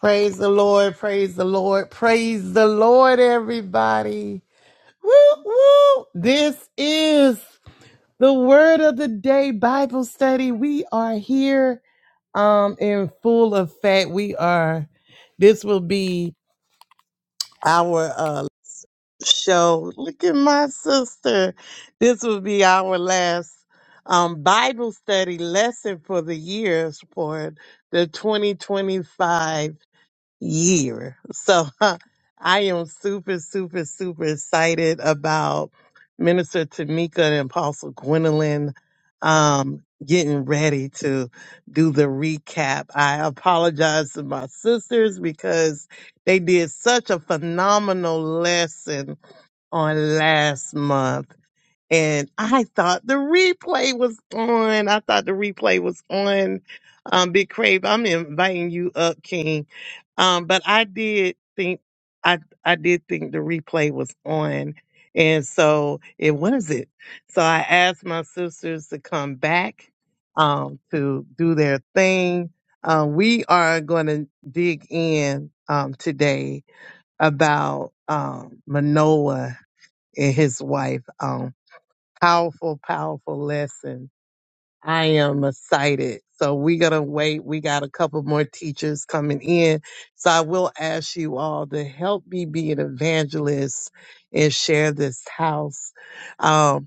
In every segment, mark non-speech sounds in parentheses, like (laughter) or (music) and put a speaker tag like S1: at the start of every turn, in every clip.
S1: Praise the Lord, praise the Lord, praise the Lord, everybody. Woo, woo. This is the word of the day Bible study. We are here um in full effect. We are this will be our uh show. Look at my sister. This will be our last um Bible study lesson for the years for the 2025 year. So (laughs) I am super, super, super excited about Minister Tamika and Apostle Gwendolyn um, getting ready to do the recap. I apologize to my sisters because they did such a phenomenal lesson on last month. And I thought the replay was on. I thought the replay was on. Um, Big Crave, I'm inviting you up, King um, but I did think I I did think the replay was on, and so it was it. So I asked my sisters to come back um, to do their thing. Uh, we are going to dig in um, today about um, Manoah and his wife. Um, powerful, powerful lesson I am excited. So we're going to wait. We got a couple more teachers coming in. So I will ask you all to help me be an evangelist and share this house. Um,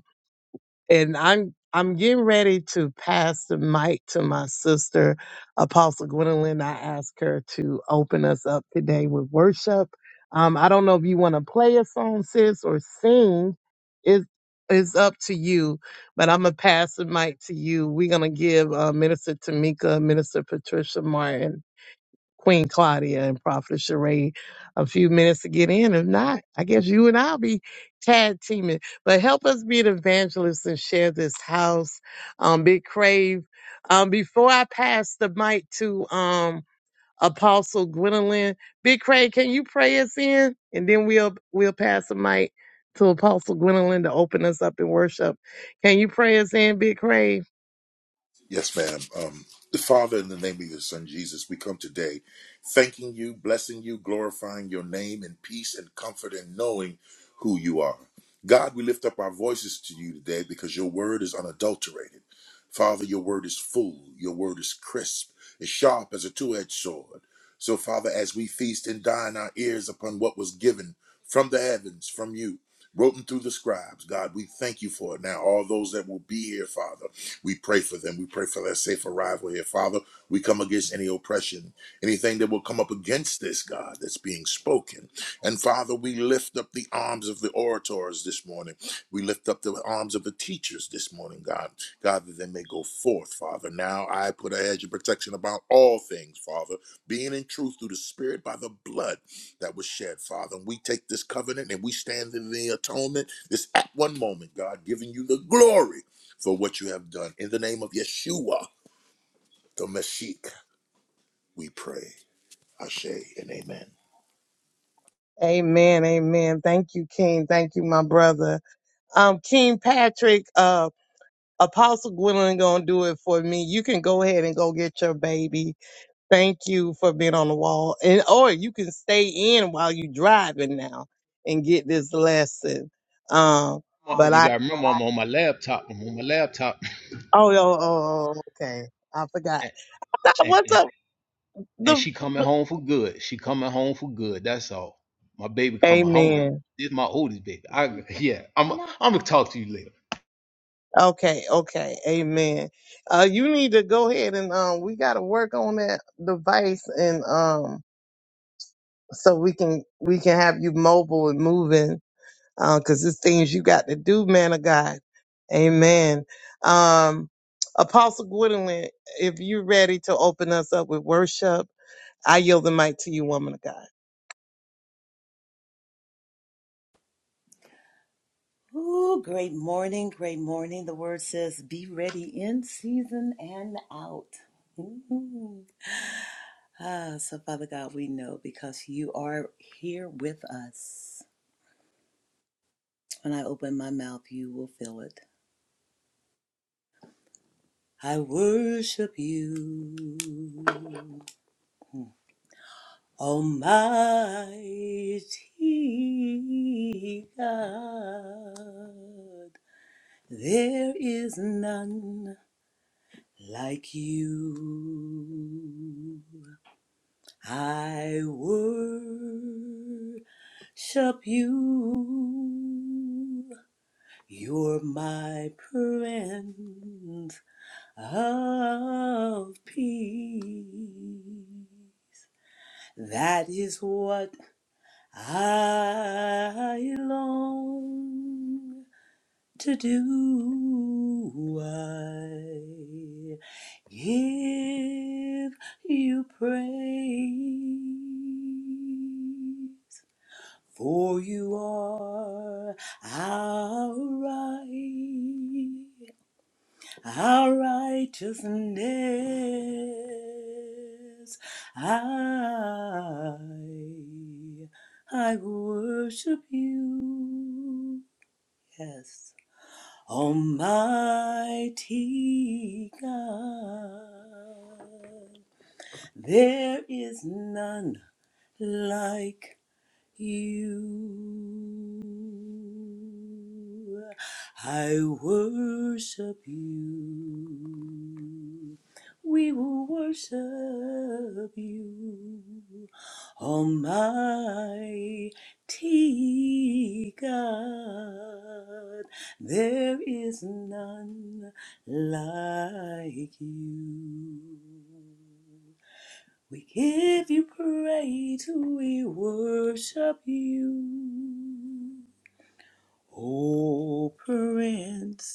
S1: and I'm I'm getting ready to pass the mic to my sister, Apostle Gwendolyn. I asked her to open us up today with worship. Um, I don't know if you want to play a song, sis, or sing. It is up to you, but I'm gonna pass the mic to you. We're gonna give uh, Minister Tamika, Minister Patricia Martin. Queen Claudia and Prophet Sheree a few minutes to get in. If not, I guess you and I'll be tag teaming. But help us be an evangelist and share this house. Um, Big Crave. Um, before I pass the mic to um Apostle Gwendolyn, Big Crave, can you pray us in? And then we'll we'll pass the mic to Apostle Gwendolyn to open us up in worship. Can you pray us in, Big Crave?
S2: Yes, ma'am. Um, the Father, in the name of your Son Jesus, we come today thanking you, blessing you, glorifying your name in peace and comfort and knowing who you are. God, we lift up our voices to you today because your word is unadulterated. Father, your word is full, your word is crisp, as sharp as a two edged sword. So, Father, as we feast and dine our ears upon what was given from the heavens, from you, written through the scribes, God, we thank you for it now. All those that will be here, Father we pray for them. We pray for their safe arrival here. Father, we come against any oppression, anything that will come up against this, God, that's being spoken. And Father, we lift up the arms of the orators this morning. We lift up the arms of the teachers this morning, God. God, that they may go forth, Father. Now I put a hedge of protection about all things, Father, being in truth through the Spirit by the blood that was shed, Father. And we take this covenant and we stand in the atonement this at one moment, God, giving you the glory for what you have done. In the name of Yeshua, the Mashiach, we pray. Ashe and amen.
S1: Amen, amen. Thank you, King. Thank you, my brother. Um, King Patrick, uh, Apostle Gwendolyn gonna do it for me. You can go ahead and go get your baby. Thank you for being on the wall, and or you can stay in while you driving now and get this lesson. Um,
S3: Well,
S1: but
S3: You
S1: I
S3: gotta remember, I'm on my laptop. I'm on my laptop,
S1: oh oh oh oh, okay, I forgot.
S3: and,
S1: (laughs)
S3: and,
S1: What's
S3: and
S1: up?
S3: and
S1: The
S3: she coming home for good. She coming home for good. That's all. My baby coming home.
S1: Amen.
S3: This is my oldest baby. I yeah. I'm I'm gonna talk to you later.
S1: Okay, okay, amen. Uh, you need to go ahead and um, we gotta work on that device and um. so we can we can have you mobile and moving because it's things you got to do, man of God. Amen. Um, Apostle Gwendolyn, if you're ready to open us up with worship, I yield the mic to you, woman of God.
S4: Ooh, great morning, great morning. The word says, be ready in season and out. Ooh. Ah, so Father God, we know because you are here with us. When I open my mouth, you will fill it. I worship you, Almighty God. There is none like you. I worship you. You're my Prince of Peace. That is what I long to do. I give you praise. For you are our right, our righteousness. I, I worship you. Yes. Almighty God, there is none like you. I worship you. We will worship you, Almighty God. There is none like you. We give you praise, we worship you. O Prince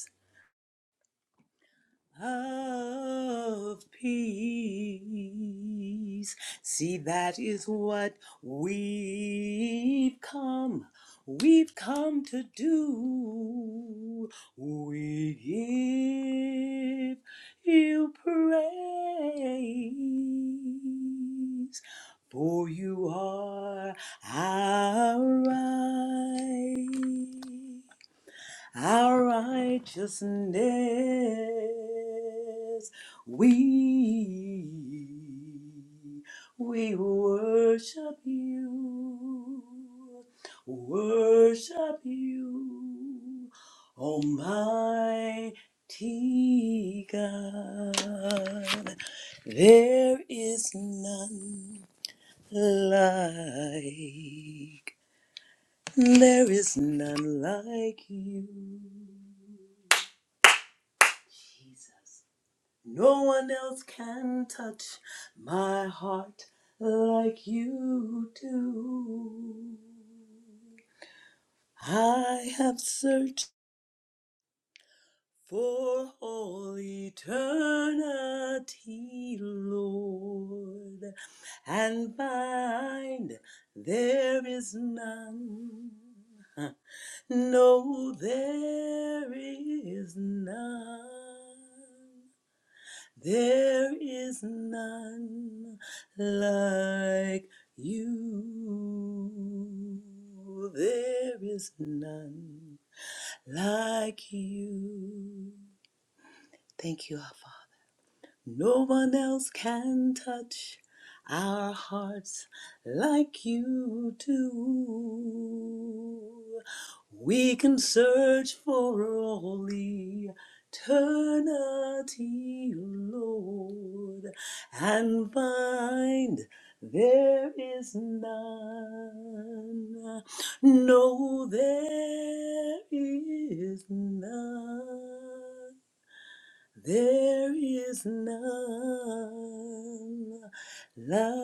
S4: of peace. See, that is what we've come, we've come to do. We give you praise, for you are our right our righteousness. We, we worship you, worship you, Almighty God. There is none like, there is none like you. Jesus. No one else can touch my heart like you do. I have searched for all eternity, Lord, and find there is none. (laughs) No, there is none. There is none like you. There is none like you. Thank you, our Father. No one else can touch our hearts like you do. We can search for all eternity, Lord, and find there is none. No, there is none. There is none like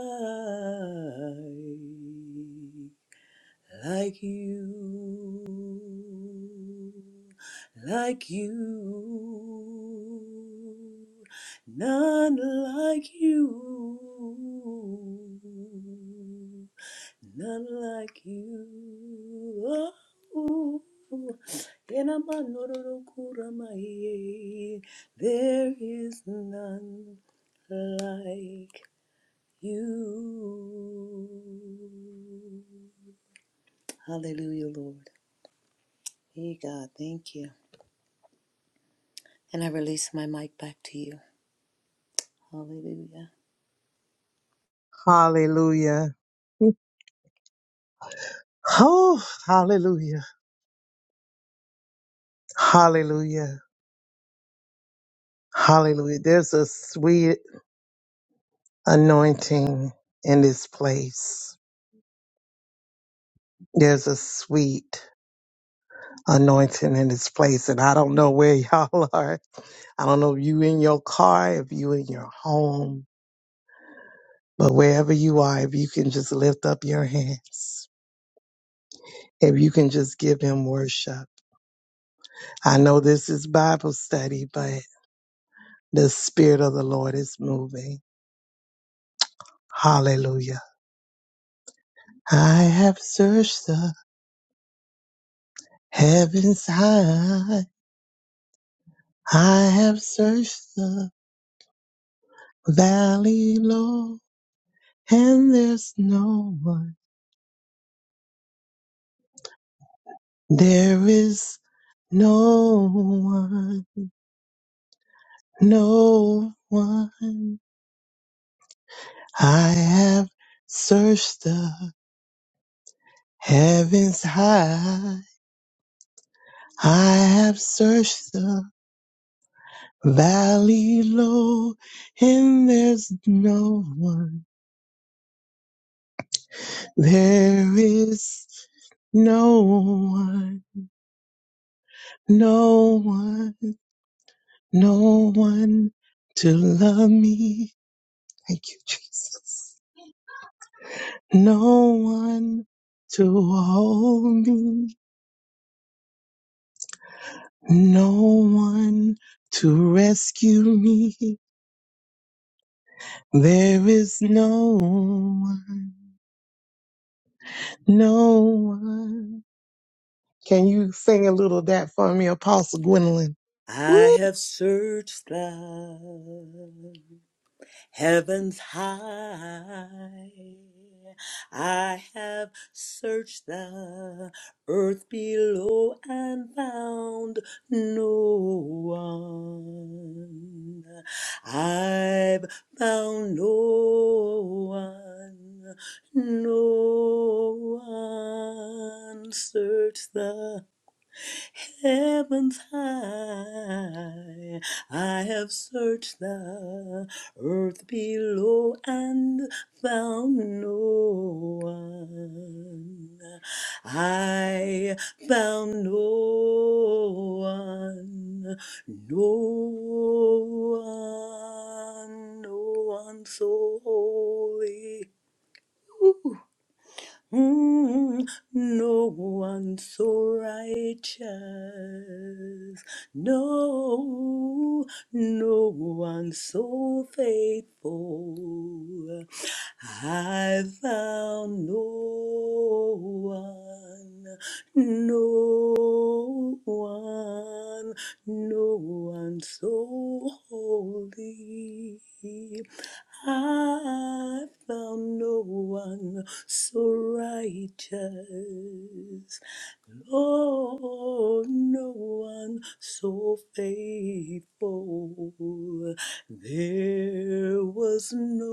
S4: like you, like you, none like you, none like you. Oh, ena manororo kuramaye, there is none like you. Hallelujah, Lord. Hey, God, thank you. And I release my mic back to you. Hallelujah.
S1: Hallelujah. Oh, hallelujah. Hallelujah. Hallelujah. There's a sweet anointing in this place. There's a sweet anointing in this place. And I don't know where (laughs) y'all are I don't know if you in your car, if you in your home, but wherever you are, if you can just lift up your hands, if you can just give him worship. I know this is Bible study, but the Spirit of the Lord is moving. Hallelujah. I have searched the heavens high. I have searched the valley low, and there's no one. There is no one No one. I have searched the heavens high. I have searched the valley low, and there's no one. There is no one, no one, no one to love me. Thank you, Jesus. No one to hold me. No one to rescue me. There is no one, no one. Can you sing a little of that for me, Apostle Gwendolyn?
S4: I
S1: Woo!
S4: have searched thou. Heavens high, I have searched the earth below and found no one. I've found no one, no one. Search the Heaven's high, I have searched the earth below and found no one. I found no one, no one, no one so holy. Ooh. Mm, no one so righteous. No, no one so faithful. I found no one, no one, no one so holy. I found no one so righteous. Oh, no one so faithful. There was no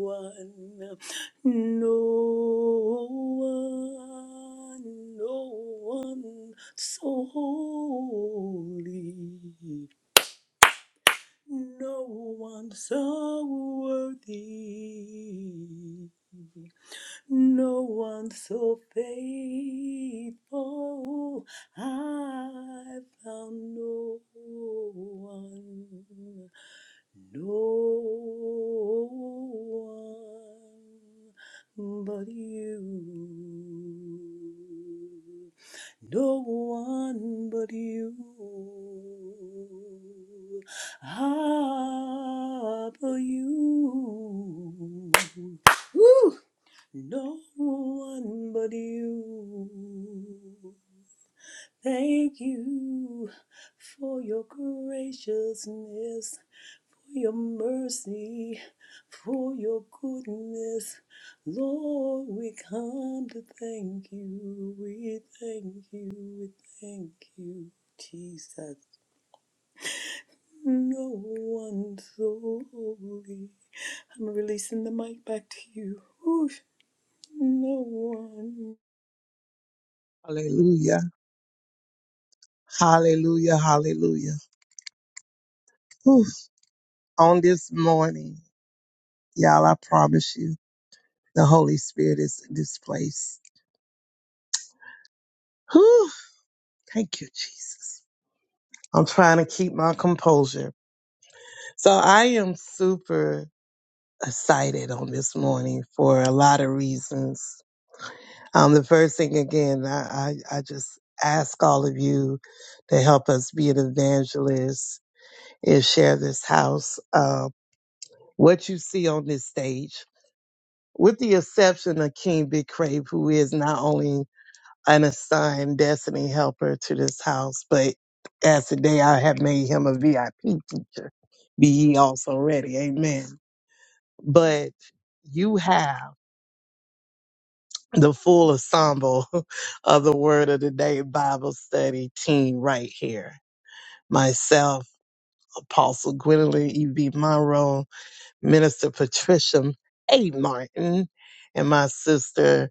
S4: one, no one, no one so holy. No one so worthy. No one so faithful. I found no one. No one but you. No one but you. Ah, but you. Woo! No one but you. Thank you for your graciousness, for your mercy, for your goodness. Lord, we come to thank you. We thank you. We thank you, Jesus. No one so holy. I'm releasing the mic back to you. Whoosh, no one.
S1: Hallelujah, hallelujah, hallelujah. Whew. On this morning, y'all, I promise you, the Holy Spirit is in this place. Whew. Thank you, Jesus. I'm trying to keep my composure. So I am super excited on this morning for a lot of reasons. Um, the first thing, again, I, I, I just ask all of you to help us be an evangelist and share this house. Uh, what you see on this stage, with the exception of King Big Crave, who is not only an assigned destiny helper to this house, but as today I have made him a VIP teacher. Be ye also ready. Amen. But you have. the full ensemble (laughs) of the Word of the Day Bible study team right here. Myself, Apostle Gwendolyn E.B. Monroe, Minister Patricia A. Martin, and my sister,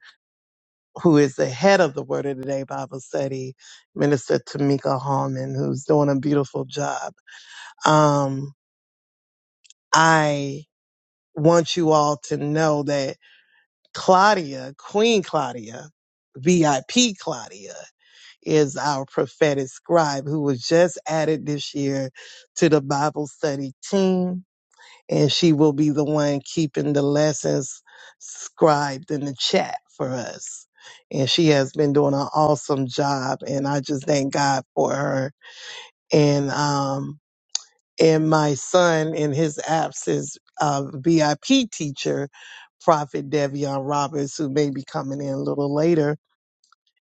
S1: who is the head of the Word of the Day Bible study, Minister Tamika Hallman, who's doing a beautiful job. Um, I want you all to know that Claudia, Queen Claudia, VIP Claudia. is our prophetic scribe who was just added this year to the Bible study team. And she will be the one keeping the lessons scribed in the chat for us. And she has been doing an awesome job. And I just thank God for her. And, um, and my son in his absence, uh, VIP teacher, Prophet Devion Roberts, who may be coming in a little later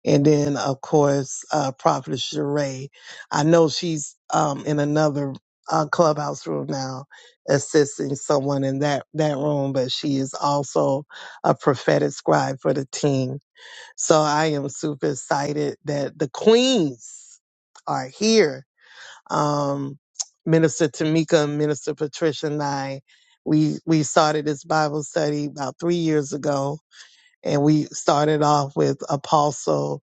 S1: and then of course uh prophet Sheree. I know she's um in another uh, clubhouse room now assisting someone in that that room but she is also a prophetic scribe for the team so i am super excited that the queens are here um minister tamika and minister patricia and i we we started this bible study about three years ago and we started off with apostle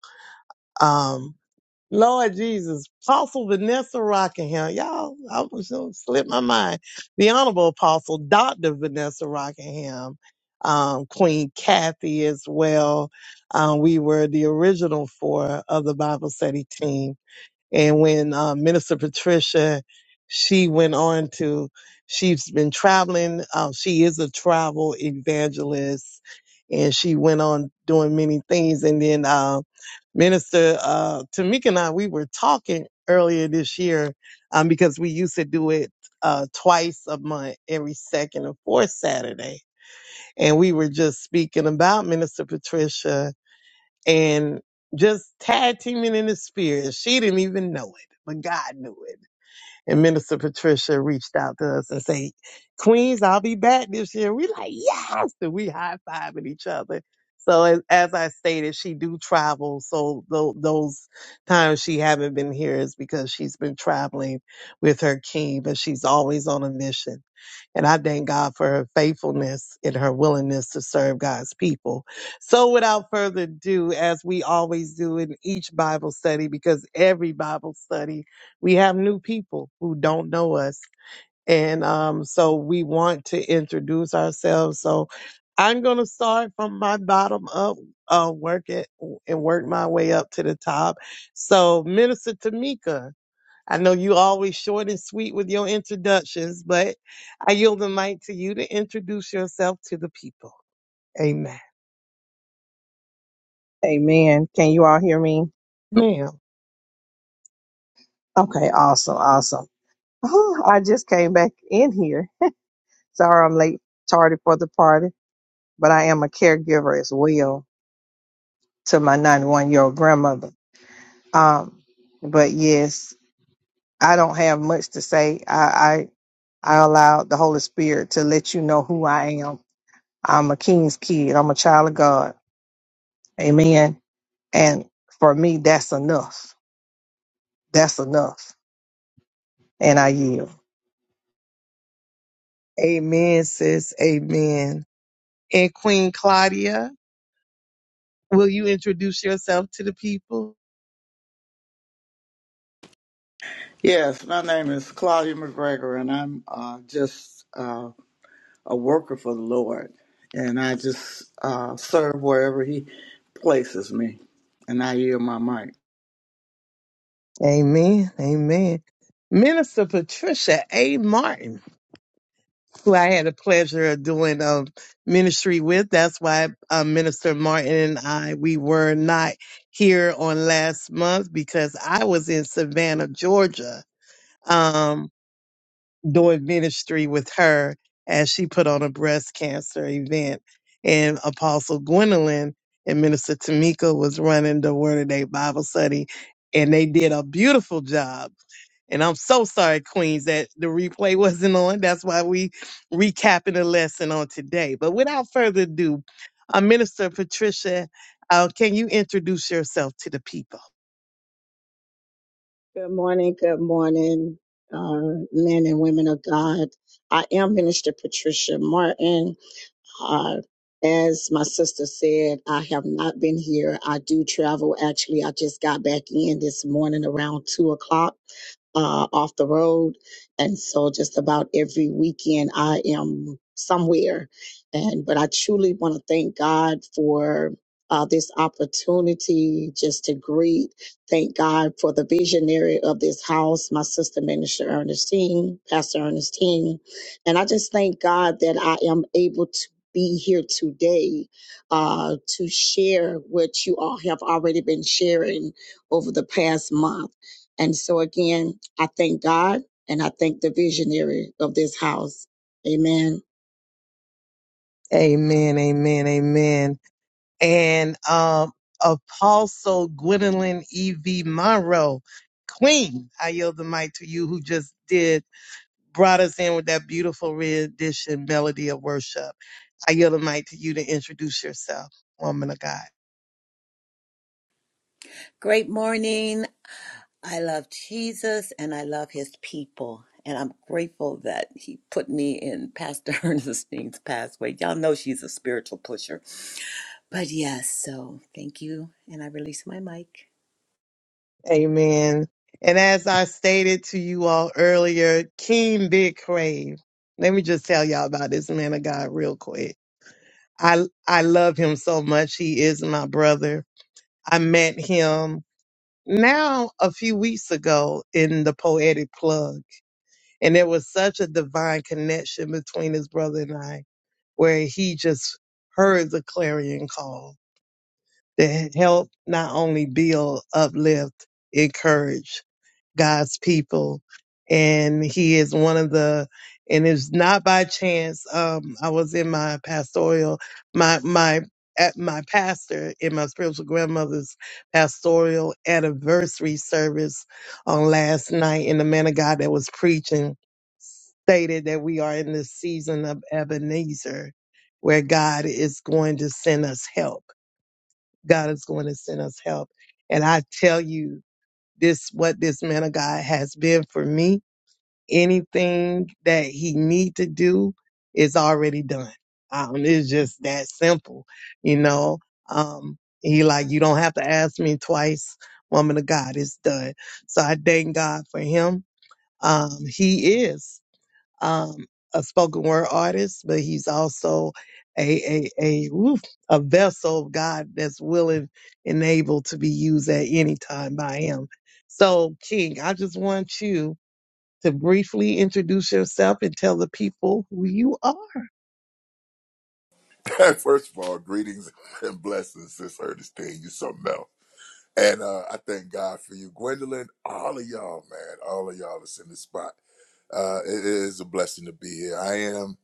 S1: um, Lord Jesus, Apostle Vanessa Rockingham. Y'all, I was going to slip my mind. The Honorable Apostle Dr. Vanessa Rockingham, um, Queen Kathy as well. Um, we were the original four of the Bible study team and when uh, Minister Patricia, she went on to, she's been traveling. Um, she is a travel evangelist, and she went on doing many things. And then uh, Minister uh, Tamika and I, we were talking earlier this year um, because we used to do it uh, twice a month, every second and fourth Saturday. And we were just speaking about Minister Patricia and just tag teaming in the spirit. She didn't even know it, but God knew it. And Minister Patricia reached out to us and said, Queens, I'll be back this year. We like, yes. And we high fiving each other. So as, as I stated, she do travel. So tho- those times she haven't been here is because she's been traveling with her king, but she's always on a mission. And I thank God for her faithfulness and her willingness to serve God's people. So without further ado, as we always do in each Bible study, because every Bible study we have new people who don't know us. And um, so we want to introduce ourselves. So I'm going to start from my bottom up, uh, work it and work my way up to the top. So Minister Tamika, I know you always short and sweet with your introductions, but I yield the mic to you to introduce yourself to the people. Amen.
S5: Amen. Can you all hear me?
S1: Ma'am.
S5: Okay, awesome, awesome. (sighs) Oh, I just came back in here. Sorry I'm late, tardy for the party, but I am a caregiver as well to my 91 year old grandmother. Um, but yes, I don't have much to say. I, I, I allow the Holy Spirit to let you know who I am. I'm a king's kid. I'm a child of God. Amen. And for me, that's enough. That's enough. And I yield.
S1: Amen, sis. Amen. And Queen Claudia, will you introduce yourself to the people?
S6: Yes, my name is Claudia McGregor, and I'm uh, just uh, a worker for the Lord, and I just uh, serve wherever He places me, and I yield my mic.
S1: Amen. Amen. Minister Patricia A. Martin, who I had the pleasure of doing um, ministry with. That's why uh, Minister Martin and I, we were not here on last month because I was in Savannah, Georgia, um, doing ministry with her as she put on a breast cancer event. And Apostle Gwendolyn and Minister Tamika was running the Word of Day Bible study, and they did a beautiful job and I'm so sorry, Queens, that the replay (laughs) wasn't on. That's why we recapping the lesson on today. But without further ado, uh, Minister Patricia, uh, can you introduce yourself to the people?
S7: Good morning, good morning, uh, men and women of God. I am Minister Patricia Martin. Uh, as my sister said, I have not been here. I do travel. Actually, I just got back in this morning around two o'clock uh, off the road. And so just about every weekend I am somewhere. And, but I truly want to thank God for uh, this opportunity just to greet. Thank God for the visionary of this house, my sister minister Ernestine, Pastor Ernestine. And I just thank God that I am able be here today uh, to share what you all have already been sharing over the past month. And so, again, I thank God and I thank the visionary of this house. Amen.
S1: Amen, amen, amen. And um, Apostle Gwendolyn E.V. Monroe, Queen, I yield the mic to you who just did, brought us in with that beautiful rendition, Melody of Worship. I yield the mic to you to introduce yourself, woman of God.
S4: Great morning. I love Jesus and I love his people. And I'm grateful that he put me in Pastor (laughs) Ernestine's pathway. Y'all know she's a spiritual pusher. But yes, so thank you. And I release my mic.
S1: Amen. And as I stated to you all earlier, King did crave. Let me just tell y'all about this man of God real quick. I I love him so much. He is my brother. I met him now a few weeks ago in the poetic plug. And there was such a divine connection between his brother and I, where he just heard the clarion call to help not only build, uplift, encourage God's people. And he is one of the, and it's not by chance. Um, I was in my pastoral, my, my, at my pastor in my spiritual grandmother's pastoral anniversary service on last night. And the man of God that was preaching stated that we are in this season of Ebenezer where God is going to send us help. God is going to send us help. And I tell you, this what this man of God has been for me anything that he need to do is already done. Um, it's just that simple, you know. Um, he like you don't have to ask me twice, woman of God, it's done. So I thank God for him. Um, he is um a spoken word artist, but he's also a a a woof, a vessel of God that's willing and able to be used at any time by him. So King, I just want you to briefly introduce yourself and tell the people who you are.
S2: (laughs) First of all, greetings and blessings, Sis Ernestine. You something else. And uh, I thank God for you, Gwendolyn. All of y'all, man. All of y'all that's in this spot. Uh, it is a blessing to be here. I am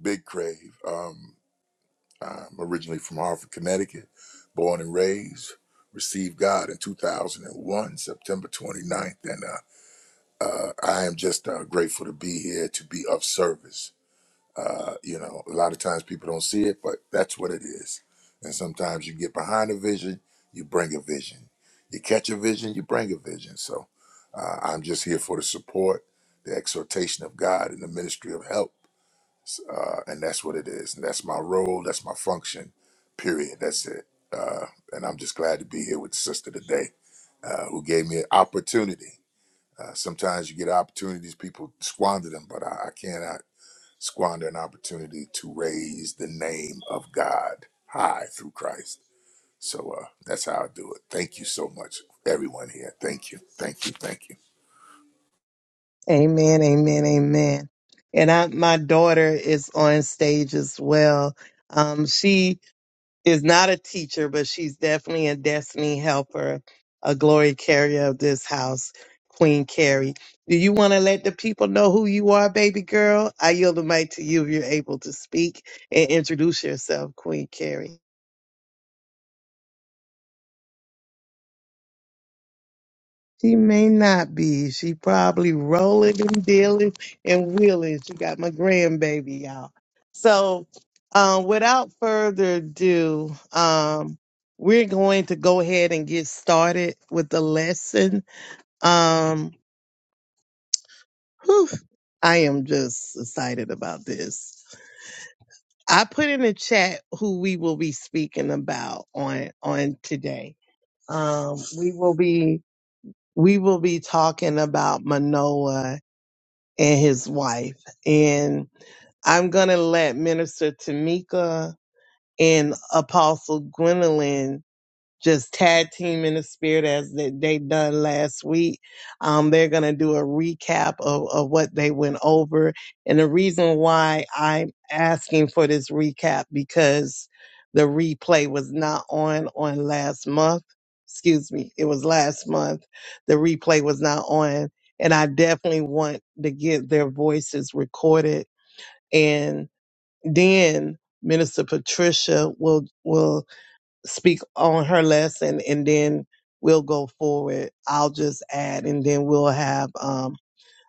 S2: Big Crave. Um, I'm originally from Hartford, Connecticut, born and raised. Received God in 2001, September 29th. And uh, uh, I am just uh, grateful to be here to be of service. Uh, you know, a lot of times people don't see it, but that's what it is. And sometimes you get behind a vision, you bring a vision. You catch a vision, you bring a vision. So uh, I'm just here for the support, the exhortation of God, and the ministry of help. Uh, and that's what it is. And that's my role, that's my function, period. That's it. Uh, and I'm just glad to be here with the sister today uh, who gave me an opportunity. Uh, sometimes you get opportunities, people squander them, but I, I cannot squander an opportunity to raise the name of God high through Christ. So uh, that's how I do it. Thank you so much, everyone here. Thank you, thank you, thank you.
S1: Amen, amen, amen. And I, my daughter is on stage as well. Um, she is not a teacher, but she's definitely a destiny helper, a glory carrier of this house, Queen Carrie. Do you want to let the people know who you are, baby girl? I yield the mic to you if you're able to speak and introduce yourself, Queen Carrie. She may not be. She probably rolling and dealing and wheeling. She got my grandbaby, y'all. So, um, without further ado, um, we're going to go ahead and get started with the lesson. Um, whew, I am just excited about this. I put in the chat who we will be speaking about on on today. Um, we will be we will be talking about Manoa and his wife. And I'm going to let Minister Tamika and Apostle Gwendolyn just tag team in the spirit as they, they done last week. Um, they're going to do a recap of, of what they went over. And the reason why I'm asking for this recap because the replay was not on on last month. Excuse me. It was last month. The replay was not on. And I definitely want to get their voices recorded. And then Minister Patricia will, will speak on her lesson and then we'll go forward. I'll just add and then we'll have um,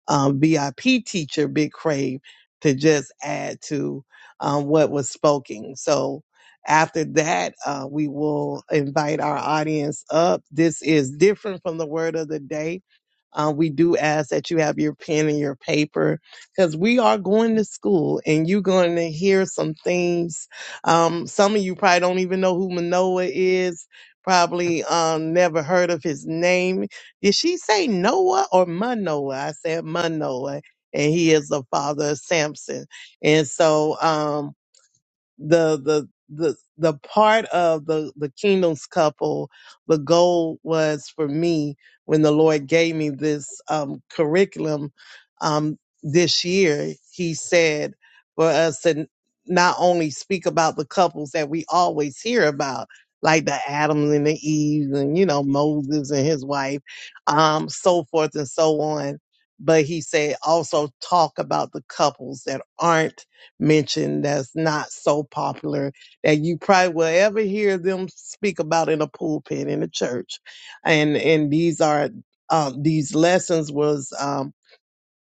S1: um, VIP teacher Big Crave to just add to um, what was spoken. So after that, uh, we will invite our audience up. This is different from the word of the day uh, we do ask that you have your pen and your paper because we are going to school and you're going to hear some things. Um, some of you probably don't even know who Manoa is, probably um, never heard of his name. Did she say Noah or Manoah? I said Manoah, and he is the father of Samson. And so, um, the the the the part of the the kingdoms couple the goal was for me when the lord gave me this um curriculum um this year he said for us to not only speak about the couples that we always hear about like the Adams and the Eve and you know Moses and his wife um so forth and so on but he said also talk about the couples that aren't mentioned that's not so popular that you probably will ever hear them speak about in a pulpit in a church. And and these are um, these lessons was um,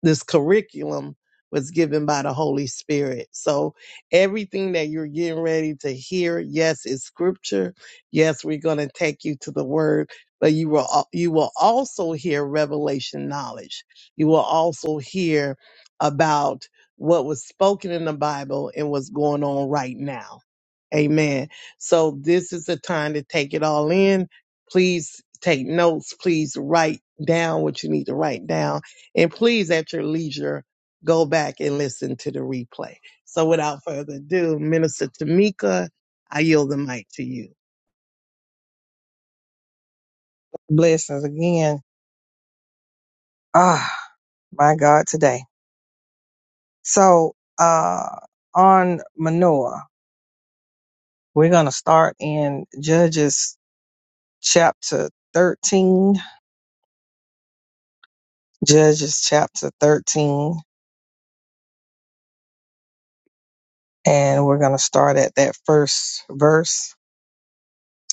S1: this curriculum was given by the Holy Spirit. So everything that you're getting ready to hear, yes, is scripture. Yes, we're going to take you to the word, but you will al- you will also hear revelation knowledge. You will also hear about what was spoken in the Bible and what's going on right now. Amen. So this is the time to take it all in. Please take notes. Please write down what you need to write down and please, at your leisure, go back and listen to the replay. So without further ado, Minister Tamika, I yield the mic to you.
S5: Blessings again. Ah. my God, today. So, uh, on Manoah, we're going to start in Judges chapter 13, Judges chapter 13, and we're going to start at that first verse.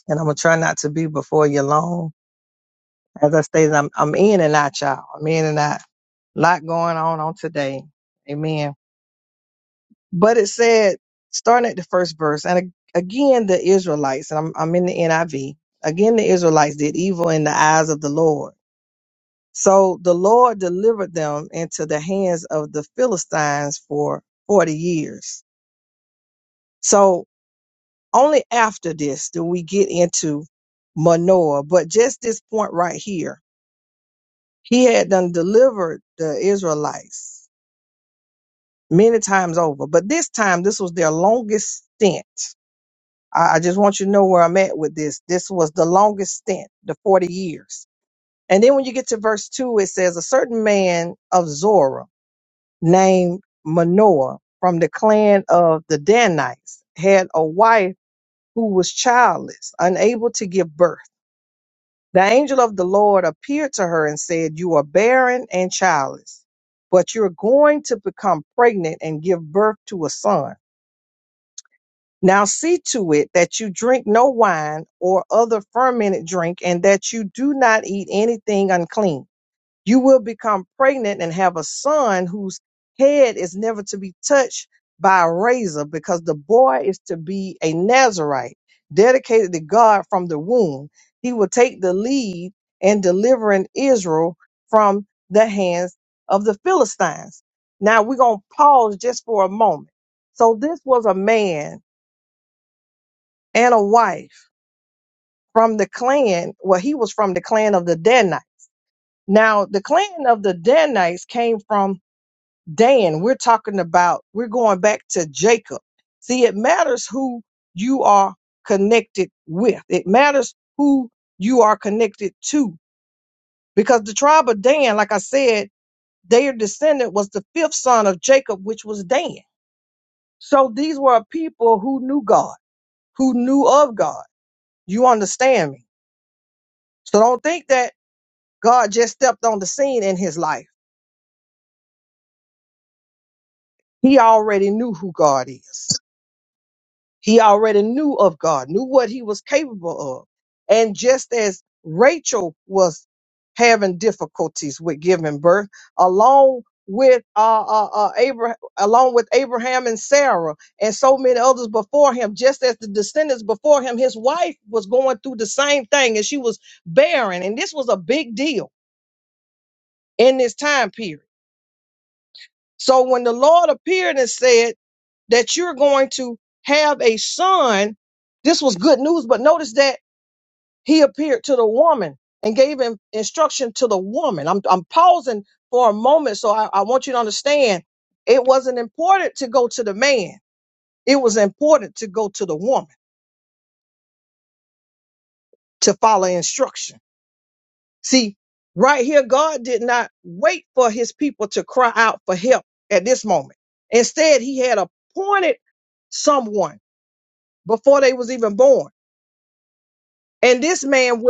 S5: And I'm going to try not to be before you long. As I stated, I'm, I'm in and out, y'all. I'm in and out. A lot going on on today. Amen But it said, starting at the first verse, and a- again the Israelites, and I'm, I'm in the NIV, again the Israelites did evil in the eyes of the Lord. So the Lord delivered them into the hands of the Philistines for 40 years. So only after this do we get into Manoah. But just this point right here, he had done delivered the Israelites many times over. But this time, this was their longest stint I, I just want you to know where I'm at with this. This was the longest stint, the 40 years. And then when you get to verse 2, it says, A certain man of Zorah named Manoah from the clan of the Danites had a wife who was childless, unable to give birth. The angel of the Lord appeared to her and said, You are barren and childless, but you're going to become pregnant and give birth to a son. Now see to it that you drink no wine or other fermented drink, and that you do not eat anything unclean. You will become pregnant and have a son whose head is never to be touched by a razor, because the boy is to be a Nazarite, dedicated to God from the womb. He will take the lead in delivering Israel from the hands of the Philistines. Now we're going to pause just for a moment. So this was a man and a wife from the clan. Well, he was from the clan of the Danites. Now, the clan of the Danites came from Dan. We're talking about, we're going back to Jacob. See, it matters who you are connected with, it matters who you are connected to. Because the tribe of Dan, like I said, their descendant was the fifth son of Jacob, which was Dan. So these were a people who knew God, who knew of God. You understand me? So don't think that God just stepped on the scene in his life. He already knew who God is. He already knew of God, knew what he was capable of. And just as Rachel was having difficulties with giving birth, along with uh, uh, uh, Abraham, along with Abraham and Sarah, and so many others before him, just as the descendants before him, his wife was going through the same thing, and she was barren, and this was a big deal in this time period. So when the Lord appeared and said that you're going to have a son. This was good news, but notice that he appeared to the woman and gave him instruction to the woman. I'm, I'm pausing for a moment, so I, I want you to understand it wasn't important to go to the man, it was important to go to the woman to follow instruction. See, right here, God did not wait for his people to cry out for help at this moment. Instead, he had appointed someone before they was even born. And this man would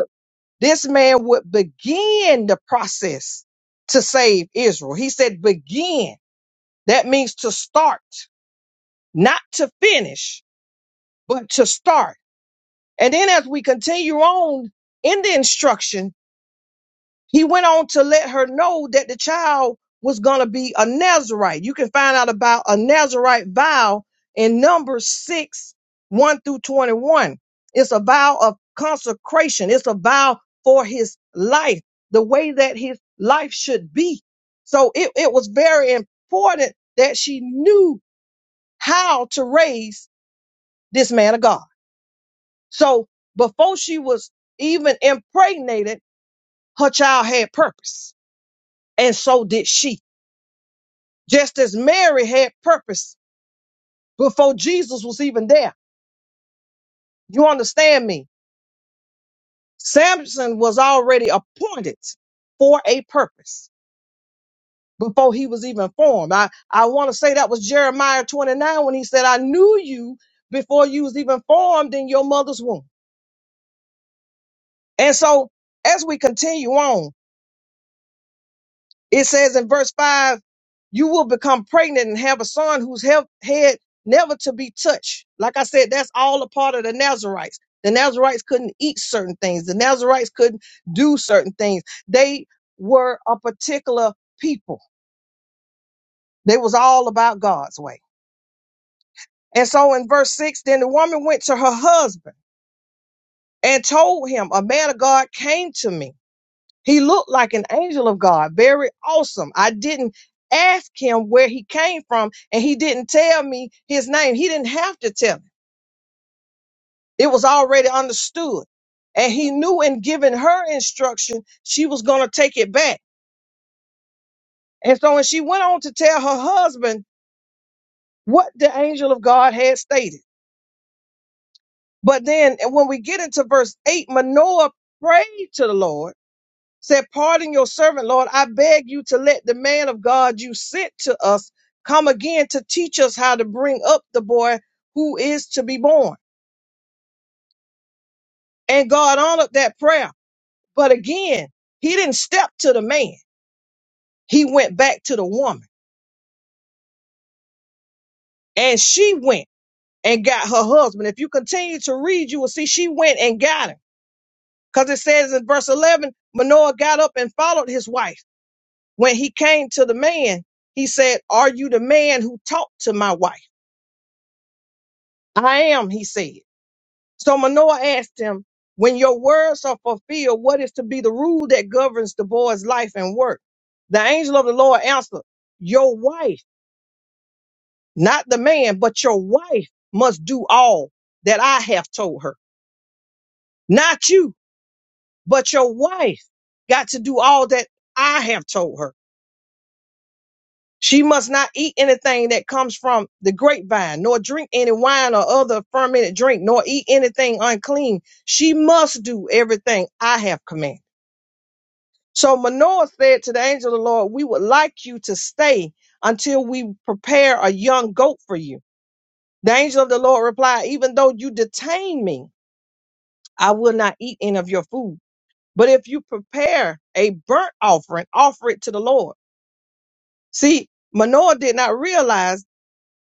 S5: This man would begin the process to save Israel. He said, begin. That means to start, not to finish, but to start. And then as we continue on in the instruction, He went on to let her know that the child was going to be a Nazarite. You can find out about a Nazarite vow in Numbers 6 1 through 21. It's a vow of consecration, it's a vow for his life, the way that his life should be. So it, it was very important that she knew how to raise this man of God. So before she was even impregnated, her child had purpose, and so did she. just as Mary had purpose before Jesus was even there. You understand me? Samson was already appointed for a purpose before he was even formed. I, I want to say that was Jeremiah 29 when he said, I knew you before you was even formed in your mother's womb. And so as we continue on, It says in verse 5, you will become pregnant and have a son whose he- head never to be touched. Like I said, that's all a part of the Nazarites. The Nazarites couldn't eat certain things, the Nazarites couldn't do certain things. They were a particular people, they was all about God's way. And so in verse 6, then the woman went to her husband and told him, A man of God came to me. He looked like an angel of God, very awesome. I didn't ask him where he came from, and he didn't tell me his name. He didn't have to tell me, it was already understood. And he knew in giving her instruction, she was going to take it back. And so when she went on to tell her husband what the angel of God had stated. But then and when we get into verse 8, Manoah prayed to the Lord said, Pardon your servant, Lord. I beg you to let the man of God you sent to us come again to teach us how to bring up the boy who is to be born. And God honored that prayer. But again, he didn't step to the man, he went back to the woman. And she went and got her husband. If you continue to read, you will see she went and got him. Because it says in verse 11, Manoah got up and followed his wife. When he came to the man, he said, Are you the man who talked to my wife? I am, he said. So Manoah asked him, When your words are fulfilled, what is to be the rule that governs the boy's life and work? The angel of the Lord answered, Your wife, not the man, but your wife must do all that I have told her. Not you, but your wife got to do all that I have told her. She must not eat anything that comes from the grapevine, nor drink any wine or other fermented drink, nor eat anything unclean. She must do everything I have commanded. So Manoah said to the angel of the Lord, We would like you to stay until we prepare a young goat for you. The angel of the Lord replied, Even though you detain me, I will not eat any of your food. But if you prepare a burnt offering, offer it to the Lord. See, Manoah did not realize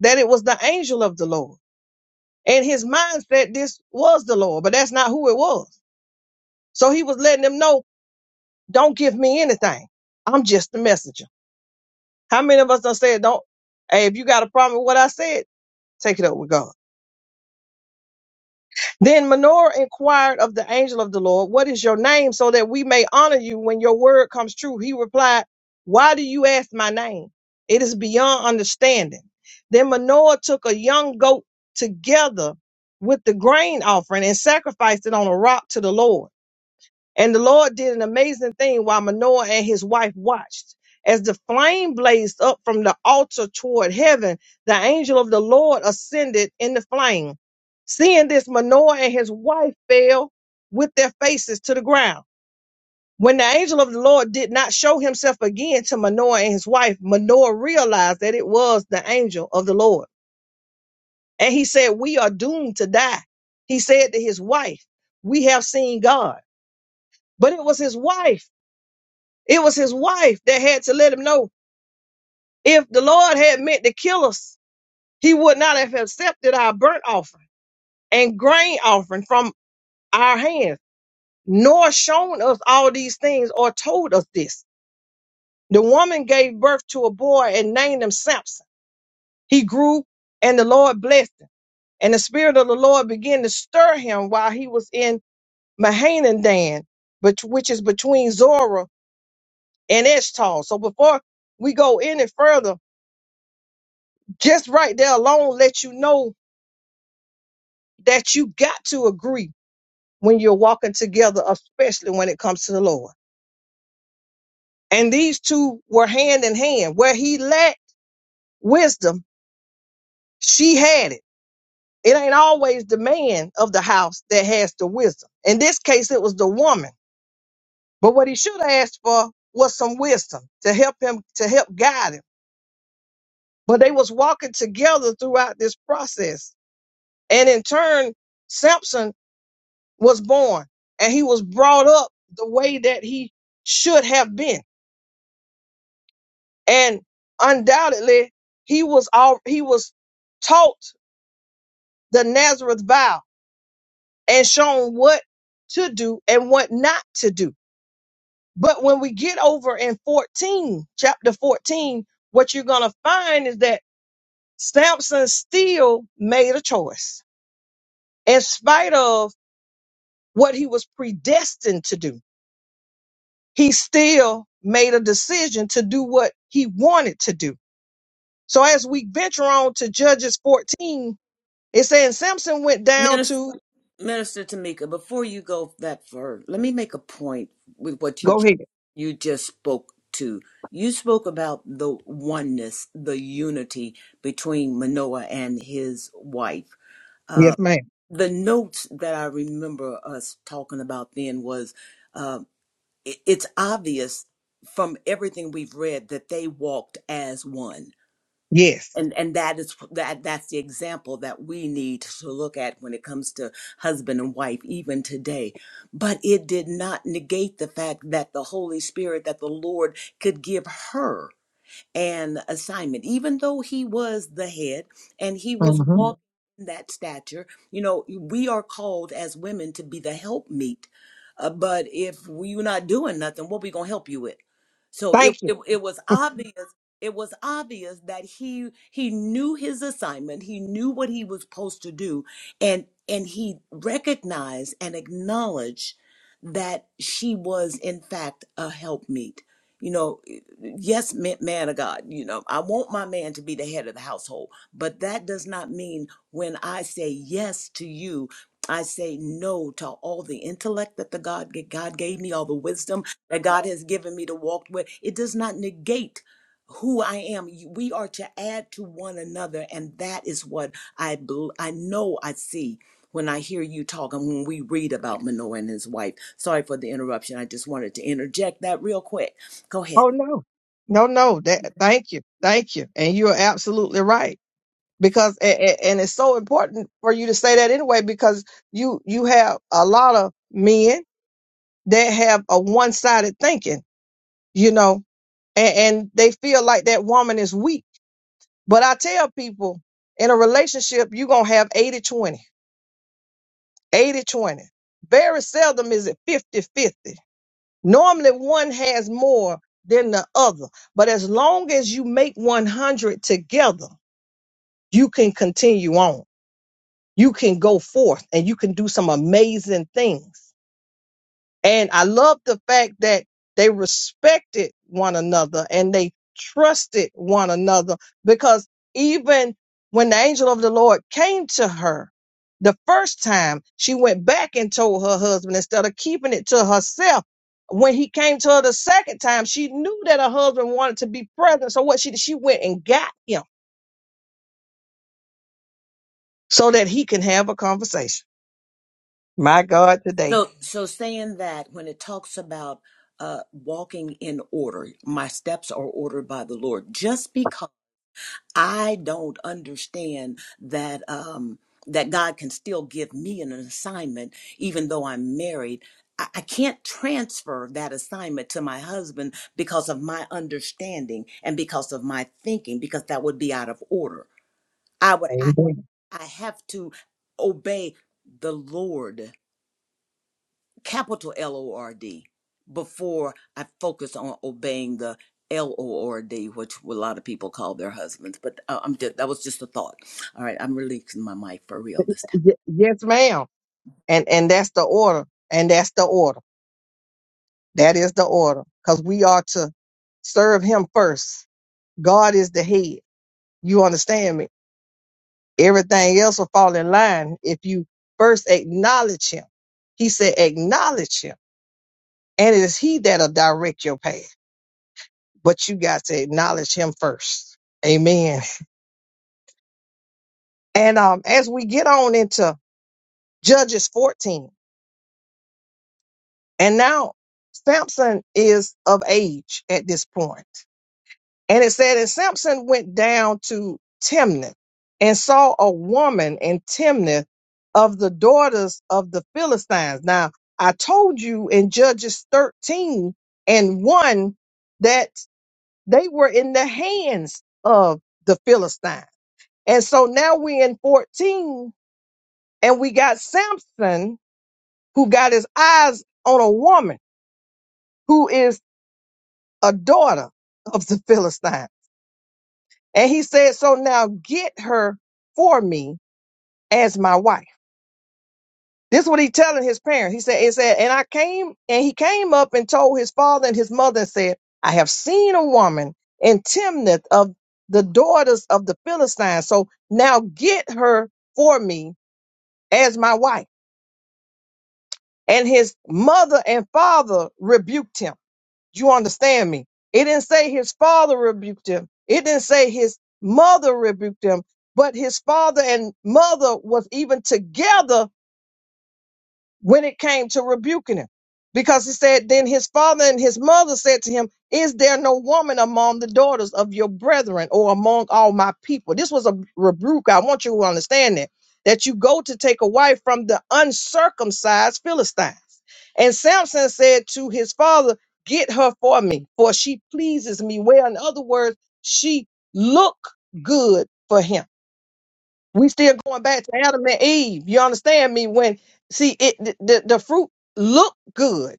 S5: that it was the angel of the Lord. And his mindset, this was the Lord, but that's not who it was. So he was letting them know, don't give me anything. I'm just the messenger. How many of us done said, don't, hey, if you got a problem with what I said, take it up with God. Then Manoah inquired of the angel of the Lord, what is your name so that we may honor you when your word comes true? He replied, why do you ask my name? It is beyond understanding. Then Manoah took a young goat together with the grain offering and sacrificed it on a rock to the Lord. And the Lord did an amazing thing while Manoah and his wife watched. As the flame blazed up from the altar toward heaven, the angel of the Lord ascended in the flame. Seeing this, Manoah and his wife fell with their faces to the ground. When the angel of the Lord did not show himself again to Manoah and his wife, Manoah realized that it was the angel of the Lord. And he said, We are doomed to die. He said to his wife, We have seen God. But it was his wife It was his wife that had to let him know if the Lord had meant to kill us, he would not have accepted our burnt offering and grain offering from our hands, nor shown us all these things or told us this. The woman gave birth to a boy and named him Samson. He grew and the Lord blessed him. And the Spirit of the Lord began to stir him while he was in Mahanadan, but which is between Zorah and Eshtal. So before we go any further, Just right there alone let you know that you got to agree when you're walking together, especially when it comes to the Lord. And these two were hand in hand. Where he lacked wisdom, she had it. It ain't always the man of the house that has the wisdom. In this case, it was the woman. But what he should have asked for was some wisdom to help him, to help guide him. But they was walking together throughout this process. And in turn, Samson was born and he was brought up the way that he should have been and undoubtedly he was all he was taught the nazareth vow and shown what to do and what not to do but when we get over in 14 chapter 14 what you're going to find is that samson still made a choice in spite of what he was predestined to do he still made a decision to do what he wanted to do. So as we venture on to Judges 14, it says Samson went down
S4: Minister,
S5: to.
S4: Minister Tamika, before you go that far, let me make a point with what you
S5: Go ahead.
S4: you just spoke to. You spoke about the oneness, the unity between Manoah and his wife.
S5: Yes, ma'am.
S4: the notes that I remember us talking about then was uh, it, it's obvious from everything we've read that they walked as one.
S5: Yes.
S4: And, and that is that that's the example that we need to look at when it comes to husband and wife even today but it did not negate the fact that the holy spirit that the lord could give her and assignment, even though he was the head and he was
S5: hmm
S4: walking in that stature. You know, we are called as women to be the helpmeet. Uh, but if we're not doing nothing, what we gonna help you with? So it,
S5: Thank you.
S4: it it was obvious. It was obvious that he he knew his assignment. He knew what he was supposed to do, and and he recognized and acknowledged that she was in fact a helpmeet. You know, yes ma- man of god you know i want my man to be the head of the household but that does not mean when i say yes to you i say no to all the intellect that the god god gave me all the wisdom that god has given me to walk with it does not negate who I am, You- we are to add to one another, and that is what I bel- I know I see when I hear you talk and when we read about Manoah and his wife. Sorry for the interruption. I just wanted to interject that real quick. Go ahead.
S5: Oh no, no, no. That thank you, thank you, and you are absolutely right because a- a- and it's so important for you to say that anyway because you you have a lot of men that have a one sided thinking, you know, and, and they feel like that woman is weak But I tell people in a relationship, you're going to have 80 20, 80 20. Very seldom is it 50 50. Normally, one has more than the other. But as long as you make 100 together, you can continue on. You can go forth and you can do some amazing things. And I love the fact that they respected one another and they trusted one another because even when the angel of the Lord came to her the first time, she went back and told her husband instead of keeping it to herself. When he came to her the second time, she knew that her husband wanted to be present. So what she did, she went and got him so that he can have a conversation. My God, today.
S4: So, so saying that when it talks about uh, walking in order, my steps are ordered by the Lord. Just because I don't understand that um, that God can still give me an assignment, even though I'm married. I I can't transfer that assignment to my husband because of my understanding and because of my thinking, because that would be out of order. I would, I,
S5: Amen.
S4: I have to obey the Lord capital L O R D before I focus on obeying the L O R D, which a lot of people call their husbands. But uh, I'm just, that was just a thought. All right, I'm releasing my mic for real this time.
S5: Y- yes, ma'am. And and that's the order. And that's the order. That is the order because we are to serve him first. God is the head. You understand me? Everything else will fall in line if you first acknowledge him. He said, acknowledge him. And it is he that'll direct your path. But you got to acknowledge him first. Amen. And um, as we get on into Judges 14, and now Samson is of age at this point. And it said, and Samson went down to Timnath and saw a woman in Timnath of the daughters of the Philistines. Now, I told you in Judges 13 and 1 that they were in the hands of the Philistines. And so now we're in 14 and we got Samson who got his eyes on a woman who is a daughter of the Philistines. And he said, So now get her for me as my wife. This is what he telling his parents. He said, It said, and I came, and he came up and told his father and his mother and said, I have seen a woman in Timnath of the daughters of the Philistines. So now get her for me as my wife. And his mother and father rebuked him. You understand me? It didn't say his father rebuked him. It didn't say his mother rebuked him, but his father and mother was even together when it came to rebuking him. Because he said, Then his father and his mother said to him, Is there no woman among the daughters of your brethren or among all my people? This was a rebuke. I want you to understand that. That you go to take a wife from the uncircumcised Philistines. And Samson said to his father, Get her for me, for she pleases me well. In other words, she look good for him we still going back to Adam and Eve. You understand me? When see it, the the, the fruit look good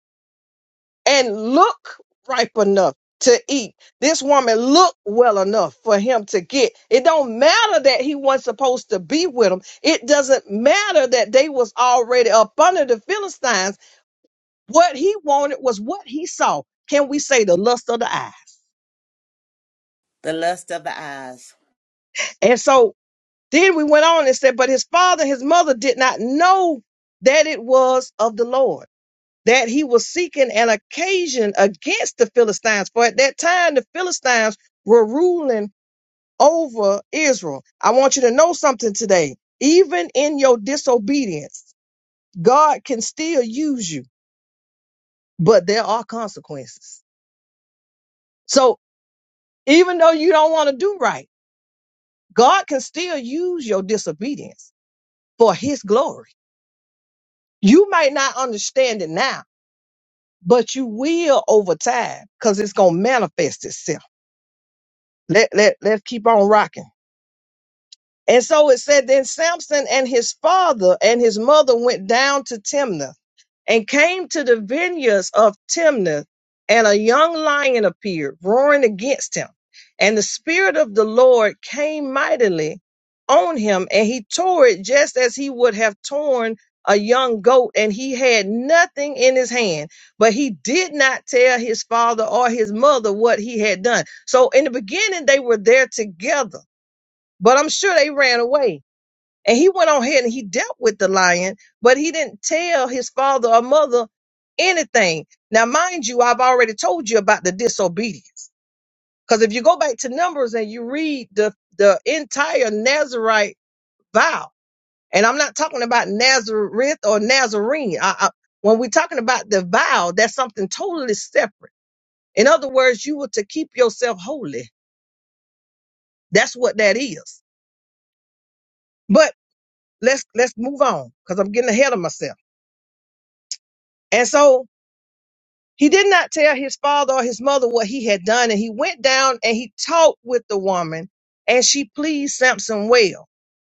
S5: and look ripe enough to eat. This woman looked well enough for him to get. It don't matter that he wasn't supposed to be with him. It doesn't matter that they was already up under the Philistines. What he wanted was what he saw. Can we say the lust of the eye?
S4: The lust of the eyes.
S5: And so then we went on and said, but his father, his mother did not know that it was of the Lord that he was seeking an occasion against the Philistines. For at that time, the Philistines were ruling over Israel. I want you to know something today. Even in your disobedience, God can still use you, but there are consequences. So even though you don't want to do right, God can still use your disobedience for his glory. You might not understand it now, but you will over time because it's going to manifest itself. Let, let, let's keep on rocking. And so it said, then Samson and his father and his mother went down to Timnah and came to the vineyards of Timnah, and a young lion appeared, roaring against him. And the Spirit of the Lord came mightily on him, and he tore it just as he would have torn a young goat, and he had nothing in his hand. But he did not tell his father or his mother what he had done. So in the beginning, they were there together, but I'm sure they ran away. And he went on ahead and he dealt with the lion, but he didn't tell his father or mother anything. Now, mind you, I've already told you about the disobedience. Because if you go back to Numbers and you read the, the entire Nazarite vow, and I'm not talking about Nazareth or Nazarene. I, I, when we're talking about the vow, that's something totally separate. In other words, you were to keep yourself holy. That's what that is. But let's let's move on because I'm getting ahead of myself. And so He did not tell his father or his mother what he had done, and he went down and he talked with the woman, and she pleased Samson well.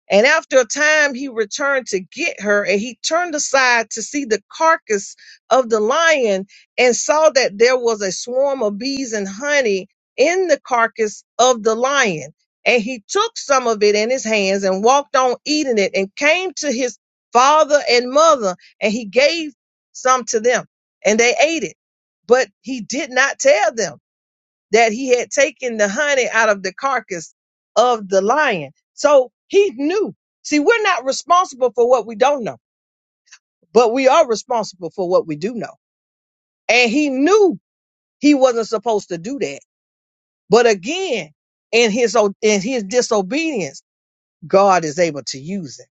S5: And after a time, he returned to get her, and he turned aside to see the carcass of the lion and saw that there was a swarm of bees and honey in the carcass of the lion. And he took some of it in his hands and walked on eating it and came to his father and mother, and he gave some to them, and they ate it. But he did not tell them that he had taken the honey out of the carcass of the lion. So he knew. See, we're not responsible for what we don't know, but we are responsible for what we do know. And he knew he wasn't supposed to do that. But again, in his o- in his disobedience, God is able to use it.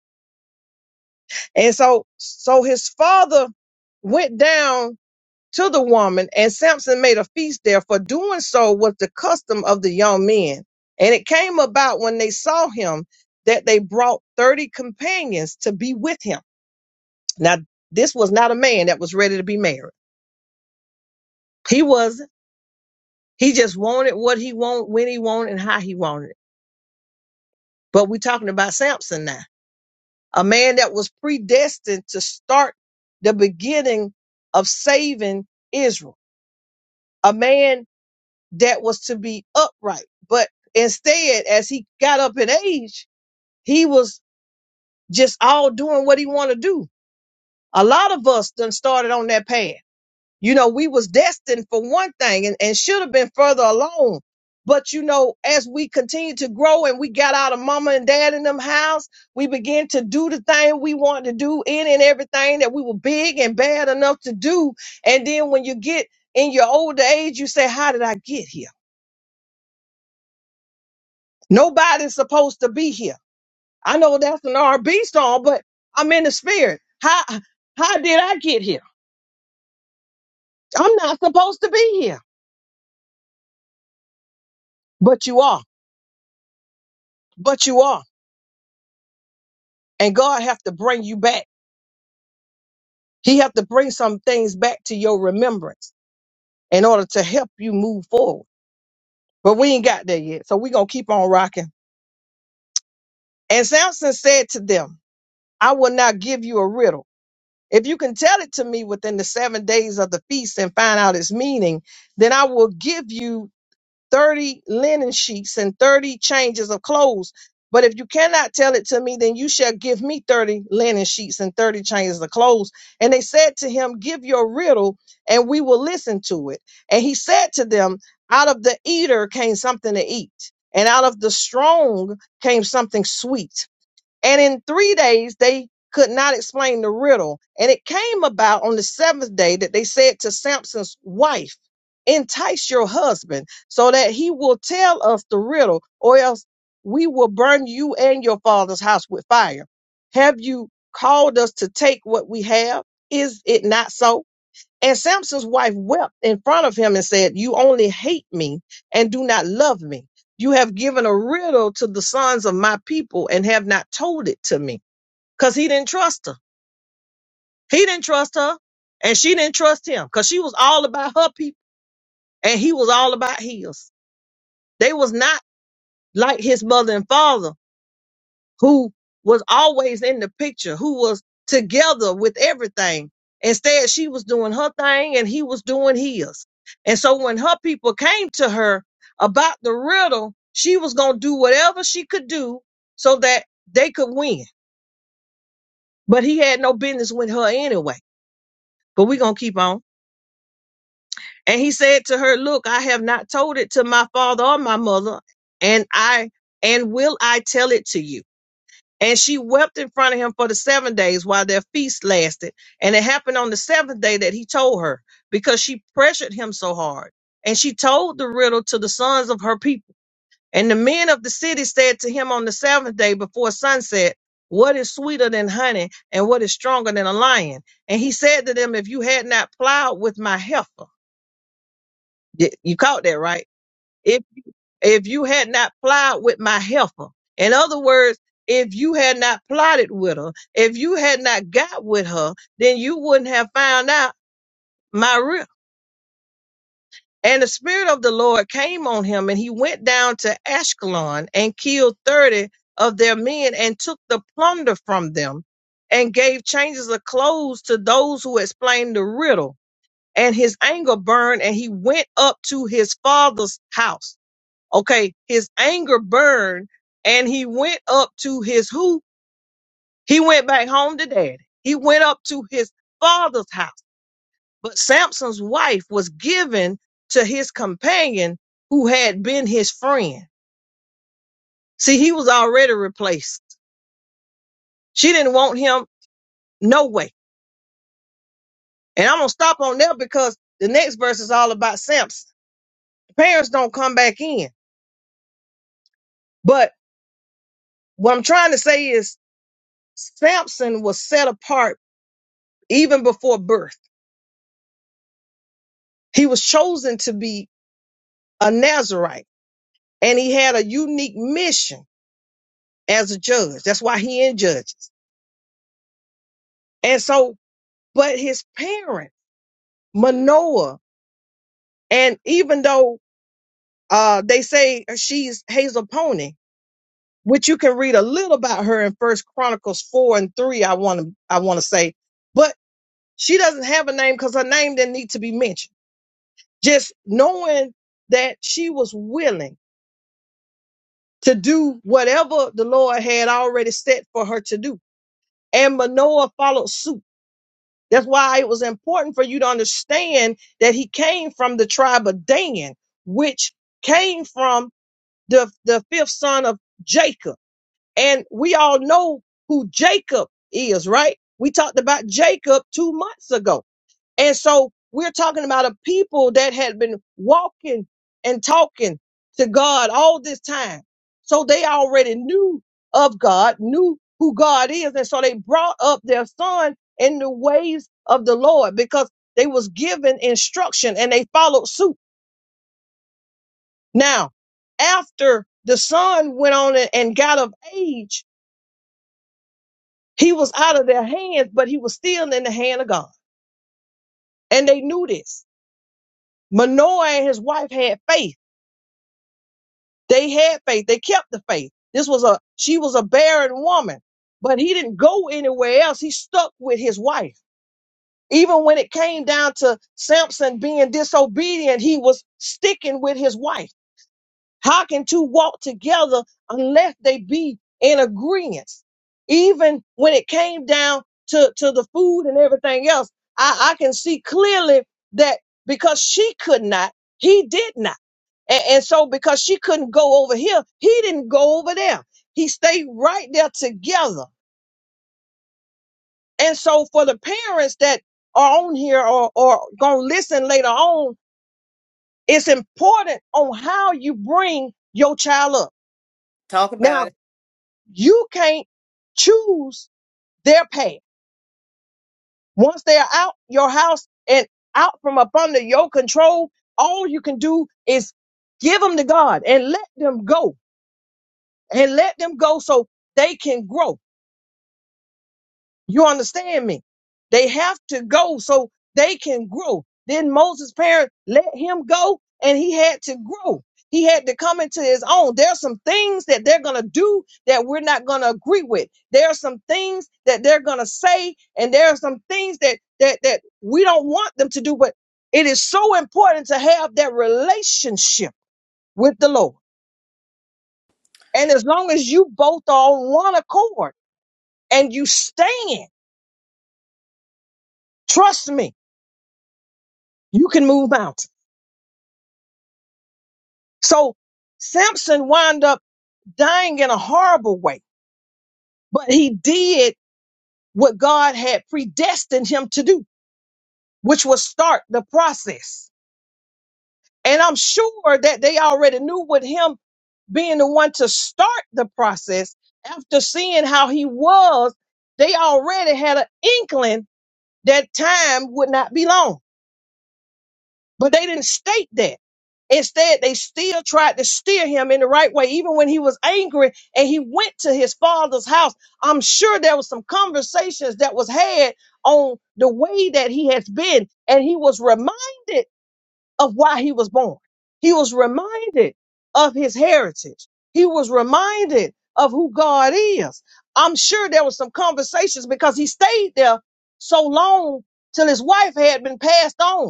S5: And so so his father went down to the woman, and Samson made a feast there, for doing so was the custom of the young men. And it came about when they saw him that they brought 30 companions to be with him. Now, this was not a man that was ready to be married. He wasn't. He just wanted what he wanted, when he wanted, and how he wanted it. But we're talking about Samson now, a man that was predestined to start the beginning of saving Israel, a man that was to be upright. But instead, as he got up in age, he was just all doing what he wanted to do. A lot of us done started on that path. You know, we was destined for one thing and, and should have been further along. But you know, as we continued to grow and we got out of mama and dad in them house, we began to do the thing we wanted to do in and everything that we were big and bad enough to do. And then when you get in your older age, you say, how did I get here? Nobody's supposed to be here. I know that's an R&B song, but I'm in the spirit. How how did I get here? I'm not supposed to be here, but you are. But you are. And God have to bring you back. He have to bring some things back to your remembrance in order to help you move forward. But we ain't got there yet, so we gonna keep on rocking. And Samson said to them, "I will not give you a riddle. If you can tell it to me within the seven days of the feast and find out its meaning." then I will give you 30 linen sheets and 30 changes of clothes. But if you cannot tell it to me, then you shall give me 30 linen sheets and 30 changes of clothes. And they said to him, Give your riddle, and we will listen to it. And he said to them, Out of the eater came something to eat, and out of the strong came something sweet. And in three days, they could not explain the riddle. And it came about on the seventh day that they said to Samson's wife, Entice your husband so that he will tell us the riddle, or else we will burn you and your father's house with fire. Have you called us to take what we have? Is it not so? And Samson's wife wept in front of him and said, You only hate me and do not love me. You have given a riddle to the sons of my people and have not told it to me. Because he didn't trust her. He didn't trust her. And she didn't trust him. Because she was all about her people. And he was all about his. They was not like his mother and father. who was always in the picture, who was together with everything. Instead, she was doing her thing and he was doing his. And so when her people came to her about the riddle, she was going to do whatever she could do so that they could win. But he had no business with her anyway. But we're going to keep on. And he said to her, Look, I have not told it to my father or my mother, and I and will I tell it to you? And she wept in front of him for the seven days while their feast lasted. And it happened on the seventh day that he told her because she pressured him so hard. And she told the riddle to the sons of her people. And the men of the city said to him on the seventh day before sunset, What is sweeter than honey and what is stronger than a lion? And he said to them, If you had not plowed with my heifer, Y- you caught that, right? if you- if you had not plowed with my helper in other words if you had not plotted with her if you had not got with her then you wouldn't have found out my real and the spirit of the lord came on him and he went down to ashkelon and killed 30 of their men and took the plunder from them and gave changes of clothes to those who explained the riddle and his anger burned and he went up to his father's house Okay, his anger burned and he went up to his who? He went back home to daddy. He went up to his father's house. But Samson's wife was given to his companion who had been his friend. See, he was already replaced. She didn't want him no way. And I'm going to stop on there because the next verse is all about Samson. Parents don't come back in. But what I'm trying to say is Samson was set apart even before birth. He was chosen to be a Nazarite and he had a unique mission as a judge. That's why he in judges. And so, but his parents, Manoah, and even though uh, they say she's Hazel Pony, which you can read a little about her in First Chronicles four and three, I want to I want to say, but she doesn't have a name because her name didn't need to be mentioned. Just knowing that she was willing to do whatever the Lord had already set for her to do and Manoah followed suit. That's why it was important for you to understand that he came from the tribe of Dan, which came from the, the fifth son of Jacob. And we all know who Jacob is, right? We talked about Jacob two months ago. And so we're talking about a people that had been walking and talking to God all this time. So they already knew of God, knew who God is. And so they brought up their son in the ways of the Lord because they was given instruction and they followed suit. Now, after the son went on and and got of age, he was out of their hands, but he was still in the hand of God. And they knew this. Manoah and his wife had faith They had faith. They kept the faith. This was a, she was a barren woman, but he didn't go anywhere else. He stuck with his wife. Even when it came down to Samson being disobedient, he was sticking with his wife. How can two walk together unless they be in agreement? Even when it came down to, to the food and everything else, I, I can see clearly that because she could not, he did not. And, and so because she couldn't go over here, he didn't go over there. He stayed right there together. And so for the parents that are on here or, or gonna listen later on, it's important on how you bring your child up.
S4: Talk
S5: now.
S4: about it.
S5: you can't choose their path. Once they're out your house and out from up under your control, all you can do is give them to God and let them go and let them go so they can grow. You understand me? They have to go so they can grow. Then Moses' parents let him go and he had to grow. He had to come into his own. There are some things that they're going to do that we're not going to agree with. There are some things that they're going to say and there are some things that that that we don't want them to do, but it is so important to have that relationship with the Lord. And as long as you both are on one accord and you stand, trust me, you can move mountains. So Samson wound up dying in a horrible way, but he did what God had predestined him to do, which was start the process. And I'm sure that they already knew with him being the one to start the process after seeing how he was, they already had an inkling that time would not be long. But they didn't state that. Instead, they still tried to steer him in the right way, even when he was angry and he went to his father's house. I'm sure there was some conversations that was had on the way that he has been, and he was reminded of why he was born. He was reminded of his heritage. He was reminded of who God is. I'm sure there was some conversations because he stayed there so long till his wife had been passed on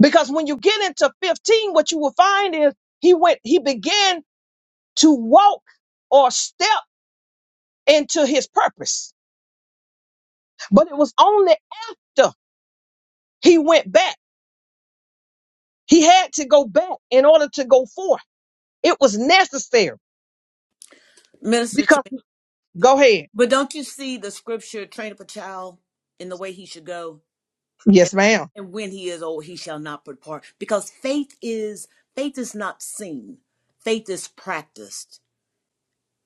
S5: Because when you get into 15, what you will find is he went, he began to walk or step into his purpose. But it was only after he went back. He had to go back in order to go forth. It was necessary
S4: Minister to
S5: because
S4: me.
S5: go ahead.
S4: But don't you see the scripture, train up a child in the way he should go, and,
S5: Yes, ma'am.
S4: and when he is old, he shall not depart. Because faith is faith is not seen, faith is practiced.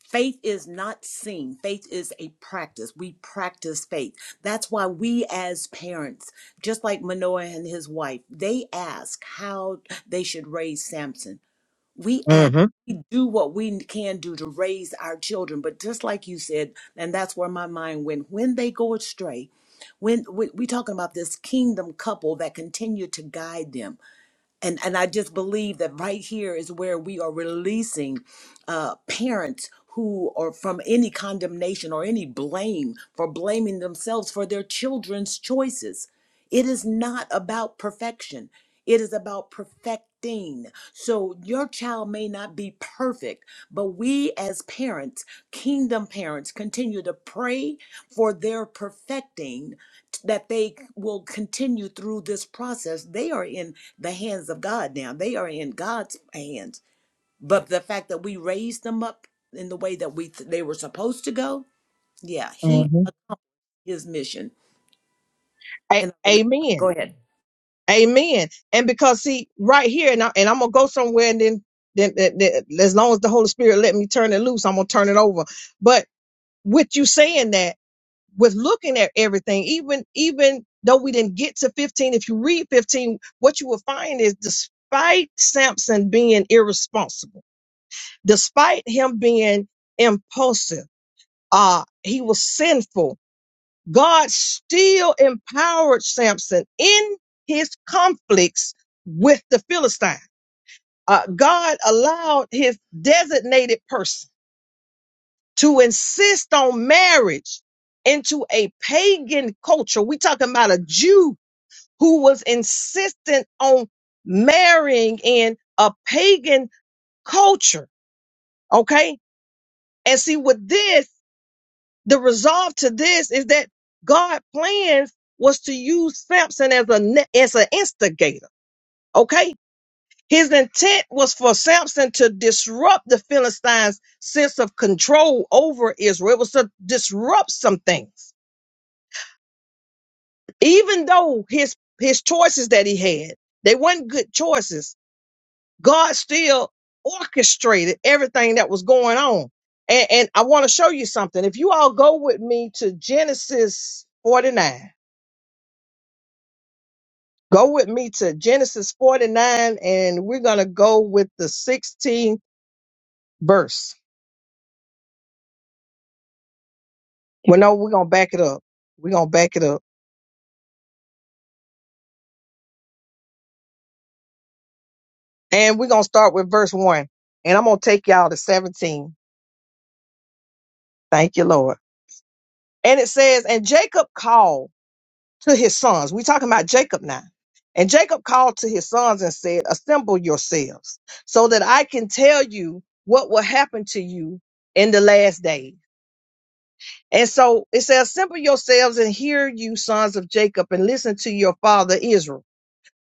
S4: Faith is not seen. Faith is a practice. We practice faith. That's why we as parents, just like Manoah and his wife, they ask how they should raise Samson. We ask,
S5: Mm-hmm.
S4: we do what we can do to raise our children. But just like you said, and that's where my mind went, when they go astray, when we, we talking about this kingdom couple that continue to guide them and and I just believe that right here is where we are releasing uh, parents who are from any condemnation or any blame for blaming themselves for their children's choices. It is not about perfection. It is about perfecting. So your child may not be perfect, but we as parents, kingdom parents, continue to pray for their perfecting that they will continue through this process they are in the hands of God now. They are in God's hands. But the fact that we raised them up in the way that we th- they were supposed to go, yeah, he
S5: Mm-hmm.
S4: his mission.
S5: A-
S4: And I really
S5: amen.
S4: go ahead.
S5: Amen. And because see, right here, and, I, and I'm gonna go somewhere, and then, then, then, then, as long as the Holy Spirit let me turn it loose, I'm gonna turn it over. But with you saying that. with looking at everything, even even though we didn't get to 15, if you read 15, what you will find is despite Samson being irresponsible, despite him being impulsive, uh, he was sinful. God still empowered Samson in his conflicts with the Philistine. Uh, God allowed his designated person to insist on marriage into a pagan culture. We talking about a Jew who was insistent on marrying in a pagan culture. Okay. And see with this, the resolve to this is that God plans was to use Samson as a, ne- as an instigator. Okay. His intent was for Samson to disrupt the Philistines' sense of control over Israel. It was to disrupt some things. even though his his choices that he had they weren't good choices god still orchestrated everything that was going on and, and i want to show you something if you all go with me to genesis 49 go with me to genesis 49 and we're gonna go with the 16th verse well no we're gonna back it up we're gonna back it up and we're gonna start with verse 1 and i'm gonna take y'all to 17 thank you lord and it says and jacob called to his sons. We're talking about Jacob now. And Jacob called to his sons and said, Assemble yourselves so that I can tell you what will happen to you in the last days. And so it says, Assemble yourselves and hear you, sons of Jacob, and listen to your father Israel.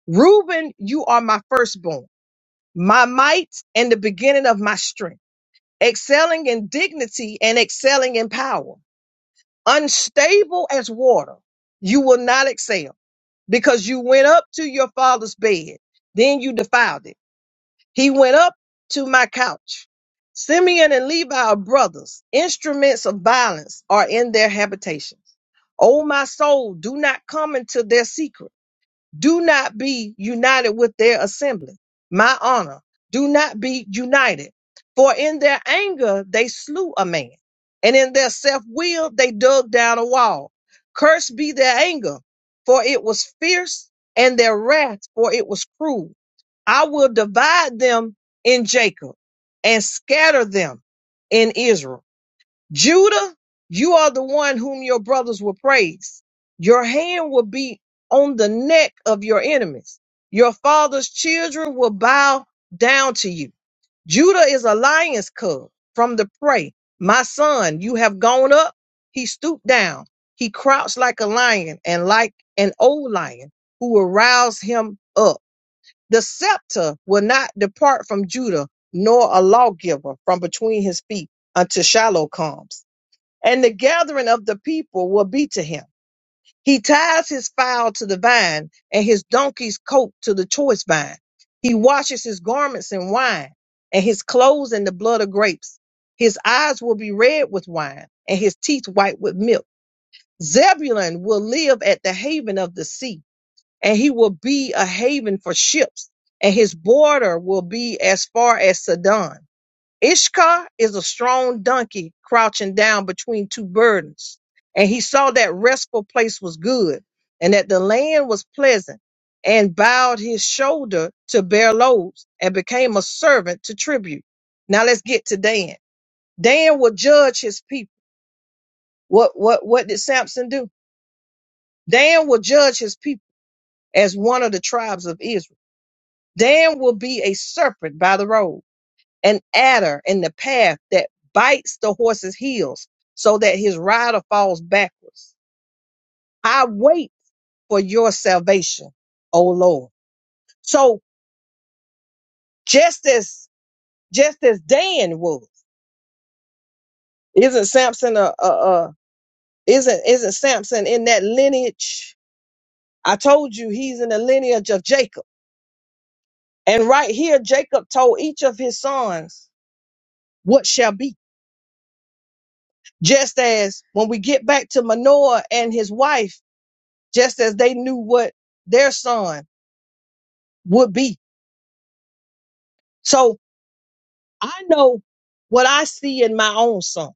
S5: Reuben, you are my firstborn, my might, and the beginning of my strength, excelling in dignity and excelling in power, unstable as water. You will not excel because you went up to your father's bed. Then you defiled it. He went up to my couch. Simeon and Levi are brothers. Instruments of violence are in their habitations. O my soul, do not come into their secret. Do not be united with their assembly. My honor, do not be united. For in their anger they slew a man, and in their self will they dug down a wall. Cursed be their anger, for it was fierce, and their wrath, for it was cruel. I will divide them in Jacob and scatter them in Israel. Judah, you are the one whom your brothers will praise. Your hand will be on the neck of your enemies. Your father's children will bow down to you. Judah is a lion's cub from the prey. My son, you have gone up. He stooped down. He crouched like a lion and like an old lion who will rouse him up. The scepter will not depart from Judah, nor a lawgiver from between his feet until Shiloh comes and the gathering of the people will be to him. He ties his fowl to the vine and his donkey's coat to the choice vine. He washes his garments in wine and his clothes in the blood of grapes. His eyes will be red with wine and his teeth white with milk. Zebulun will live at the haven of the sea and he will be a haven for ships and his border will be as far as Sidon. Ishkar is a strong donkey crouching down between two burdens. And he saw that restful place was good and that the land was pleasant and bowed his shoulder to bear loads and became a servant to tribute. Now let's get to Dan. Dan will judge his people. What, what, what did Samson do? Dan will judge his people as one of the tribes of Israel. Dan will be a serpent by the road. an adder in the path that bites the horse's heels so that his rider falls backwards. I wait for your salvation, O Lord. So just as just as Dan was, isn't Samson a, a, a isn't isn't Samson in that lineage? I told you he's in the lineage of Jacob. And right here, Jacob told each of his sons what shall be. Just as when we get back to Manoah and his wife, just as they knew what their son would be. So I know what I see in my own son,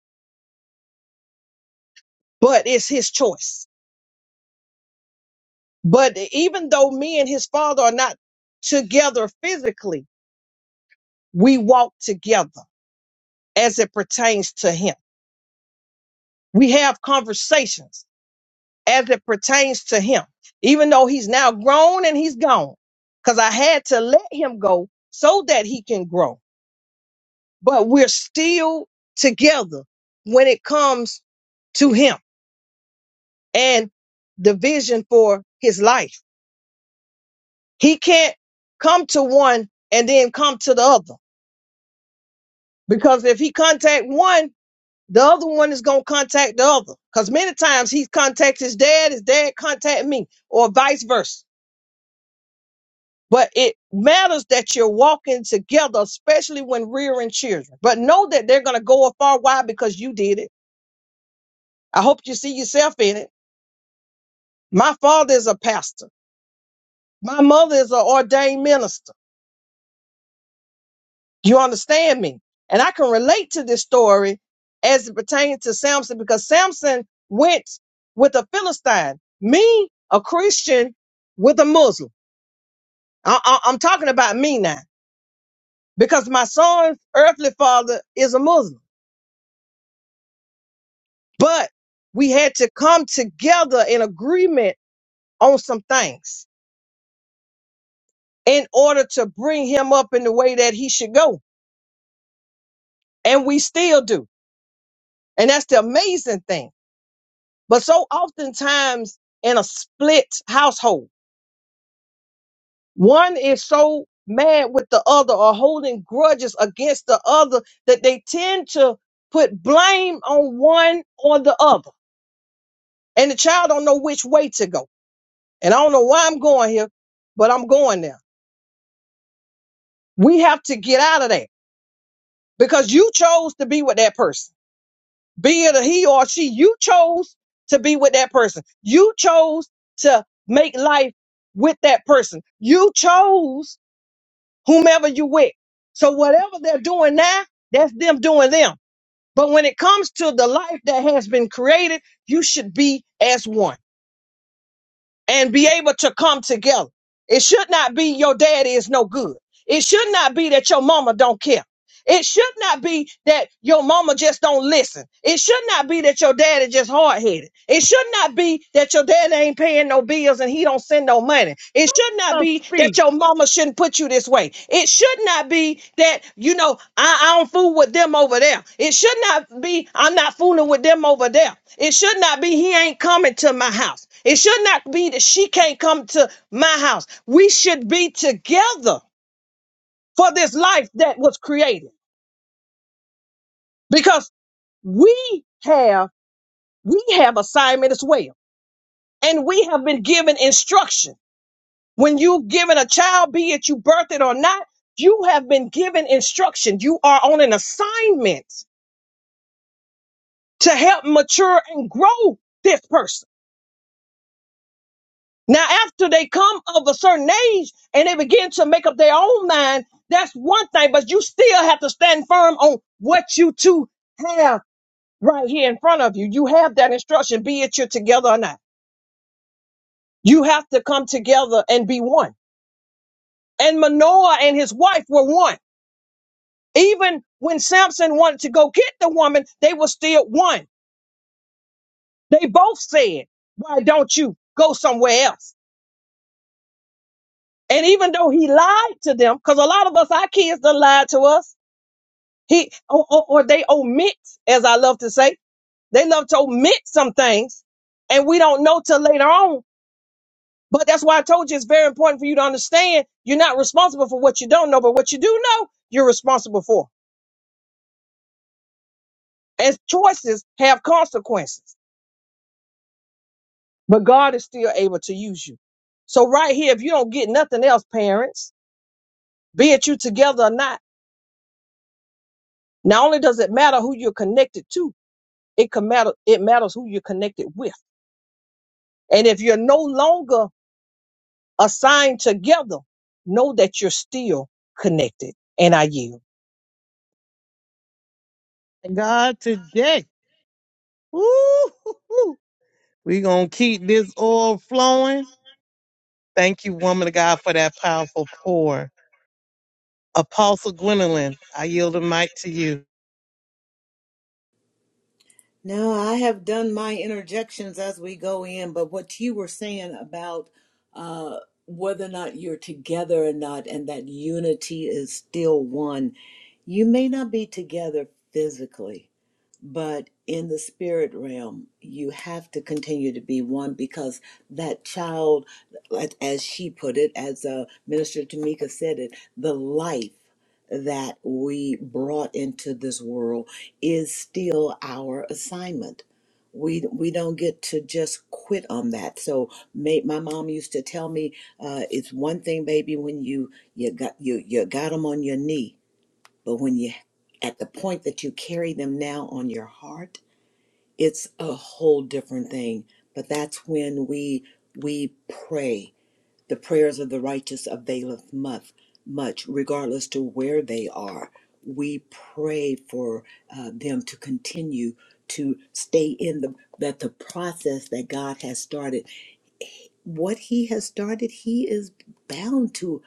S5: but it's his choice. But even though me and his father are not together physically, we walk together as it pertains to him. We have conversations as it pertains to him, even though he's now grown and he's gone, because I had to let him go so that he can grow but we're still together when it comes to him and the vision for his life. He can't come to one and then come to the other because if he contact one, the other one is going to contact the other because many times he contacts his dad, his dad contact me or vice versa. But it matters that you're walking together, especially when rearing children. But know that they're going to go a far wide because you did it. I hope you see yourself in it. My father is a pastor. My mother is an ordained minister. You understand me? And I can relate to this story as it pertains to Samson because Samson went with a Philistine, me, a Christian, with a Muslim. I, I, I'm talking about me now because my son's earthly father is a Muslim. But we had to come together in agreement on some things in order to bring him up in the way that he should go. And we still do. And that's the amazing thing. But so oftentimes in a split household, one is so mad with the other or holding grudges against the other that they tend to put blame on one or the other. And the child don't know which way to go. And I don't know why I'm going here, but I'm going there. We have to get out of that because you chose to be with that person. be it a he or a she, you chose to be with that person. You chose to make life with that person. You chose whomever you with. So whatever they're doing now, that's them doing them. But when it comes to the life that has been created, you should be as one and be able to come together. It should not be your daddy is no good. It should not be that your mama don't care. It should not be that your mama just don't listen. It should not be that your daddy just hard headed. It should not be that your daddy ain't paying no bills and he don't send no money. It should not
S1: Oh,
S5: be
S1: speak
S5: that your mama shouldn't put you this way. It should not be that you know I, I don't fool with them over there. It should not be I'm not fooling with them over there. It should not be he ain't coming to my house. It should not be that she can't come to my house. We should be together for this life that was created. Because we have we have assignment as well and we have been given instruction when you've given a child be it you birth it or not you have been given instruction you are on an assignment to help mature and grow this person now after they come of a certain age and they begin to make up their own mind that's one thing but you still have to stand firm on what you two have right here in front of you you have that instruction be it you're together or not You have to come together and be one. And Manoah and his wife were one. Even when Samson wanted to go get the woman, they were still one. They both said, Why don't you go somewhere else? And even though he lied to them, because a lot of us, our kids done lied to us, he or, or, or they omit, as I love to say, they love to omit some things, and we don't know till later on. But that's why I told you it's very important for you to understand you're not responsible for what you don't know, but what you do know, you're responsible for. as choices have consequences, but God is still able to use you. So right here, if you don't get nothing else, parents, be it you together or not, not only does it matter who you're connected to, it can matter, it matters who you're connected with. And if you're no longer assigned together, know that you're still connected. And I yield.
S1: God today. Woo-hoo-hoo. we going to keep this oil flowing. Thank you, woman of God, for that powerful pour. Apostle Gwendolyn, I yield the mic to you.
S4: No, I have done my interjections as we go in, but what you were saying about uh, whether or not you're together or not, and that unity is still one, you may not be together physically, But in the spirit realm, you have to continue to be one because that child, like- as she put it, as uh, Minister Tamika said it, the life that we brought into this world is still our assignment. We, we don't get to just quit on that. So may, my mom used to tell me, uh, it's one thing, baby, when you you got you you got them on your knee, but when you at the point that you carry them now on your heart, it's a whole different thing. But that's when we we pray. The prayers of the righteous availeth much, much, regardless to where they are. We pray for uh, them to continue to stay in the that the process that God has started. What He has started, He is bound to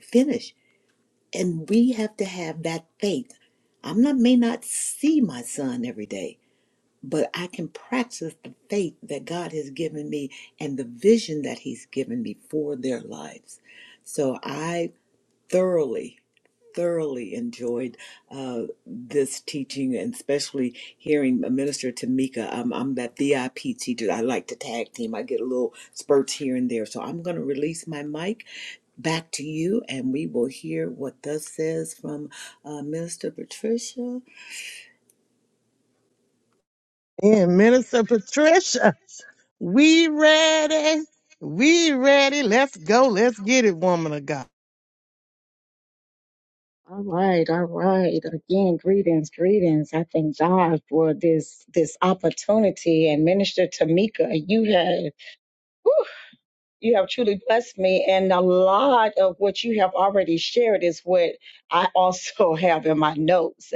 S4: finish and we have to have that faith. I am not may not see my son every day, but I can practice the faith that God has given me and the vision that he's given me for their lives. So I thoroughly thoroughly enjoyed uh, this teaching and especially hearing Minister Tamika. I'm, I'm that VIP teacher. I like to tag team. I get a little spurts here and there. So I'm going to release my mic back to you and we will hear what thus says from uh, Minister Patricia.
S1: And Minister Patricia, we ready. We ready. Let's go. Let's get it, woman of God.
S7: All right, all right. Again, greetings, greetings. I thank God for this this opportunity. And Minister Tamika, you had whew, You have truly blessed me, and a lot of what you have already shared is what I also (laughs) have in my notes.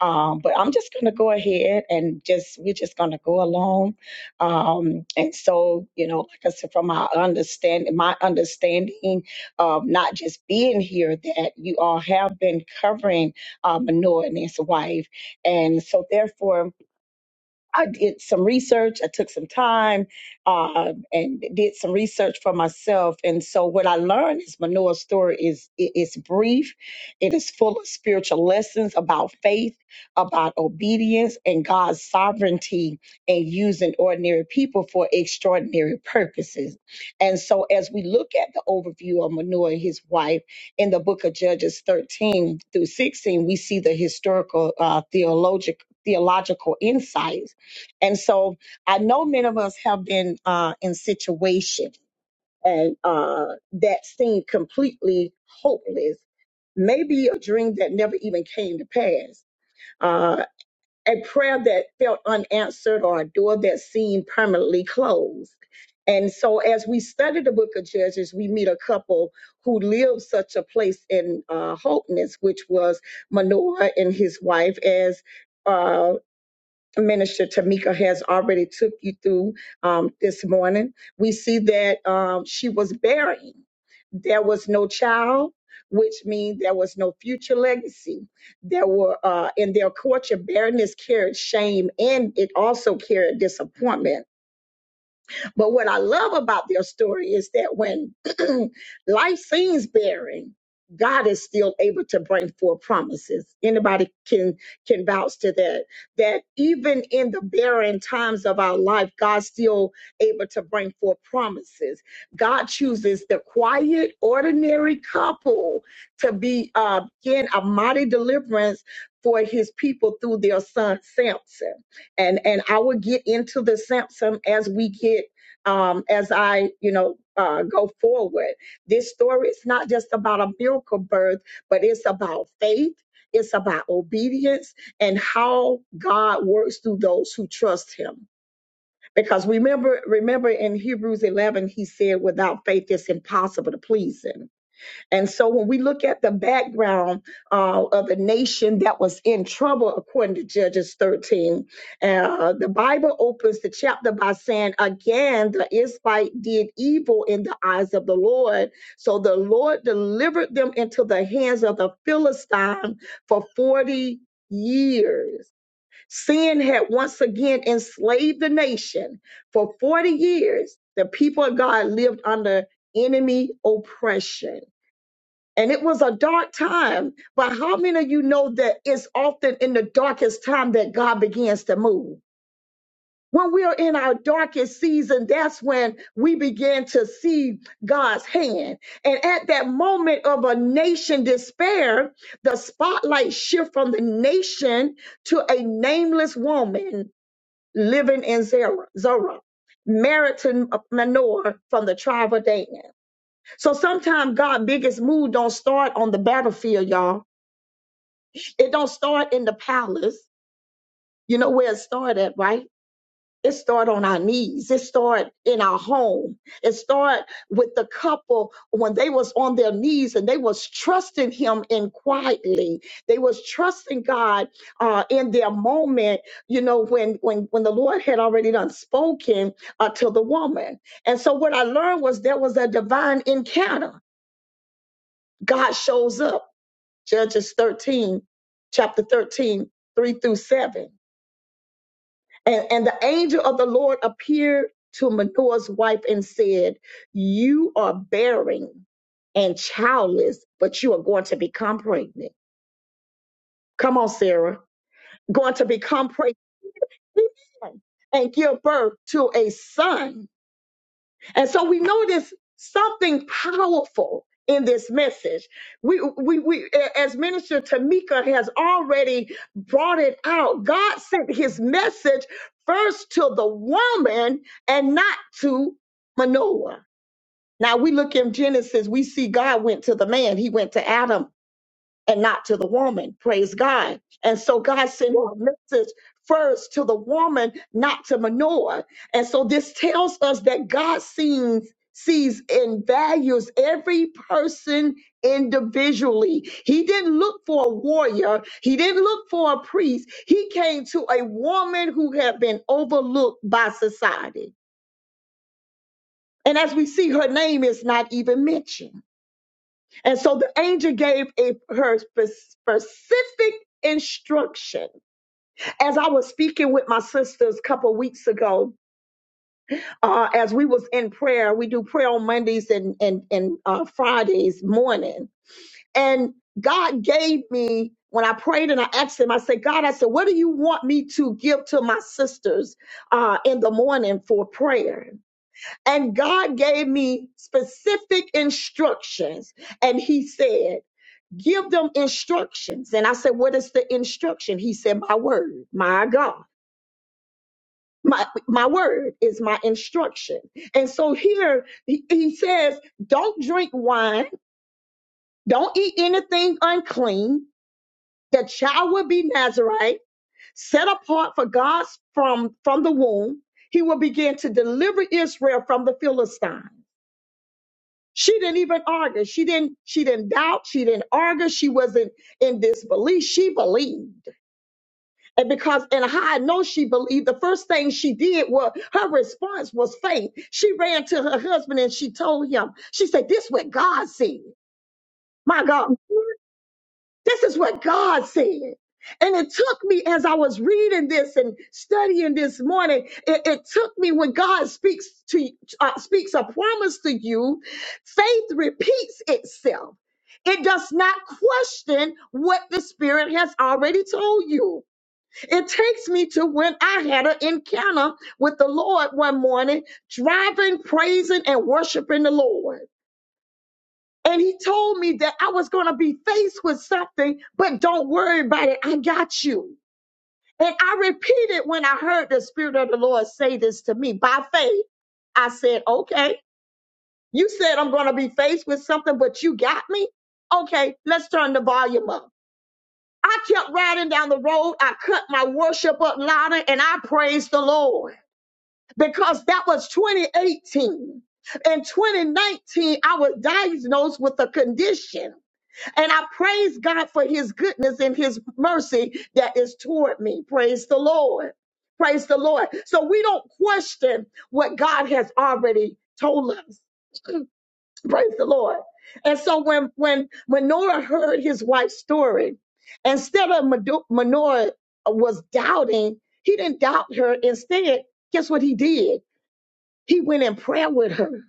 S7: Um, but I'm just going to go ahead and just we're just going to go along. Um, and so, you know, like I said, from my understanding, my understanding of not just being here, that you all have been covering uh, Manoah and his wife, and so therefore. I did some research. I took some time uh, and did some research for myself. And so, what I learned is Manoah's story is it is brief. It is full of spiritual lessons about faith, about obedience, and God's sovereignty, and using ordinary people for extraordinary purposes. And so, as we look at the overview of Manoah and his wife in the Book of Judges thirteen through sixteen, we see the historical uh, theological theological insights and so I know many of us have been uh, in situations and uh, that seem completely hopeless, maybe a dream that never even came to pass, uh, a prayer that felt unanswered or a door that seemed permanently closed. And so, as we study the book of Judges, we meet a couple who lived such a place in uh, hopeness, which was Manoah and his wife, as uh, Minister Tamika has already took you through um, this morning. We see that um, she was bearing. There was no child, which means there was no future legacy. There were uh, in their courtship, barrenness carried shame and it also carried disappointment but what I love about their story is that when (clears throat) life seems barren, God is still able to bring forth promises. Anybody can can vouch to that. That even in the barren times of our life, God's still able to bring forth promises. God chooses the quiet, ordinary couple to be uh, again a mighty deliverance for His people through their son Samson. And and I will get into the Samson as we get um, as I, you know, uh, go forward. This story is not just about a miracle birth, but it's about faith. It's about obedience and how God works through those who trust Him. Because remember, remember in Hebrews 11, He said, "Without faith, it's impossible to please Him." And so when we look at the background uh, of the nation that was in trouble, according to Judges 13, uh, the Bible opens the chapter by saying, Again, the Israelite did evil in the eyes of the Lord. So the Lord delivered them into the hands of the Philistine for 40 years. Sin had once again enslaved the nation. For 40 years, the people of God lived under enemy oppression. And it was a dark time. But how many of you know that it's often in the darkest time that God begins to move? When we are in our darkest season, that's when we begin to see God's hand. And at that moment of a nation despair, the spotlight shift from the nation to a nameless woman living in Zerah, Zorah, married to Manoah from the tribe of Dan. So sometimes God' biggest move don't start on the battlefield, y'all. It don't start in the palace. You know where it started, at, right? It start on our knees. It start in our home. It start with the couple when they was on their knees and they was trusting Him in quietly. They was trusting God uh, in their moment. You know when when when the Lord had already done spoken uh, to the woman. And so what I learned was there was a divine encounter. God shows up. Judges 13, chapter 13, 3 through 7. And, and the angel of the Lord appeared to Manoah's wife and said, You are bearing and childless, but you are going to become pregnant. Come on, Sarah. Going to become pregnant and give birth to a son And so we know there's something powerful in this message. We, we, we, as Minister Tamika has already brought it out, God sent his message first to the woman and not to Manoah. Now we look in Genesis, we see God went to the man, he went to Adam and not to the woman. Praise God. And so God sent a message first to the woman, not to Manoah. And so this tells us that God sees sees and values every person individually. He didn't look for a warrior. He didn't look for a priest. He came to a woman who had been overlooked by society. And as we see, her name is not even mentioned. And so the angel gave a her spe- specific instruction. As I was speaking with my sisters a couple weeks ago, uh, as we was in prayer, we do prayer on Mondays and and and uh, Fridays morning. And God gave me when I prayed and I asked Him, I said, God, I said, what do you want me to give to my sisters uh, in the morning for prayer? And God gave me specific instructions. And He said, Give them instructions. And I said, What is the instruction? He said, My word, my God. My, my word is my instruction. And so here he, he says, Don't drink wine, don't eat anything unclean. The child will be Nazarite, set apart for God's from from the womb. He will begin to deliver Israel from the Philistines. She didn't even argue. She didn't she didn't doubt. She didn't argue. She wasn't in disbelief. She believed. And because and how I know she believed, the first thing she did was her response was faith. She ran to her husband and she told him, she said, This is what God said. My God. This is what God said. And it took me as I was reading this and studying this morning. It, it took me when God speaks to uh, speaks a promise to you, faith repeats itself. It does not question what the Spirit has already told you. It takes me to when I had an encounter with the Lord one morning, driving, praising, and worshiping the Lord. And he told me that I was going to be faced with something, but don't worry about it. I got you. And I repeated when I heard the Spirit of the Lord say this to me by faith. I said, okay, you said I'm going to be faced with something, but you got me. Okay, let's turn the volume up. I kept riding down the road. I cut my worship up louder and I praised the Lord because that was 2018. In 2019, I was diagnosed with a condition and I praise God for his goodness and his mercy that is toward me. Praise the Lord. Praise the Lord. So we don't question what God has already told us. Praise the Lord. And so when when when Noah heard his wife's story, instead of Mado- Manoah was doubting, he didn't doubt her. Instead, guess what he did? He went in prayer with her.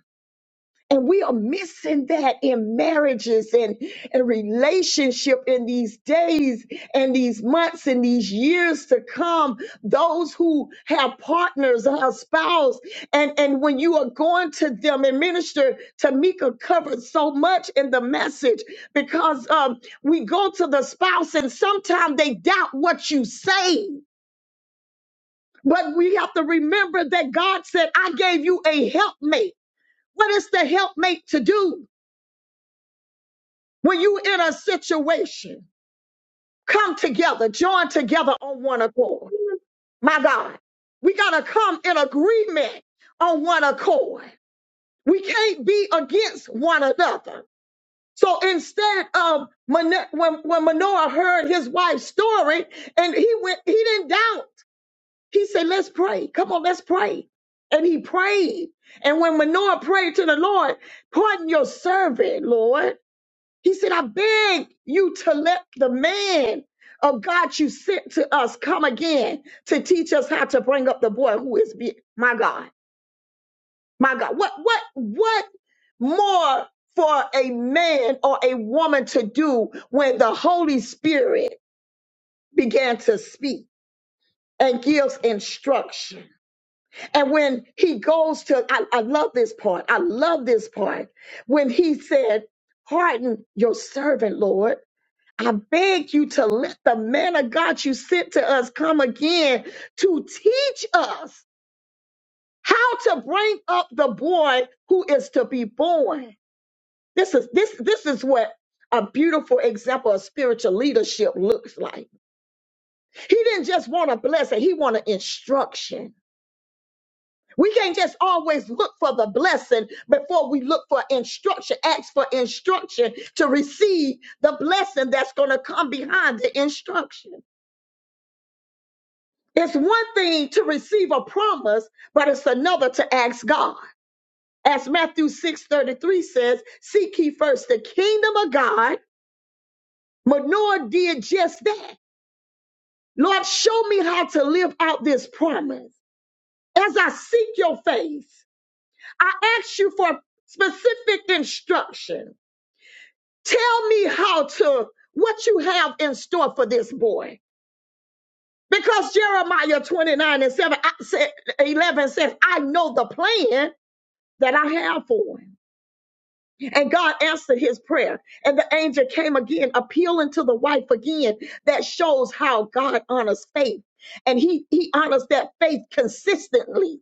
S7: And we are missing that in marriages and, and relationship in these days and these months and these years to come. Those who have partners or have spouse, and, and when you are going to them and minister, Tamika covered so much in the message because um, we go to the spouse and sometimes they doubt what you say. But we have to remember that God said, I gave you a helpmate. What is the helpmate to do? When you in a situation, come together, join together on one accord. My God, we got to come in agreement on one accord. We can't be against one another. So instead of Mano- when, when Manoah heard his wife's story and he went, he didn't doubt. He said, let's pray. Come on, let's pray. And he prayed. And when Manoah prayed to the Lord, pardon your servant, Lord. He said, I beg you to let the man of God you sent to us come again to teach us how to bring up the boy who is be- my God, my God. What what what more for a man or a woman to do when the Holy Spirit began to speak and gives instruction? And when he goes to, I, I love this part. I love this part. When he said, Harden your servant, Lord I beg you to let the man of God you sent to us come again to teach us how to bring up the boy who is to be born. This is this this is what a beautiful example of spiritual leadership looks like. He didn't just want a blessing, he wanted instruction. We can't just always look for the blessing before we look for instruction, ask for instruction to receive the blessing that's going to come behind the instruction. It's one thing to receive a promise, but it's another to ask God. As Matthew 6:33 says, seek ye first the kingdom of God. Manoah did just that. Lord, show me how to live out this promise. As I seek your face, I ask you for specific instruction. Tell me how to what you have in store for this boy. Because Jeremiah 29 and 7 I said, 11 says, I know the plan that I have for him. And God answered his prayer. And the angel came again, appealing to the wife again. That shows how God honors faith. And he, he honors that faith consistently.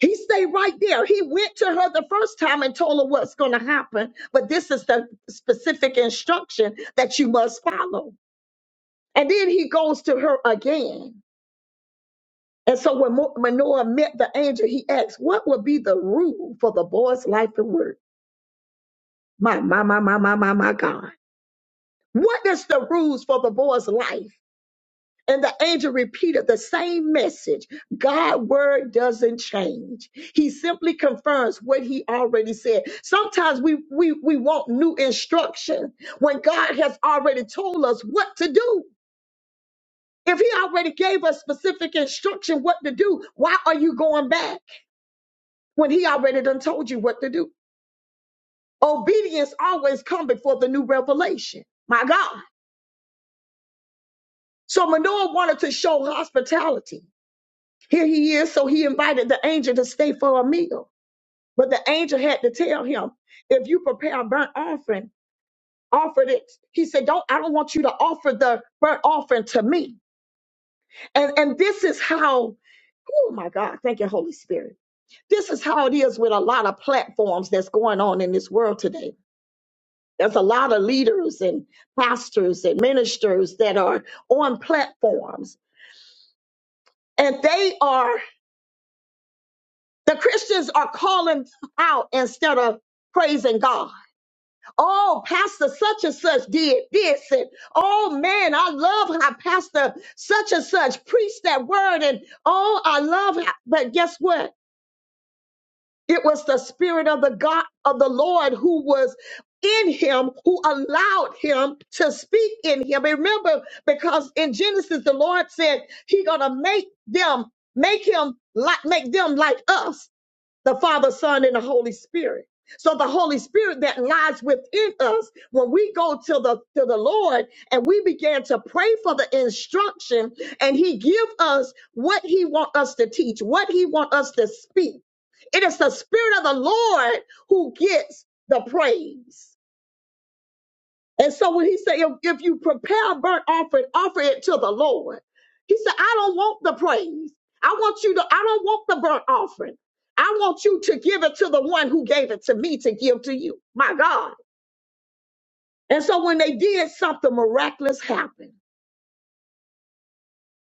S7: He stayed right there. He went to her the first time and told her what's going to happen. But this is the specific instruction that you must follow. And then he goes to her again. And so when Mo- Manoah met the angel, he asked, What would be the rule for the boy's life and work? My, my, my, my, my, my, my God. What is the rules for the boy's life? And the angel repeated the same message. God's word doesn't change. He simply confirms what he already said. Sometimes we, we, we want new instruction when God has already told us what to do. If he already gave us specific instruction what to do, why are you going back when he already done told you what to do? Obedience always come before the new revelation. My God. So Manoah wanted to show hospitality. Here he is, so he invited the angel to stay for a meal. But the angel had to tell him, if you prepare a burnt offering, offer it. He said, Don't I don't want you to offer the burnt offering to me. And and this is how, oh my God, thank you, Holy Spirit. This is how it is with a lot of platforms that's going on in this world today. There's a lot of leaders and pastors and ministers that are on platforms and they are The Christians are calling out instead of praising God. Oh, Pastor such and such did this. And oh, man, I love how Pastor such and such preached that word. And oh, I love how. But guess what? It was the Spirit of the God of the Lord who was in him, who allowed him to speak in him. And remember, because in Genesis, the Lord said, He gonna make them, make him like, make them like us the Father, Son, and the Holy Spirit. So the Holy Spirit that lies within us, when we go to the to the Lord and we began to pray for the instruction, and He give us what He want us to teach, what He want us to speak. It is the Spirit of the Lord who gets the praise. And so when he said, if, if you prepare a burnt offering, offer it to the Lord. He said, I don't want the praise. I want you to, I don't want the burnt offering. I want you to give it to the one who gave it to me to give to you. My God. And so when they did, something miraculous happened.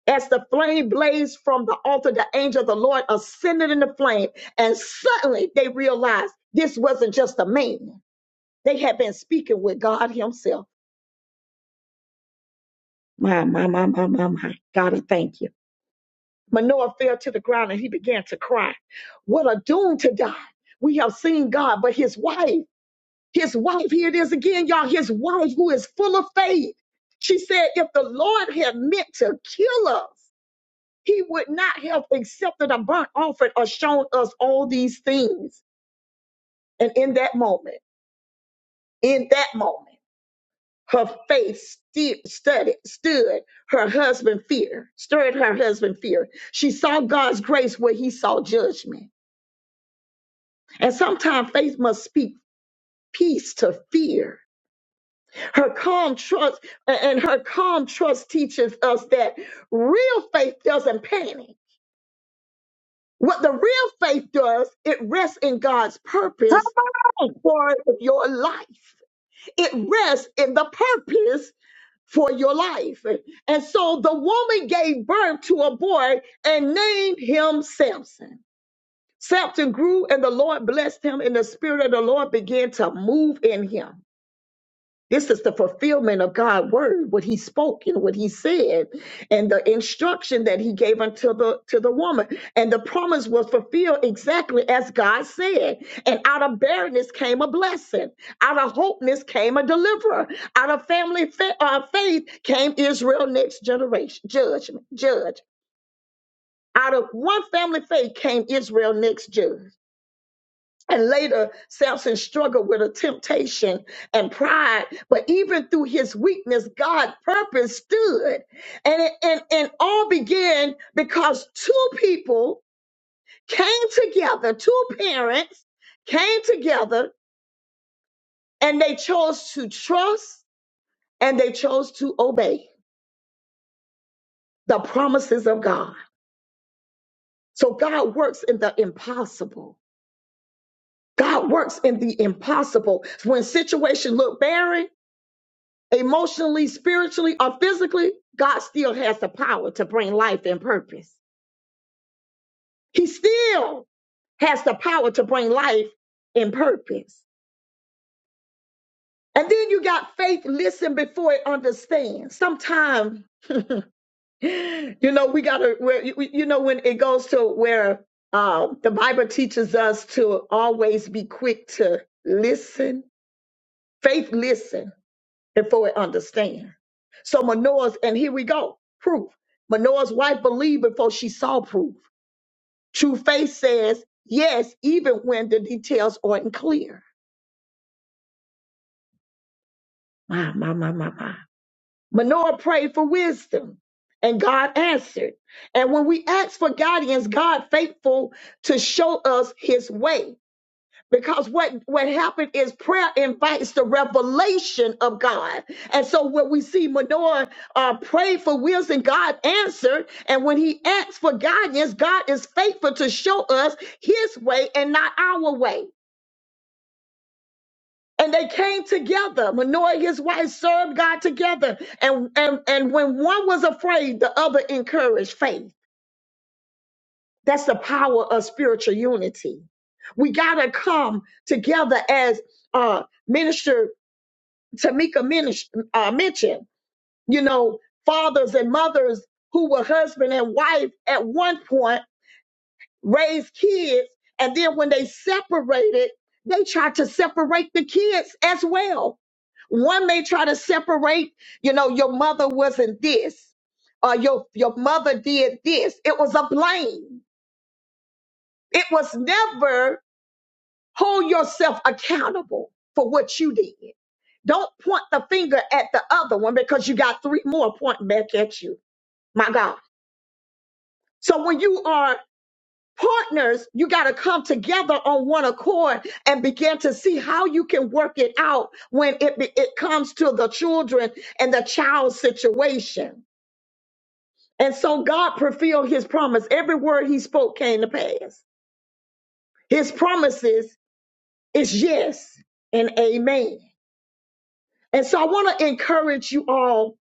S7: As the flame blazed from the altar, the angel of the Lord ascended in the flame. And suddenly they realized this wasn't just a man. They had been speaking with God Himself. My, my, my, my, my, my. God, I thank you. Manoah fell to the ground and he began to cry. What a doom to die. We have seen God, but his wife, his wife, here it is again, y'all, his wife who is full of faith. She said, if the Lord had meant to kill us, he would not have accepted a burnt offering or shown us all these things. And in that moment, in that moment, her faith sti- studied, stood her husband fear, stirred her husband fear. She saw God's grace where he saw judgment. And sometimes faith must speak peace to fear. Her calm trust and her calm trust teaches us that real faith doesn't panic. What the real faith does, it rests in God's purpose
S1: Come
S7: for your life. It rests in the purpose for your life. And so the woman gave birth to a boy and named him Samson. Samson grew and the Lord blessed him and the spirit of the Lord began to move in him. This is the fulfillment of God's word, what he spoke and what he said, and the instruction that he gave unto the to the woman. And the promise was fulfilled exactly as God said. And out of barrenness came a blessing. Out of hopeness came a deliverer. Out of family fa- uh, faith came Israel next generation judgment judge. Out of one family faith came Israel next judge. And later, Samson struggled with a temptation and pride, but even through his weakness, God's purpose stood. And it and, and all began because two people came together, two parents came together, and they chose to trust and they chose to obey the promises of God. So God works in the impossible. God works in the impossible. When situations look barren, emotionally, spiritually, or physically, God still has the power to bring life and purpose. He still has the power to bring life and purpose. And then you got faith, listen before it understands. Sometimes, (laughs) you know, we got to, where you you know, when it goes to where uh, the Bible teaches us to always be quick to listen, faith listen before it understand. So Manoah's, and here we go, proof. Manoah's wife believed before she saw proof. True faith says yes, even when the details aren't clear. My, my, my, my, my. Manoah prayed for wisdom and God answered. And when we ask for guidance, God faithful to show us his way. because what what happened is prayer invites the revelation of God, and so what we see Manoah uh, prayed for wills God answered, and when he asked for guidance, God is faithful to show us His way and not our way. And they came together. Manoah and his wife served God together, and and and when one was afraid, the other encouraged faith. That's the power of spiritual unity. We gotta come together as uh, minister Tamika minish, uh, mentioned, you know, fathers and mothers who were husband and wife at one point raised kids, and then when they separated, they tried to separate the kids as well. One may try to separate, you know, your mother wasn't this, or your your mother did this. It was a blame. It was never hold yourself accountable for what you did. Don't point the finger at the other one because you got three more pointing back at you. My God. So when you are partners, you got to come together on one accord and begin to see how you can work it out when it, be- it comes to the children and the child situation. And so God fulfilled his promise. Every word he spoke came to pass. His promises is yes and amen. And so I want to encourage you all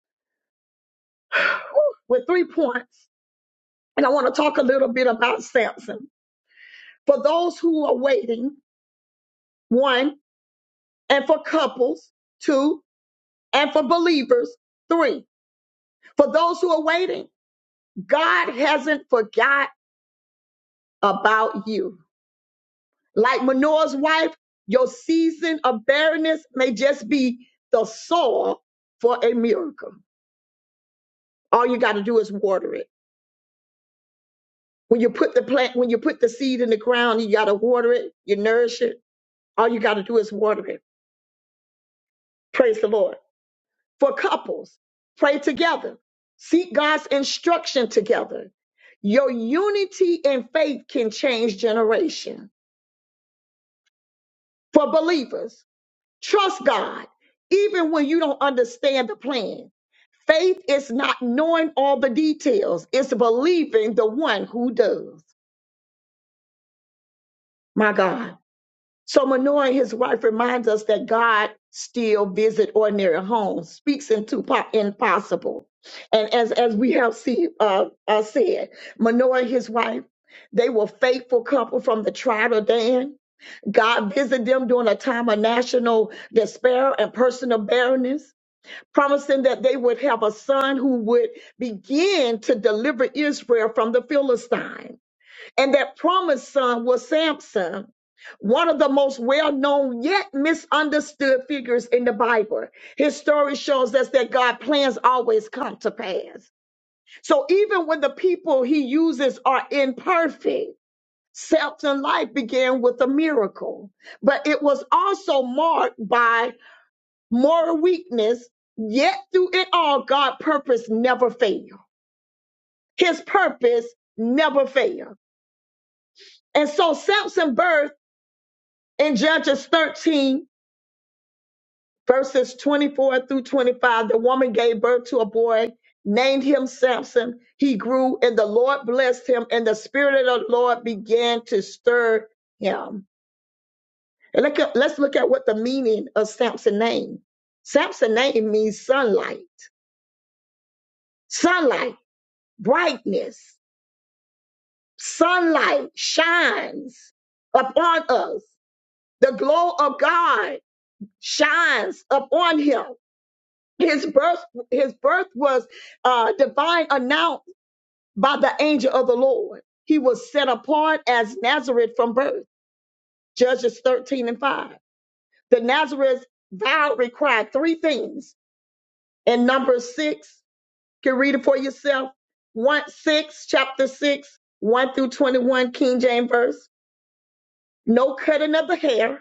S7: with three points And I want to talk a little bit about Samson. For those who are waiting, one, and for couples, two, and for believers, three. For those who are waiting, God hasn't forgot about you. Like Manoah's wife, your season of barrenness may just be the soil for a miracle. All you got to do is water it. When you put the plant, when you put the seed in the ground, you got to water it, you nourish it. All you got to do is water it. Praise the Lord. for couples. Pray together. Seek God's instruction together. Your unity in faith can change generation. For believers, trust God even when you don't understand the plan. Faith is not knowing all the details, it's believing the one who does. My God. So Manoah and his wife reminds us that God still visit ordinary homes, speaks into po- impossible. And as, as we have see, uh, uh, said, Manoah and his wife, they were faithful couple from the tribe of Dan. God visited them during a time of national despair and personal barrenness, promising that they would have a son who would begin to deliver Israel from the Philistines. And that promised son was Samson, one of the most well known yet misunderstood figures in the Bible. His story shows us that God's plans always come to pass. So even when the people he uses are imperfect, Samson's life began with a miracle, but it was also marked by moral weakness. Yet through it all, God's purpose never failed. His purpose never failed. And so Samson burst In Judges 13, verses 24 through 25, the woman gave birth to a boy, named him Samson. He grew, and the Lord blessed him, and the Spirit of the Lord began to stir him. And look at- let's look at what the meaning of Samson's name. Samson's name means sunlight, sunlight, brightness, sunlight shines upon us. The glow of God shines upon him. His birth, his birth was uh, divine announced by the angel of the Lord. He was set apart as Nazareth from birth. Judges 13 and 5. The Nazareth vow required three things. In Numbers 6, you can read it for yourself. 1 6, chapter 6, 1 through 21, King James verse. No cutting of the hair,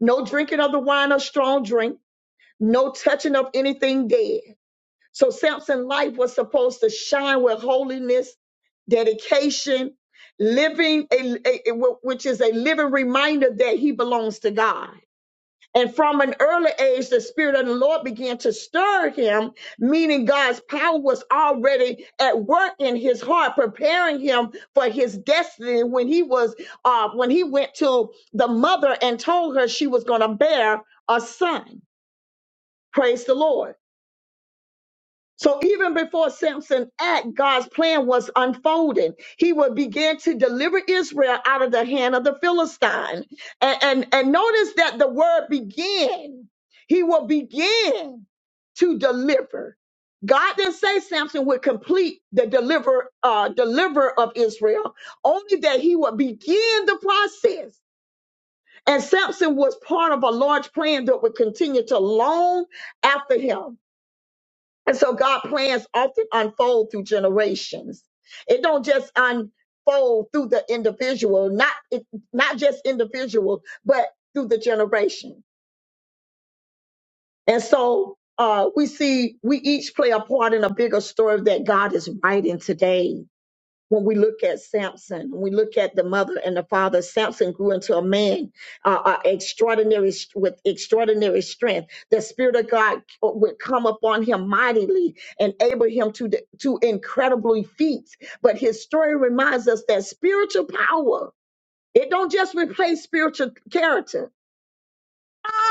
S7: no drinking of the wine or strong drink, no touching of anything dead. So Samson's life was supposed to shine with holiness, dedication, living, a, a- a- which is a living reminder that he belongs to God. And from an early age, the Spirit of the Lord began to stir him, meaning God's power was already at work in his heart, preparing him for his destiny. When he was, uh, when he went to the mother and told her she was going to bear a son. Praise the Lord. So even before Samson act, God's plan was unfolding. He would begin to deliver Israel out of the hand of the Philistine. And, and, and notice that the word begin. He will begin to deliver. God didn't say Samson would complete the deliver uh, deliver of Israel, only that he would begin the process. And Samson was part of a large plan that would continue to long after him. And so God plans often unfold through generations. It don't just unfold through the individual, not it, not just individual, but through the generation. And so uh, we see we each play a part in a bigger story that God is writing today when we look at Samson, we look at the mother and the father, Samson grew into a man uh, uh, extraordinary with extraordinary strength. The spirit of God uh, would come upon him mightily, enable him to to incredible feats. But his story reminds us that spiritual power it don't just replace spiritual character.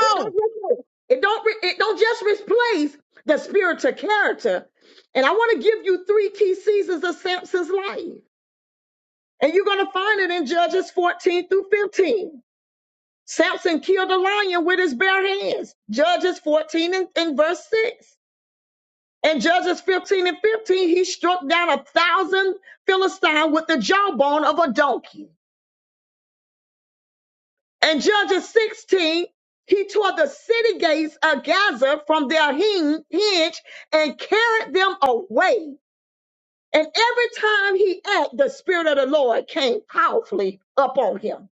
S7: It don't replace- it don't re- it don't just replace the spiritual character. And I want to give you three key seasons of Samson's life. And you're going to find it in Judges 14 through 15. Samson killed a lion with his bare hands. Judges 14 and, and verse 6. And Judges 15 and 15, he struck down a thousand Philistines with the jawbone of a donkey. And Judges 16, he tore the city gates of Gaza from their hin- hinge and carried them away. And every time he acted, the Spirit of the Lord came powerfully upon him.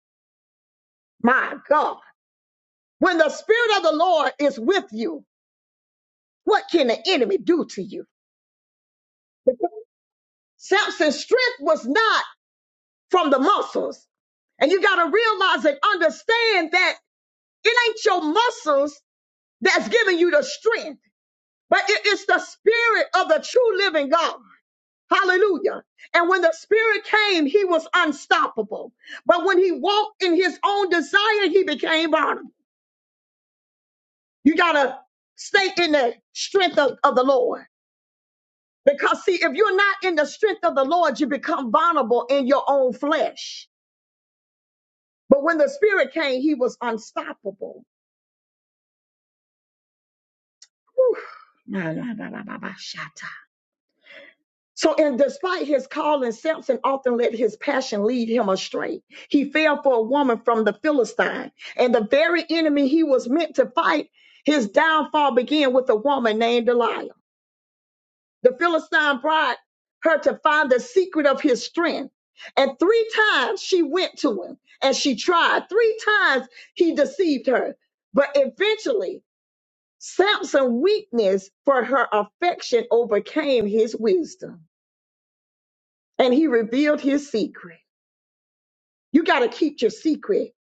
S7: My God. When the Spirit of the Lord is with you, what can the enemy do to you? Samson's strength was not from the muscles. And you got to realize and understand that it ain't your muscles that's giving you the strength, but it is the spirit of the true living God. Hallelujah. And when the spirit came, he was unstoppable. But when he walked in his own desire, he became vulnerable. You got to stay in the strength of, of the Lord. Because see, if you're not in the strength of the Lord, you become vulnerable in your own flesh. But when the spirit came, he was unstoppable. Whew. My, my, my, my, my, my, shot. So, and despite his calling, Samson often let his passion lead him astray. He fell for a woman from the Philistine, and the very enemy he was meant to fight, his downfall began with a woman named Delilah. the Philistine brought her to find the secret of his strength. And three times she went to him and she tried. Three times he deceived her. But eventually, Samson's weakness for her affection overcame his wisdom and he revealed his secret. You got to keep your secret.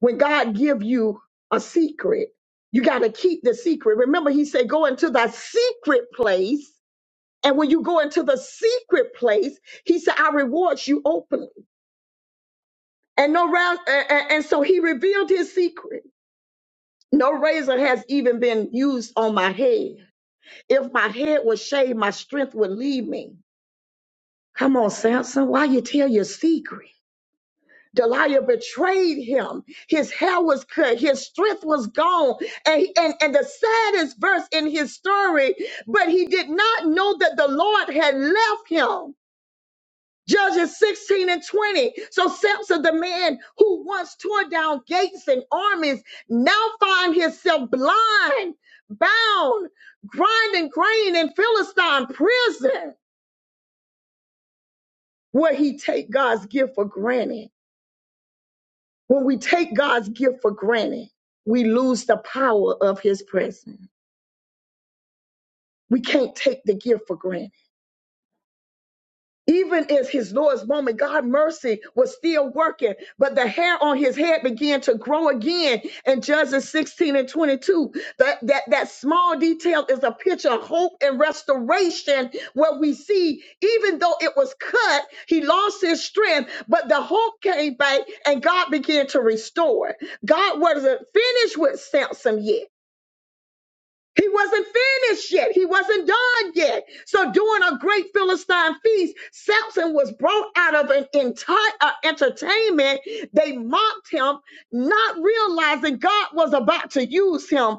S7: When God give you a secret, you got to keep the secret. Remember, he said, go into the secret place And when you go into the secret place, he said, I reward you openly. And no round, and, and so he revealed his secret. No razor has even been used on my head. If my head was shaved, my strength would leave me. Come on, Samson, why you tell your secret? Delilah betrayed him. His hair was cut. His strength was gone. And, and, and the saddest verse in his story, but he did not know that the Lord had left him. Judges 16 and 20. So Samson, the man who once tore down gates and armies, now find himself blind, bound, grinding grain in Philistine prison, where he take God's gift for granted. When we take God's gift for granted, we lose the power of his presence. We can't take the gift for granted. Even as his Lord's moment, God mercy was still working, but the hair on his head began to grow again. In Judges 16 and 22, that, that, that small detail is a picture of hope and restoration where we see, even though it was cut, he lost his strength, but the hope came back and God began to restore. God wasn't finished with Samson yet. He wasn't finished yet. He wasn't done yet. So during a great Philistine feast, Samson was brought out of an entire uh, entertainment. They mocked him, not realizing God was about to use him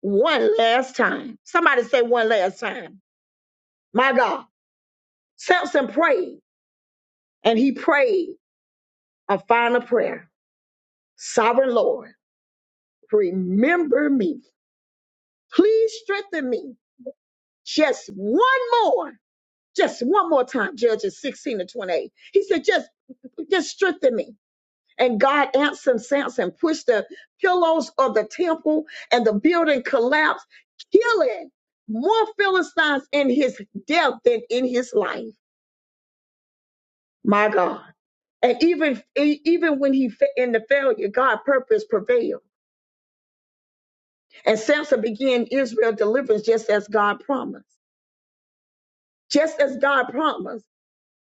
S7: one last time. Somebody say one last time. My God. Samson prayed and he prayed a final prayer. Sovereign Lord, remember me. Please strengthen me just one more. Just one more time, Judges 16 to 28. He said, just just strengthen me. And God answered Samson, pushed the pillows of the temple, and the building collapsed, killing more Philistines in his death than in his life. My God. And even e- even when he fa- in the failure, God' purpose prevailed, and Samson began Israel deliverance just as God promised. Just as God promised.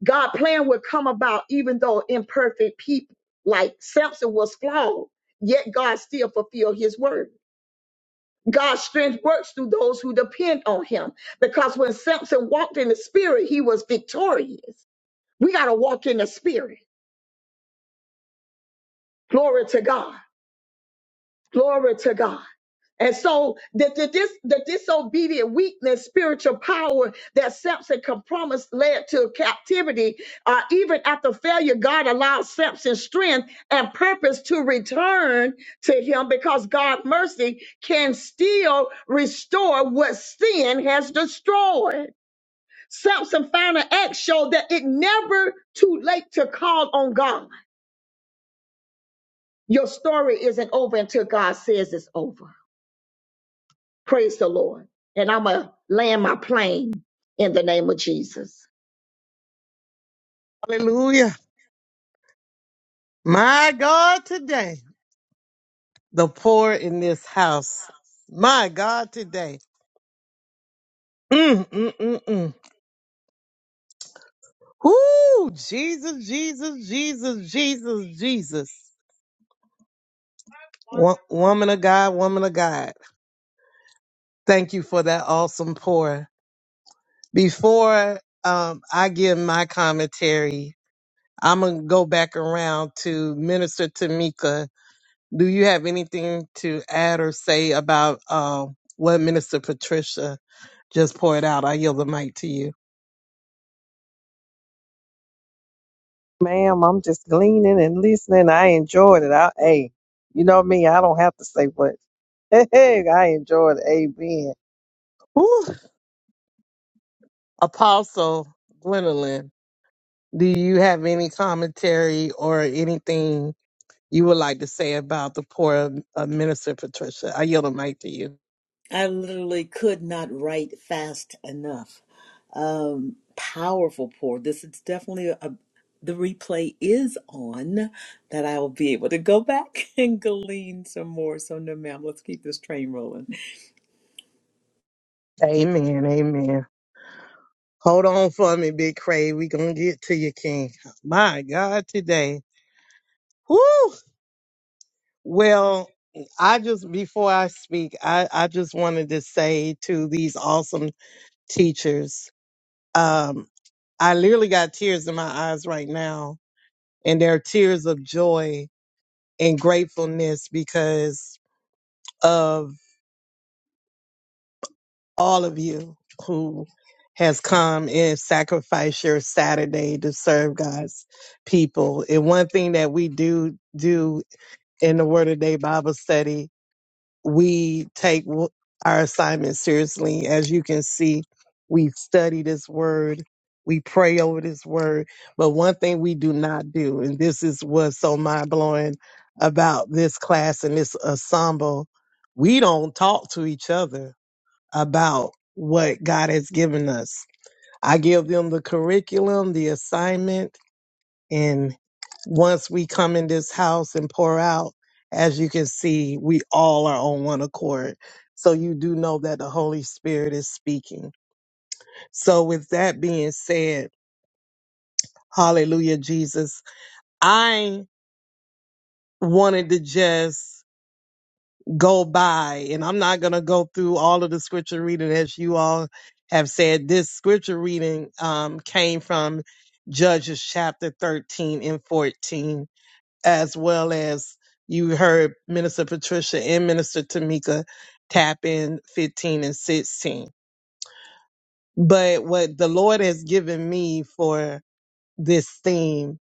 S7: God's plan would come about even though imperfect people like Samson was flawed, yet God still fulfilled his word. God's strength works through those who depend on him because when Samson walked in the spirit, he was victorious. We got to walk in the spirit. Glory to God. Glory to God. And so the, the, dis, the disobedient weakness, spiritual power that Samson compromised led to captivity. Uh, even after failure, God allowed Samson's strength and purpose to return to him because God's mercy can still restore what sin has destroyed. Samson's final act showed that it never too late to call on God. Your story isn't over until God says it's over. Praise the Lord. And I'm going to land my plane in the name of Jesus.
S1: Hallelujah. My God, today, the poor in this house. My God, today. Mm, mm, mm, mm. Ooh, Jesus, Jesus, Jesus, Jesus, Jesus. Wo- woman of God, woman of God. Thank you for that awesome pour. Before um, I give my commentary, I'm going to go back around to Minister Tamika Do you have anything to add or say about uh, what Minister Patricia just poured out? I yield the mic to you.
S5: Ma'am, I'm just gleaning and listening. I enjoyed it. I, hey, you know me, I don't have to say much. (laughs) Hey, I enjoyed it. Amen.
S1: Ooh, Apostle Gwendolyn, do you have any commentary or anything you would like to say about the poor uh, minister, Patricia. I yield the mic to you.
S4: I literally could not write fast enough. Um, powerful pour. This is definitely a the replay is on that I will be able to go back (laughs) and glean some more. So no ma'am, let's keep this train rolling.
S1: Amen. Amen. Hold on for me, Big Cray. We gonna get to you, King. My God, today. Woo! Well, I just, before I speak, I, I just wanted to say to these awesome teachers, um, I literally got tears in my eyes right now, and they're tears of joy and gratefulness because of all of you who has come and sacrificed your Saturday to serve God's people. And one thing that we do do in the Word of Day Bible study we take w- our assignment seriously. As you can see, we study this word, we pray over this word. But one thing we do not do, and this is what's so mind blowing about this class and this ensemble, we don't talk to each other about what God has given us. I give them the curriculum, the assignment and once we come in this house and pour out, as you can see, we all are on one accord. So you do know that the Holy Spirit is speaking. So with that being said, hallelujah, Jesus, I wanted to just go by and I'm not going to go through all of the scripture reading as you all have said. This scripture reading um, came from Judges chapter 13 and 14 as well as you heard Minister Patricia and Minister Tamika tap in 15 and 16. But what the Lord has given me for this theme,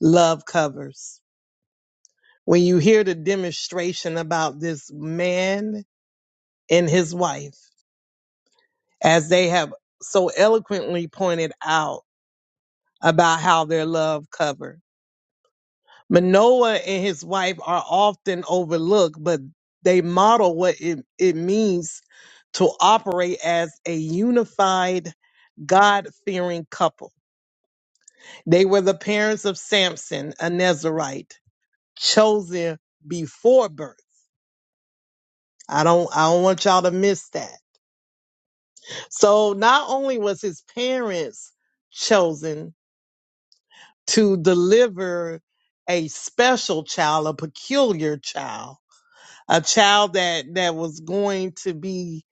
S1: love covers. When you hear the demonstration about this man and his wife, as they have so eloquently pointed out about how their love covered. Manoah and his wife are often overlooked, but they model what it, it means to operate as a unified, God fearing couple. They were the parents of Samson, a Nazarite, chosen before birth. I don't I don't want y'all to miss that. So not only was his parents chosen to deliver a special child, a peculiar child, a child that that was going to be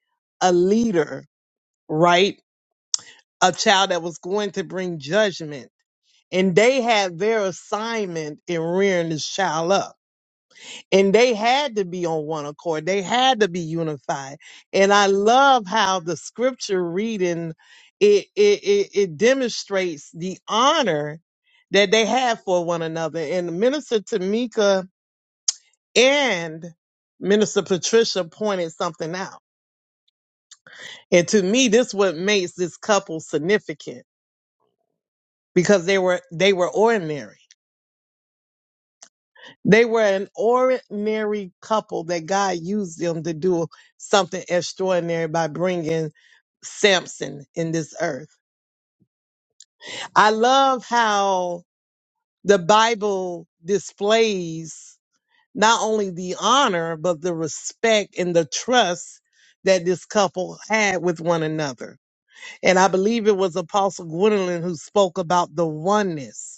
S1: a leader right a child that was going to bring judgment and they had their assignment in rearing this child up and they had to be on one accord they had to be unified and i love how the scripture reading it it it, it demonstrates the honor that they had for one another and minister tamika and minister patricia pointed something out And to me, this what makes this couple significant because they were they were ordinary. They were an ordinary couple that God used them to do something extraordinary by bringing Samson in this earth. I love how the Bible displays not only the honor but the respect and the trust that this couple had with one another. And I believe it was Apostle Gwendolyn who spoke about the oneness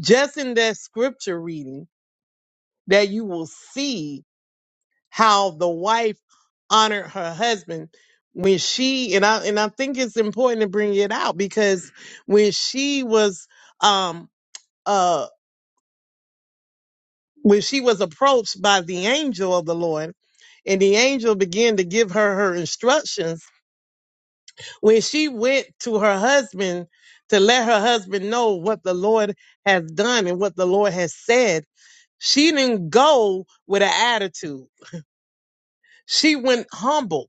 S1: just in that scripture reading that you will see how the wife honored her husband when she and I and I think it's important to bring it out because when she was um uh when she was approached by the angel of the Lord and the angel began to give her her instructions when she went to her husband to let her husband know what the Lord has done and what the Lord has said she didn't go with an attitude She went humble.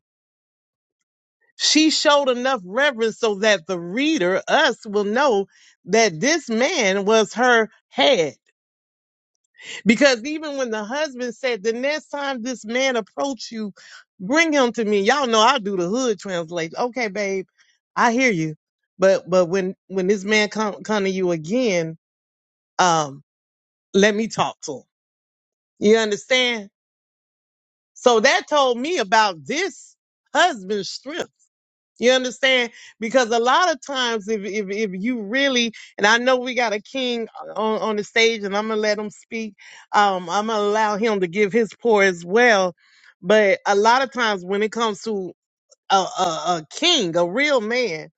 S1: She showed enough reverence so that the reader, us, will know that this man was her head. Because even when the husband said, The next time this man approach you, bring him to me. Y'all know I do the hood translation. Okay, babe, I hear you. But but when when this man come come to you again, um, let me talk to him. You understand? So that told me about this husband's strength You understand? Because a lot of times, if if if you really, and I know we got a king on on the stage, and I'm gonna let him speak. Um, I'm gonna allow him to give his pour as well. But a lot of times, when it comes to a a, a king, a real man,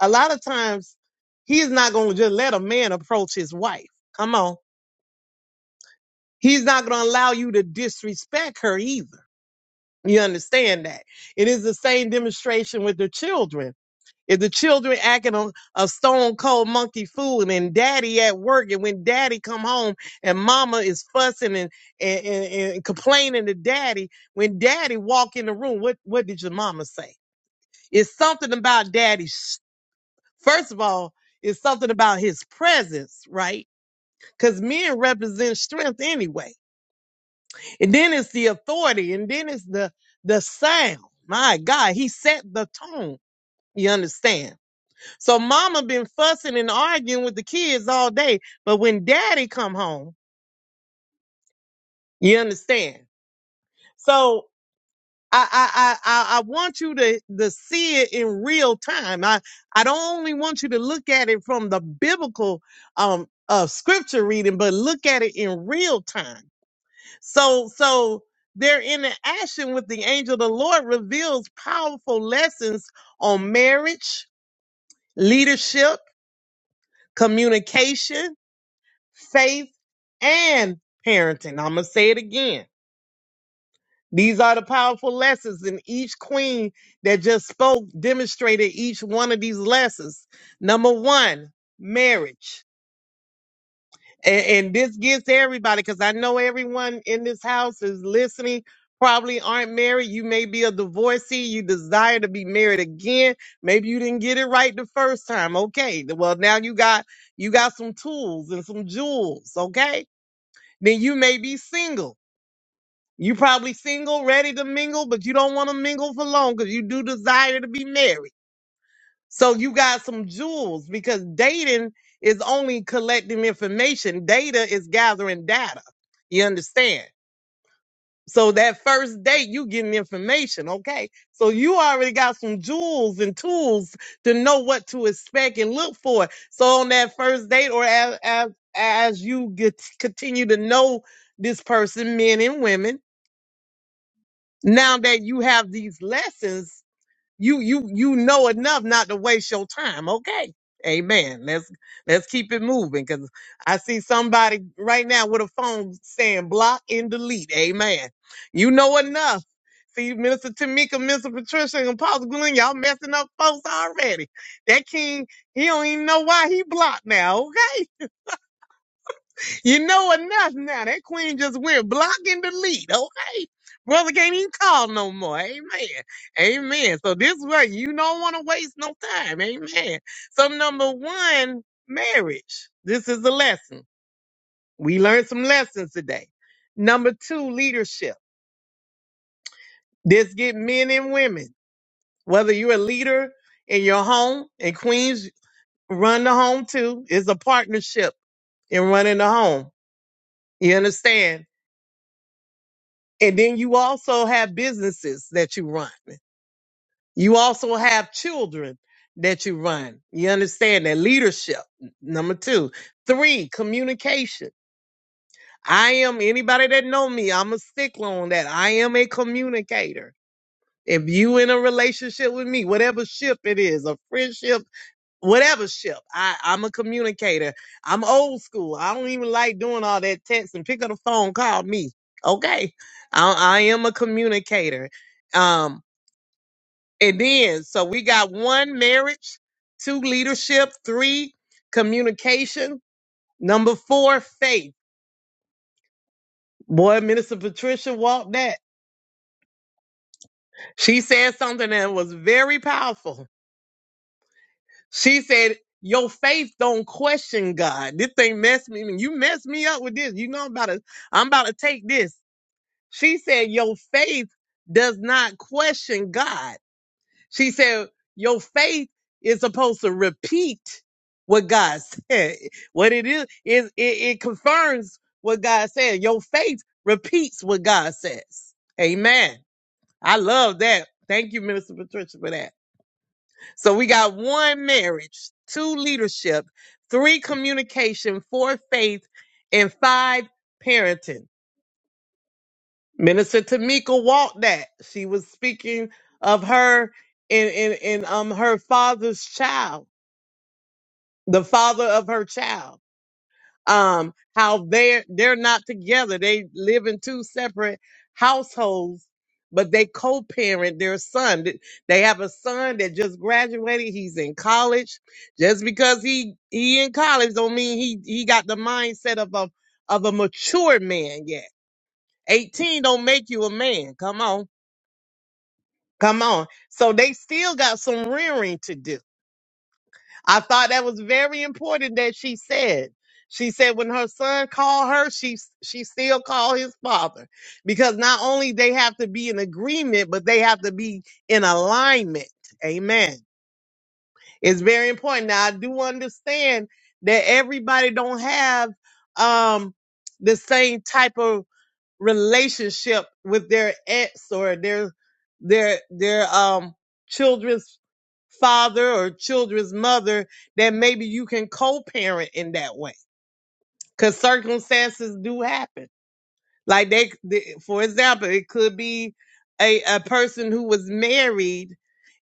S1: a lot of times he's not gonna just let a man approach his wife. Come on, he's not gonna allow you to disrespect her either. You understand that? It is the same demonstration with the children if the children acting on a stone cold monkey fool and daddy at work and when daddy come home and mama is fussing and, and, and, and complaining to daddy, when daddy walk in the room, what, what did your mama say? It's something about daddy's, first of all, it's something about his presence, right? Because men represent strength anyway. And then it's the authority and then it's the, the sound. My God, he set the tone. You understand? So mama been fussing and arguing with the kids all day, but when daddy come home, you understand. So I I I I I want you to to see it in real time. I I don't only want you to look at it from the biblical um uh scripture reading, but look at it in real time. So so their interaction with the angel of the Lord reveals powerful lessons on marriage, leadership, communication faith, and parenting. I'm going to say it again. These are the powerful lessons, and each queen that just spoke demonstrated each one of these lessons. Number one, marriage. And, and this gets to everybody because I know everyone in this house is listening, probably aren't married. You may be a divorcee, you desire to be married again. Maybe you didn't get it right the first time. Okay. Well, now you got you got some tools and some jewels, okay? then you may be single. You probably single, ready to mingle, but you don't want to mingle for long because you do desire to be married. So you got some jewels because dating is only collecting information. Data is gathering data. You understand? So that first date, you getting information, okay? So you already got some jewels and tools to know what to expect and look for. So on that first date, or as as, as you get continue to know this person, men and women now that you have these lessons, you you you know enough not to waste your time. Okay. Amen. Let's let's keep it moving because I see somebody right now with a phone saying block and delete. Amen. You know enough. See, Minister Tamika, Minister Patricia, and Apostle Glenn, y'all messing up folks already. That king, he don't even know why he blocked now, okay? You know enough now. That queen just went block and delete. Okay. Brother can't even call no more. Amen. Amen. So this way, you don't want to waste no time. Amen. So number one, marriage. This is a lesson. We learned some lessons today. Number two, leadership. This get men and women. Whether you're a leader in your home and queens run the home too, it's a partnership in running the home. You understand? And then you also have businesses that you run. You also have children that you run. You understand that leadership. Number two, three, communication. I am anybody that know me. I'm a stickler on that. I am a communicator. If you in a relationship with me, whatever ship it is, a friendship whatever ship. I, I'm a communicator. I'm old school. I don't even like doing all that text and pick up the phone, call me. Okay. I, I am a communicator. Um, and then, so we got one marriage, two leadership, three communication, number four, faith. Boy, Minister Patricia walked that. She said something that was very powerful She said, Your faith don't question God. This thing messed me. You messed me up with this. You know I'm about to I'm about to take this. She said, Your faith does not question God. She said, Your faith is supposed to repeat what God (laughs) said. What it is, is it, it confirms what God said. Your faith repeats what God says. Amen. I love that. Thank you, Minister Patricia, for that. So we got one marriage, two leadership, three communication, four faith, and five parenting. Minister Tamika walked that. She was speaking of her and, and, and um her father's child, the father of her child. um, how they're they're not together. They live in two separate households, but they co-parent their son. Th- They have a son that just graduated. He's in college. Just because he he in college don't mean he he got the mindset of a of a mature man yet. 18 don't make you a man. Come on. Come on. So they still got some rearing to do I thought that was very important that she said. She said when her son called her, she she still called his father because not only they have to be in agreement, but they have to be in alignment. Amen. It's very important. Now I do understand that everybody don't have um the same type of relationship with their ex or their their their um children's father or children's mother that maybe you can co-parent in that way because circumstances do happen like they, they for example, it could be a, a person who was married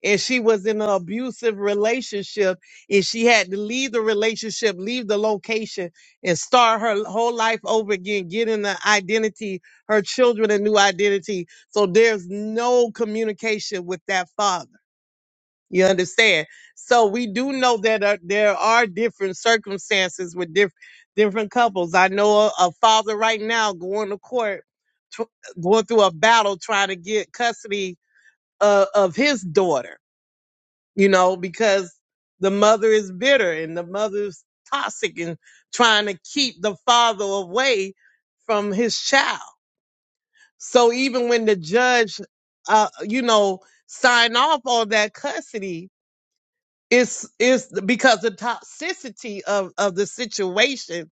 S1: and she was in an abusive relationship and she had to leave the relationship, leave the location and start her whole life over again, getting an identity, her children a new identity. So there's no communication with that father. You understand? So we do know that uh, there are different circumstances with diff- different couples. I know a, a father right now going to court, tr- going through a battle trying to get custody uh, of his daughter, you know, because the mother is bitter and the mother's toxic and trying to keep the father away from his child. So even when the judge, uh, you know, sign off on that custody, it's it's because the toxicity of of the situation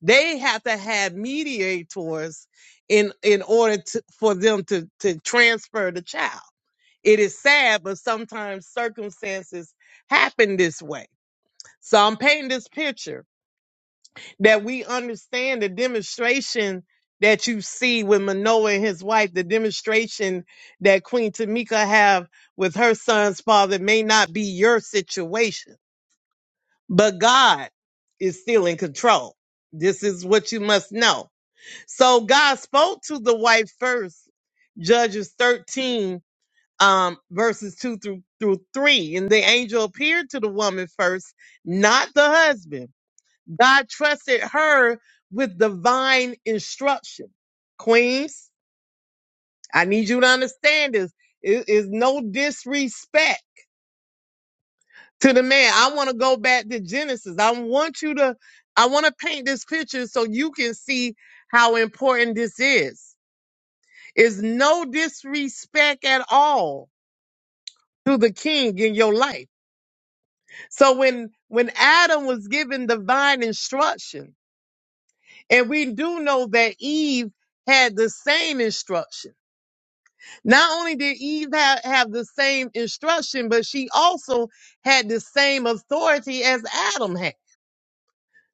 S1: they have to have mediators in in order to, for them to to transfer the child it is sad but sometimes circumstances happen this way so i'm painting this picture that we understand the demonstration that you see with manoa and his wife the demonstration that queen tamika have with her son's father may not be your situation but God is still in control. This is what you must know. So God spoke to the wife first, Judges 13, um, verses 2 through, through 3. And the angel appeared to the woman first, not the husband. God trusted her with divine instruction. Queens, I need you to understand this. It is no disrespect to the man. I want to go back to Genesis. I want you to, I want to paint this picture so you can see how important this is. It's no disrespect at all to the king in your life. So when, when Adam was given divine instruction, and we do know that Eve had the same instruction. Not only did Eve have, have the same instruction, but she also had the same authority as Adam had.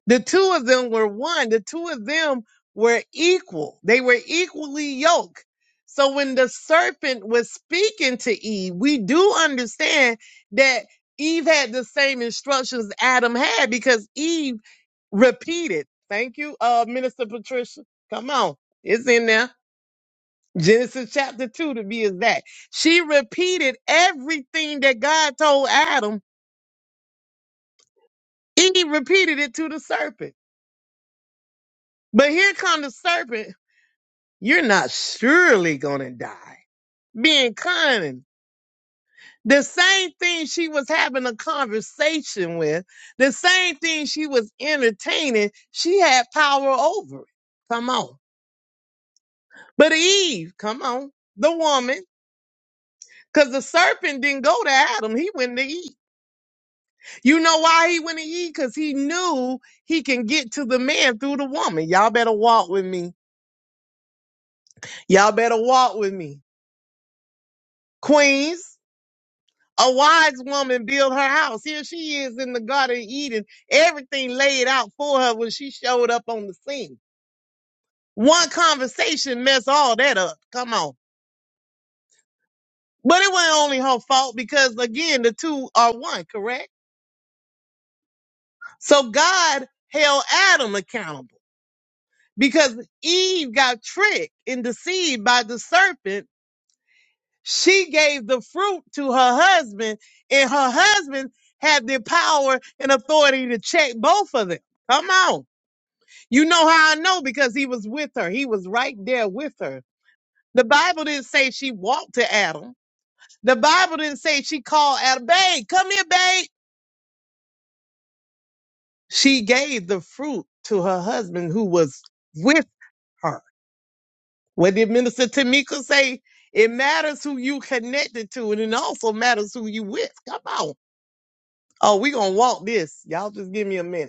S1: The two of them were one. The two of them were equal. They were equally yoked. So when the serpent was speaking to Eve, we do understand that Eve had the same instructions Adam had because Eve repeated. Thank you, uh, Minister Patricia. Come on. It's in there. Genesis chapter 2 to be exact. She repeated everything that God told Adam. Eve repeated it to the serpent. But here comes the serpent You're not surely going to die. Being cunning. The same thing she was having a conversation with, the same thing she was entertaining, she had power over it. Come on. But Eve, come on, the woman, because the serpent didn't go to Adam, he went to Eve. You know why he went to Eve? Because he knew he can get to the man through the woman. Y'all better walk with me. Y'all better walk with me. Queens, A wise woman built her house. Here she is in the Garden of Eden. Everything laid out for her when she showed up on the scene. One conversation messed all that up. Come on. But it wasn't only her fault because again, the two are one, correct? So God held Adam accountable because Eve got tricked and deceived by the serpent. She gave the fruit to her husband and her husband had the power and authority to check both of them. Come on. You know how I know because he was with her. He was right there with her. The Bible didn't say she walked to Adam. The Bible didn't say she called Adam, babe, come here, babe. She gave the fruit to her husband who was with her. What did Minister Tamika say? It matters who you connected to, and it also matters who you with. Come on. Oh, we gonna walk this. Y'all just give me a minute.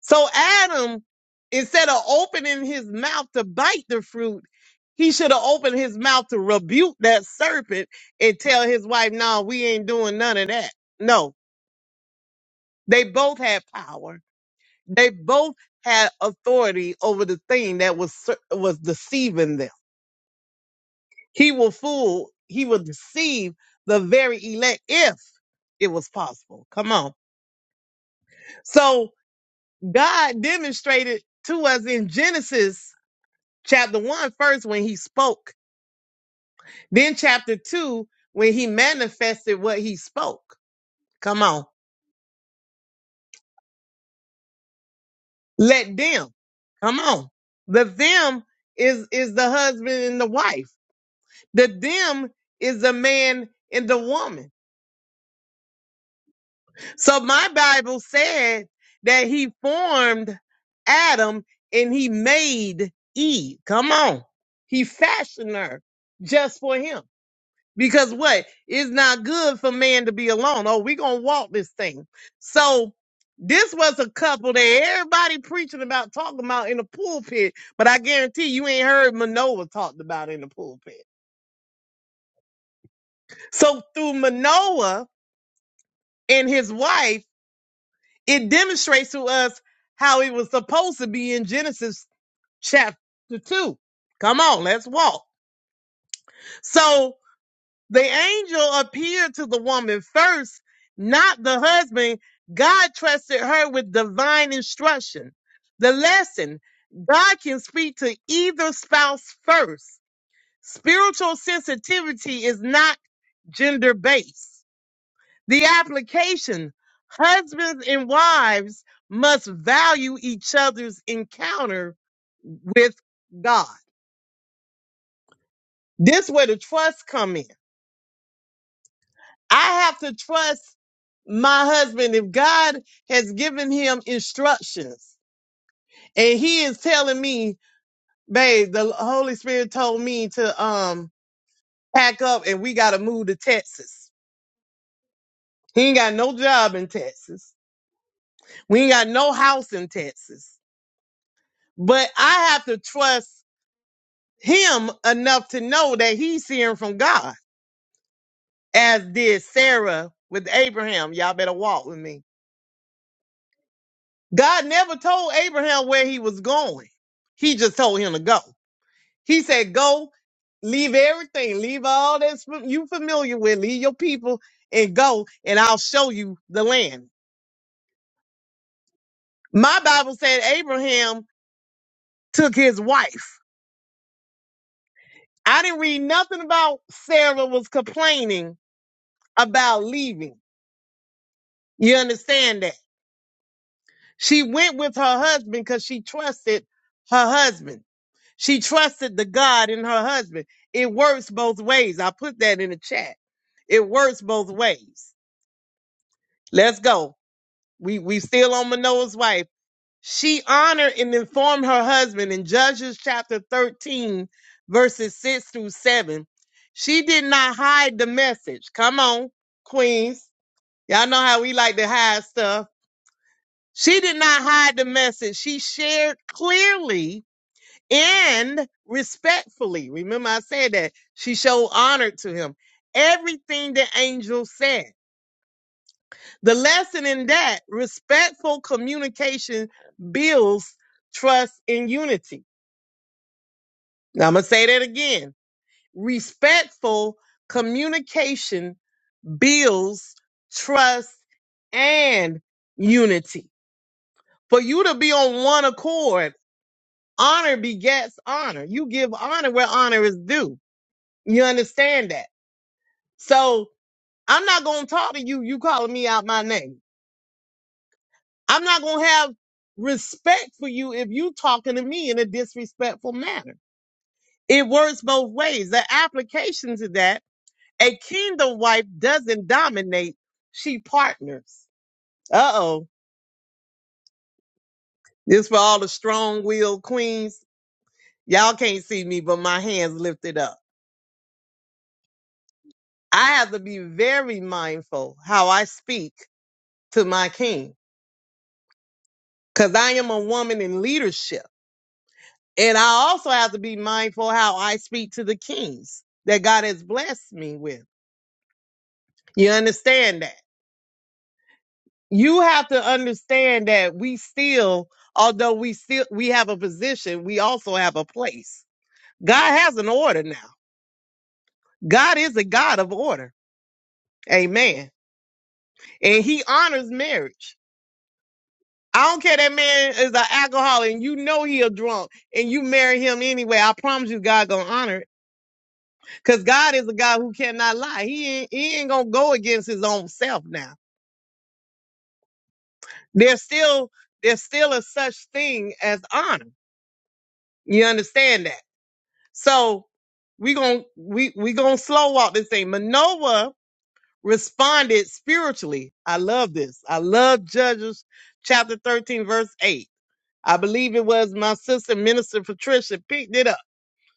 S1: So Adam, instead of opening his mouth to bite the fruit, he should have opened his mouth to rebuke that serpent and tell his wife, no, we ain't doing none of that. No, they both had power. They both had authority over the thing that was, ser- was deceiving them. He will fool, he will deceive the very elect if it was possible. Come on. So God demonstrated to us in Genesis chapter one first when he spoke, then chapter two when he manifested what he spoke. Come on, let them. Come on, the them is is the husband and the wife. The them is the man and the woman. So my Bible said that he formed Adam and he made Eve. Come on, he fashioned her just for him. because what it's not good for man to be alone oh we gonna walk this thing so this was a couple that everybody preaching about talking about in the pulpit but i guarantee you ain't heard manoah talked about in the pulpit so through manoah and his wife it demonstrates to us how it was supposed to be in genesis chapter 2 come on let's walk so The angel appeared to the woman first, not the husband. God trusted her with divine instruction. The lesson God can speak to either spouse first. Spiritual sensitivity is not gender based. The application husbands and wives must value each other's encounter with God. This is where the trust come in. I have to trust my husband. If God has given him instructions and he is telling me, babe, the Holy Spirit told me to um pack up and we gotta move to Texas. He ain't got no job in Texas. We ain't got no house in Texas. But I have to trust him enough to know that he's hearing from God, as did Sarah with Abraham. Y'all better walk with me God never told Abraham where he was going. He just told him to go. He said, Go, leave everything, leave all that fam- you familiar with, leave your people and go, and I'll show you the land. My Bible said Abraham took his wife. I didn't read nothing about Sarah was complaining about leaving. You understand that? She went with her husband because she trusted her husband. She trusted the God in her husband. It works both ways. I put that in the chat. It works both ways. Let's go. We we still on Manoah's wife. She honored and informed her husband in Judges chapter 13, verses 6 through 7. She did not hide the message. Come on, Queens. Y'all know how we like to hide stuff. She did not hide the message. She shared clearly and respectfully. Remember, I said that she showed honor to him. Everything the angel said. The lesson in that respectful communication builds trust and unity. Now, I'm going to say that again. Respectful communication builds trust and unity. For you to be on one accord, honor begets honor. You give honor where honor is due. You understand that? So I'm not gonna talk to you. You calling me out my name. I'm not gonna have respect for you if you talking to me in a disrespectful manner. It works both ways. The application to that, a kingdom wife doesn't dominate; she partners. Uh oh, this for all the strong-willed queens. Y'all can't see me, but my hands lifted up. I have to be very mindful how I speak to my king, cause I am a woman in leadership. And I also have to be mindful how I speak to the kings that God has blessed me with. You understand that? You have to understand that we still, although we still we have a position, we also have a place. God has an order now. God is a God of order. Amen. And he honors marriage. I don't care that man is an alcoholic and you know he a drunk and you marry him anyway. I promise you God gonna honor it Because God is a God who cannot lie. He ain't, he ain't gonna go against his own self now. There's still there's still a such thing as honor. You understand that? So we gonna we we gonna slow walk this thing. Manoah responded spiritually. I love this. I love Judges chapter 13, verse 8. I believe it was my sister, Minister Patricia, picked it up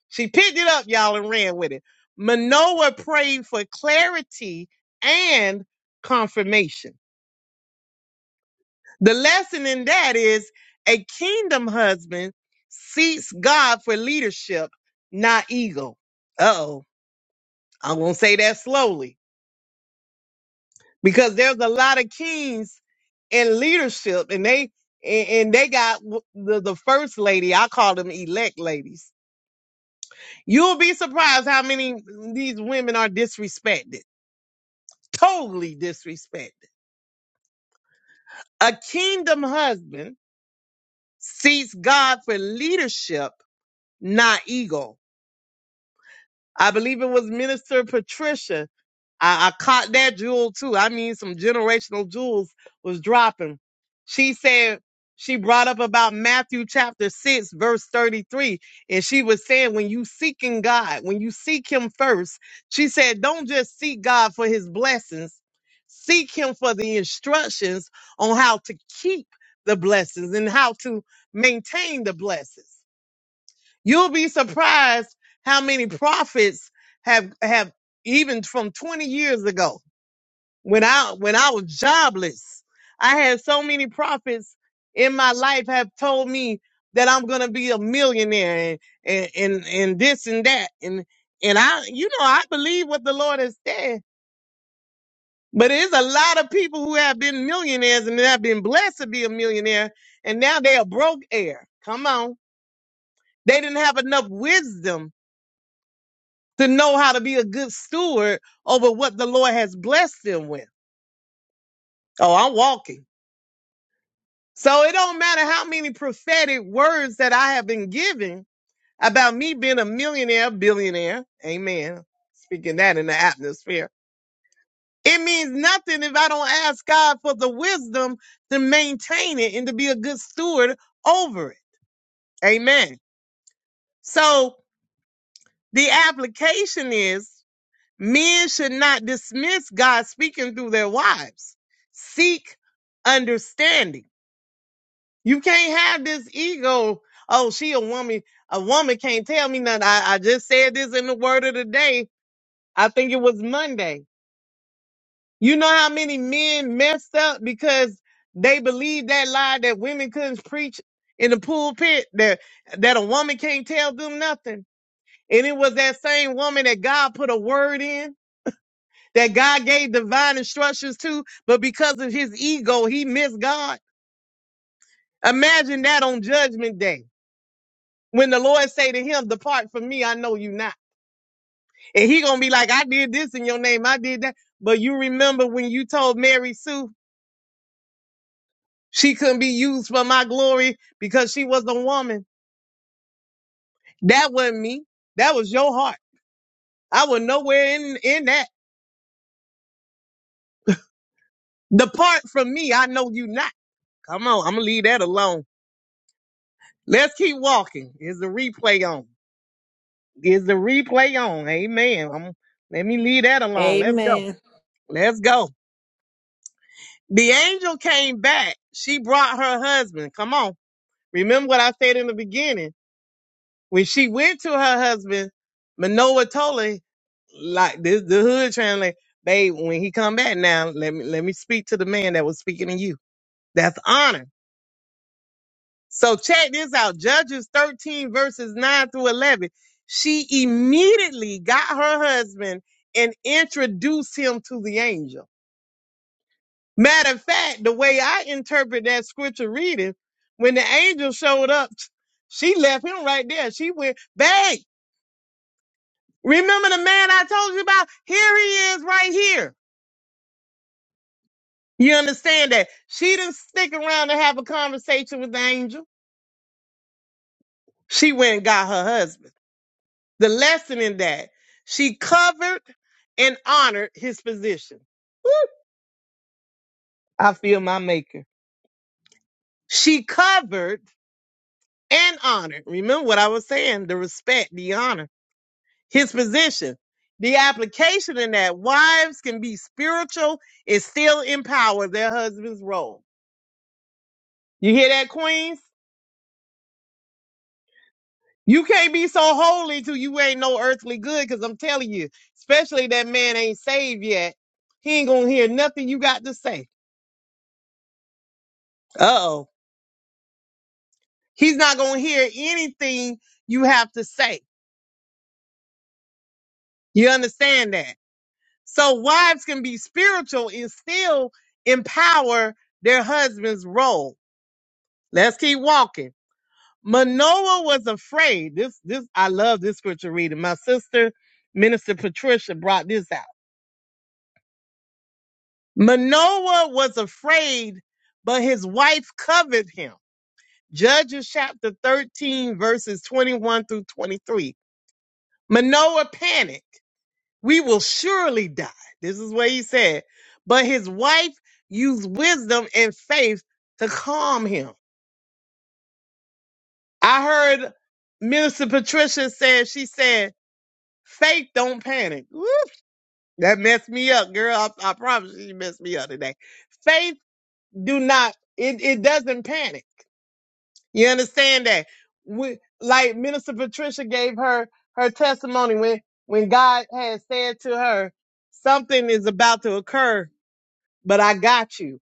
S1: She picked it up, y'all, and ran with it. Manoah prayed for clarity and confirmation. The lesson in that is a kingdom husband seeks God for leadership, not ego. Uh oh, I'm going to say that slowly because there's a lot of kings in leadership and they. And and they got w- the, the first lady. I call them elect ladies. You'll be surprised how many these women are disrespected totally disrespected. A kingdom husband seeks God for leadership, not ego. I believe it was Minister Patricia. I, I caught that jewel too. I mean, some generational jewels was dropping. She said she brought up about Matthew chapter 6, verse 33. And she was saying, when you seeking God, when you seek him first, she said, don't just seek God for his blessings, seek him for the instructions on how to keep the blessings and how to maintain the blessings. You'll be surprised how many prophets have have even from 20 years ago when I when I was jobless. I had so many prophets in my life have told me that I'm gonna be a millionaire and and and, and this and that and and I you know I believe what the Lord has said. But there's a lot of people who have been millionaires and have been blessed to be a millionaire, and now they are broke heir. Come on. They didn't have enough wisdom to know how to be a good steward over what the Lord has blessed them with. Oh, I'm walking. So it don't matter how many prophetic words that I have been given about me being a millionaire, billionaire. Amen. Speaking that in the atmosphere. It means nothing if I don't ask God for the wisdom to maintain it and to be a good steward over it. Amen. So the application is Men should not dismiss God speaking through their wives. Seek understanding. You can't have this ego. Oh, she a woman. A woman can't tell me nothing. I, I just said this in the word of the day. I think it was Monday. You know how many men messed up because they believed that lie that women couldn't preach in the pulpit that that a woman can't tell them nothing. And it was that same woman that God put a word in that God gave divine instructions to, but because of his ego, he missed God. Imagine that on judgment day. When the Lord say to him, Depart from me, I know you not. And he gonna be like, I did this in your name, I did that. But you remember when you told Mary Sue she couldn't be used for my glory because she was a woman. That wasn't me. That was your heart. I was nowhere in, in that. Depart from me, I know you not. Come on, I'm gonna leave that alone. Let's keep walking. Is the replay on? Is the replay on? Amen. I'm, let me leave that alone. Let's go.
S4: Amen.
S1: Let's go. The angel came back. She brought her husband. Come on. Remember what I said in the beginning. When she went to her husband, Manoah told her, like this, the hood translate, babe, when he come back now, let me, let me speak to the man that was speaking to you. That's honor. So check this out. Judges 13 verses 9 through 11. She immediately got her husband and introduced him to the angel. Matter of fact, the way I interpret that scripture reading, when the angel showed up, she left him right there. She went, babe, remember the man I told you about? Here he is right here. You understand that? She didn't stick around to have a conversation with the angel. She went and got her husband. The lesson in that she covered and honored his position. Woo! I feel my maker. She covered and honored. Remember what I was saying the respect, the honor, his position. The application in that wives can be spiritual and still empower their husband's role. You hear that, Queens? You can't be so holy till you ain't no earthly good, because I'm telling you, especially that man ain't saved yet. He ain't gonna hear nothing you got to say. Uh oh. He's not going to hear anything you have to say. You understand that? So wives can be spiritual and still empower their husband's role. Let's keep walking. Manoah was afraid. This, this, I love this scripture reading. My sister, Minister Patricia, brought this out. Manoah was afraid, but his wife covered him. Judges chapter 13, verses 21 through 23. Manoah panicked we will surely die. This is what he said. But his wife used wisdom and faith to calm him. I heard Minister Patricia said, she said, faith don't panic. Woo! That messed me up, girl. I, I promise you, you messed me up today. Faith do not, it, it doesn't panic. You understand that? We, like Minister Patricia gave her her testimony when when God had said to her, something is about to occur but I got you.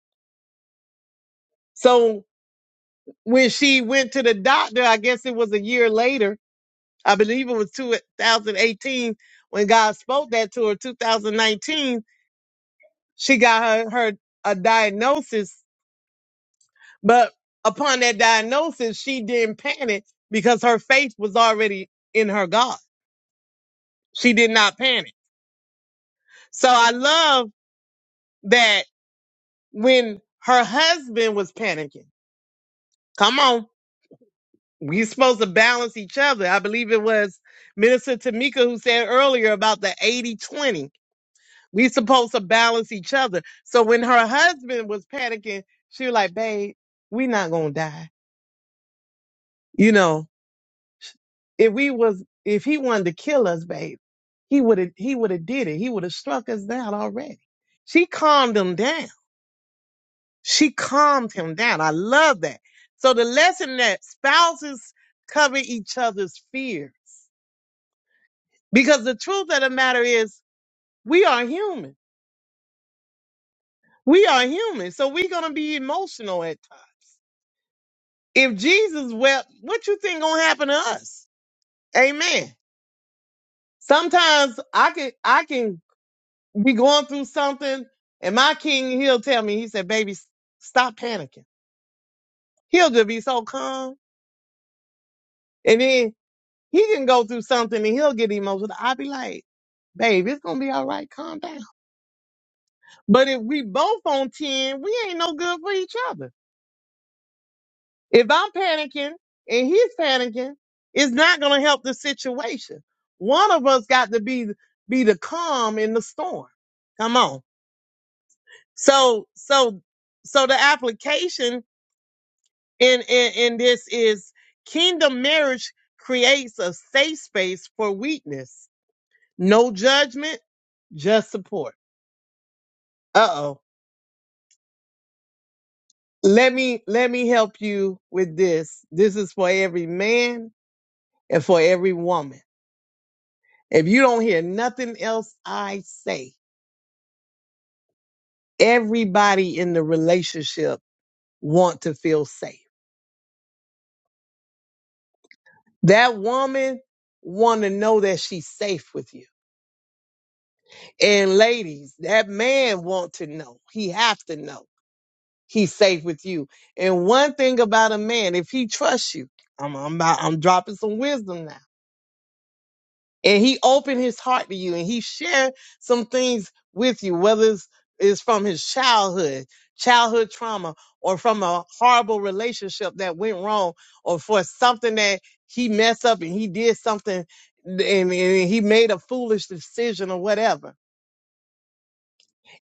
S1: So when she went to the doctor, I guess it was a year later. I believe it was 2018 when God spoke that to her. 2019, she got her, her a diagnosis. But upon that diagnosis, she didn't panic because her faith was already in her God. She did not panic. So I love that when her husband was panicking. Come on. we supposed to balance each other. I believe it was Minister Tamika who said earlier about the eighty twenty. 20. We supposed to balance each other. So when her husband was panicking, she was like, babe, we not gonna die. You know, if we was if he wanted to kill us, babe, he would have he would have did it. He would have struck us down already. She calmed him down. She calmed him down. I love that. So the lesson that spouses cover each other's fears. Because the truth of the matter is, we are human. We are human. So we're going to be emotional at times. If Jesus wept, what you think going to happen to us? Amen. Sometimes I can, I can be going through something and my king, he'll tell me, he said, baby, s- stop panicking. He'll just be so calm. And then he can go through something and he'll get emotional. I'll be like, babe, it's going to be all right. Calm down. But if we both on 10, we ain't no good for each other. If I'm panicking and he's panicking, it's not going to help the situation. One of us got to be be the calm in the storm. Come on. So so so the application in in, in this is kingdom marriage creates a safe space for weakness. No judgment, just support. Uh-oh. Let me let me help you with this. This is for every man and for every woman. If you don't hear nothing else I say, everybody in the relationship want to feel safe. That woman want to know that she's safe with you. And ladies, that man want to know. He have to know he's safe with you. And one thing about a man, if he trusts you, I'm I'm, about, I'm dropping some wisdom now and he opened his heart to you and he shared some things with you whether it's, it's from his childhood childhood trauma or from a horrible relationship that went wrong or for something that he messed up and he did something and, and he made a foolish decision or whatever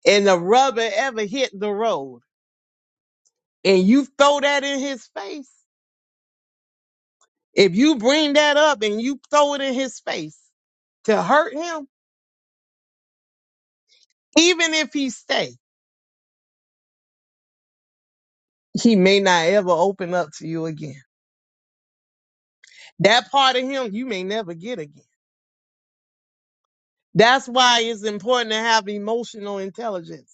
S1: and the rubber ever hit the road and you throw that in his face if you bring that up and you throw it in his face to hurt him even if he stays he may not ever open up to you again. That part of him you may never get again. That's why it's important to have emotional intelligence.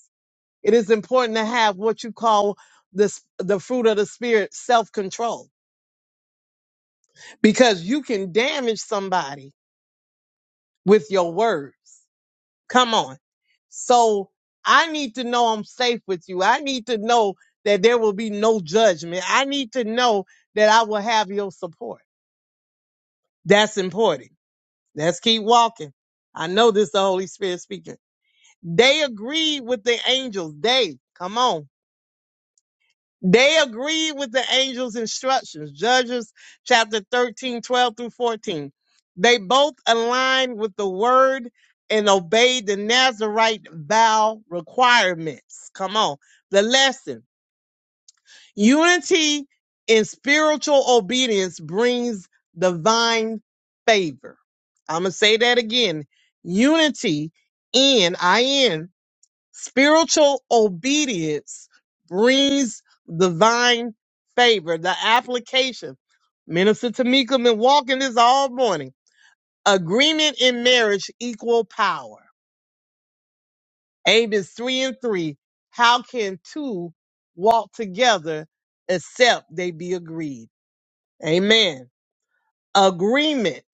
S1: It is important to have what you call the s- the fruit of the spirit, self-control, because you can damage somebody with your words. Come on. So I need to know I'm safe with you. I need to know that there will be no judgment. I need to know that I will have your support. That's important. Let's keep walking. I know this the Holy Spirit speaking. They agreed with the angels. They, come on. They agreed with the angels' instructions. Judges chapter 13 12 through 14. They both aligned with the word and obeyed the Nazarite vow requirements. Come on. The lesson. Unity in spiritual obedience brings divine favor. I'm going to say that again. Unity in, I in, spiritual obedience brings divine favor. The application. Minister Tamika been walking this all morning. Agreement in marriage equal power. Amos 3 and 3. How can two walk together except they be agreed? Amen. Agreement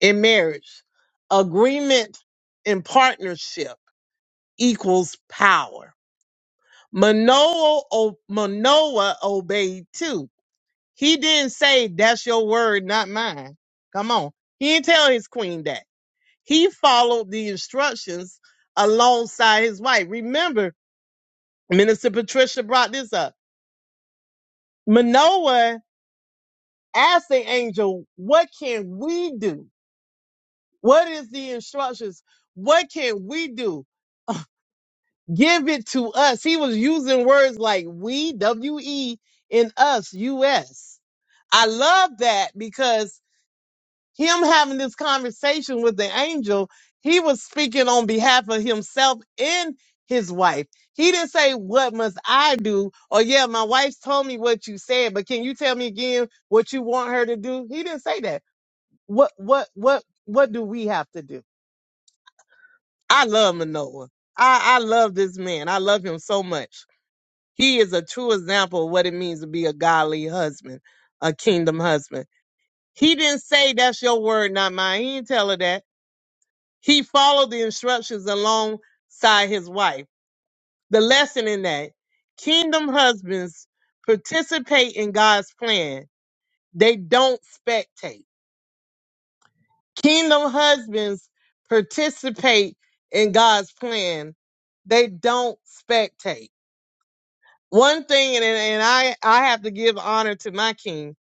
S1: in marriage, agreement in partnership equals power. Manoah, o- Manoah obeyed too. He didn't say, That's your word, not mine. Come on. He didn't tell his queen that. He followed the instructions alongside his wife. Remember, Minister Patricia brought this up. Manoah asked the angel, What can we do? What is the instructions? What can we do? Give it to us. He was using words like we, W E, and us, US. I love that because him having this conversation with the angel, he was speaking on behalf of himself and his wife. He didn't say, What must I do? Or, yeah, my wife told me what you said, but can you tell me again what you want her to do? He didn't say that. What, what, what, what do we have to do? I love Manoa. I, I love this man. I love him so much. He is a true example of what it means to be a godly husband, a kingdom husband. He didn't say that's your word, not mine. He didn't tell her that. He followed the instructions alongside his wife. The lesson in that kingdom husbands participate in God's plan, they don't spectate. Kingdom husbands participate in God's plan, they don't spectate one thing, and, and I, I have to give honor to my king.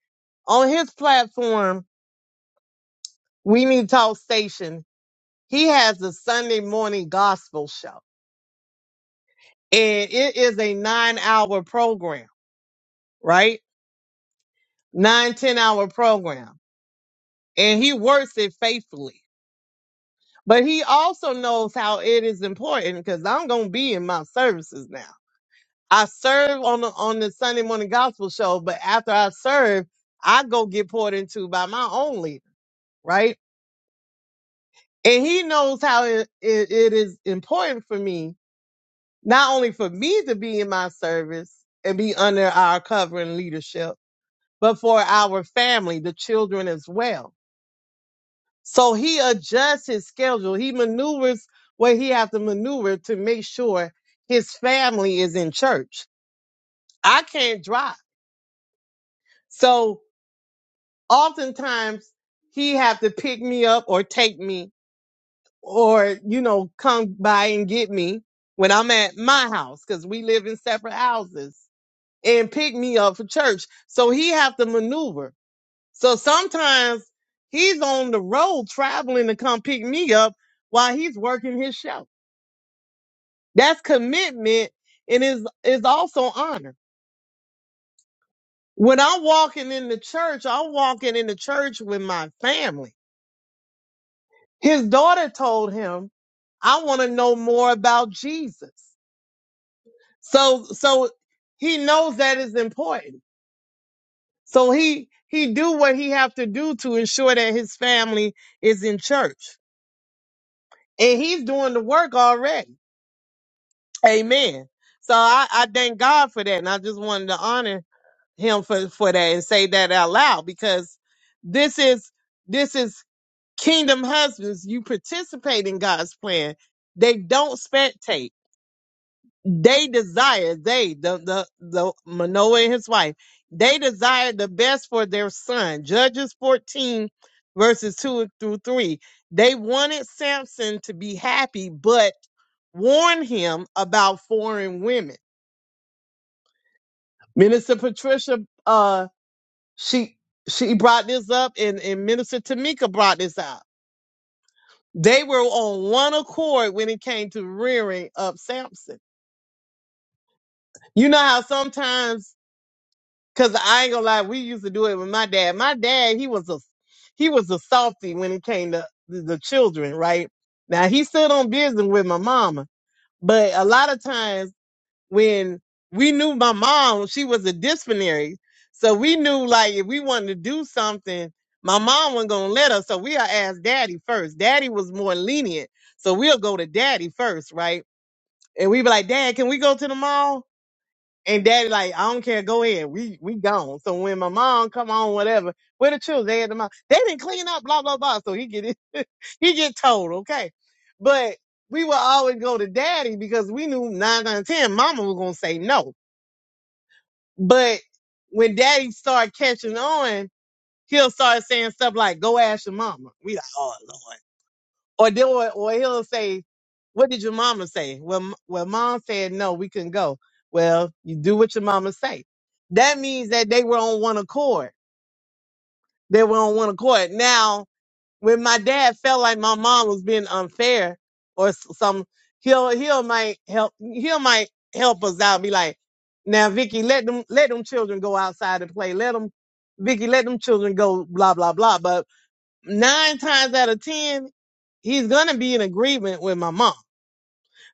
S1: On his platform, We Need Talk Station, he has a Sunday morning gospel show. And it is a nine hour program, right? Nine ten hour program. And he works it faithfully. But he also knows how it is important because I'm going to be in my services now. I serve on the, on the Sunday morning gospel show, but after I serve, I go get poured into by my own leader, right? And he knows how it, it, it is important for me, not only for me to be in my service and be under our cover and leadership, but for our family, the children as well. So he adjusts his schedule. He maneuvers where he has to maneuver to make sure his family is in church. I can't drive. So oftentimes he have to pick me up or take me or you know come by and get me when i'm at my house because we live in separate houses and pick me up for church so he have to maneuver so sometimes he's on the road traveling to come pick me up while he's working his show that's commitment and is is also honor when i'm walking in the church i'm walking in the church with my family his daughter told him i want to know more about jesus So so he knows that is important. So he he do what he have to do to ensure that his family is in church. And he's doing the work already. Amen. So I, I thank God for that. And I just wanted to honor him for, for that and say that out loud because this is this is kingdom husbands. You participate in God's plan. They don't spectate. they desire they the the the manoah and his wife they desire the best for their son judges 14 verses 2 through 3 they wanted samson to be happy but warned him about foreign women minister patricia uh she she brought this up and, and minister tamika brought this out they were on one accord when it came to rearing up samson you know how sometimes Cause I ain't gonna lie, we used to do it with my dad. My dad, he was a he was a softy when it came to the, the children, right? Now he still on business with my mama, but a lot of times when we knew my mom, she was a disciplinary, so we knew like if we wanted to do something, my mom wasn't gonna let us, so we'll ask daddy first. Daddy was more lenient, so we'll go to daddy first, right? And we be like, Dad, can we go to the mall? And daddy like, I don't care, go ahead. We we gone. So when my mom come on, whatever, where the children they at the mom, they didn't clean up, blah, blah, blah. So he get it (laughs) he get told, okay. But we would always go to daddy because we knew nine out of ten mama was gonna say no. But when daddy started catching on, he'll start saying stuff like, Go ask your mama. We like, oh Lord. Or then, or, or he'll say, "What did your mama say?" Well, m- well, mom said no, we couldn't go. Well, you do what your mama say. That means that they were on one accord. They were on one accord. Now, when my dad felt like my mom was being unfair or s- some, he'll he'll might help he'll might help us out. Be like, now, Vicky, let them let them children go outside and play. Let them, Vicky, let them children go. Blah blah blah. But nine times out of ten, he's gonna be in agreement with my mom.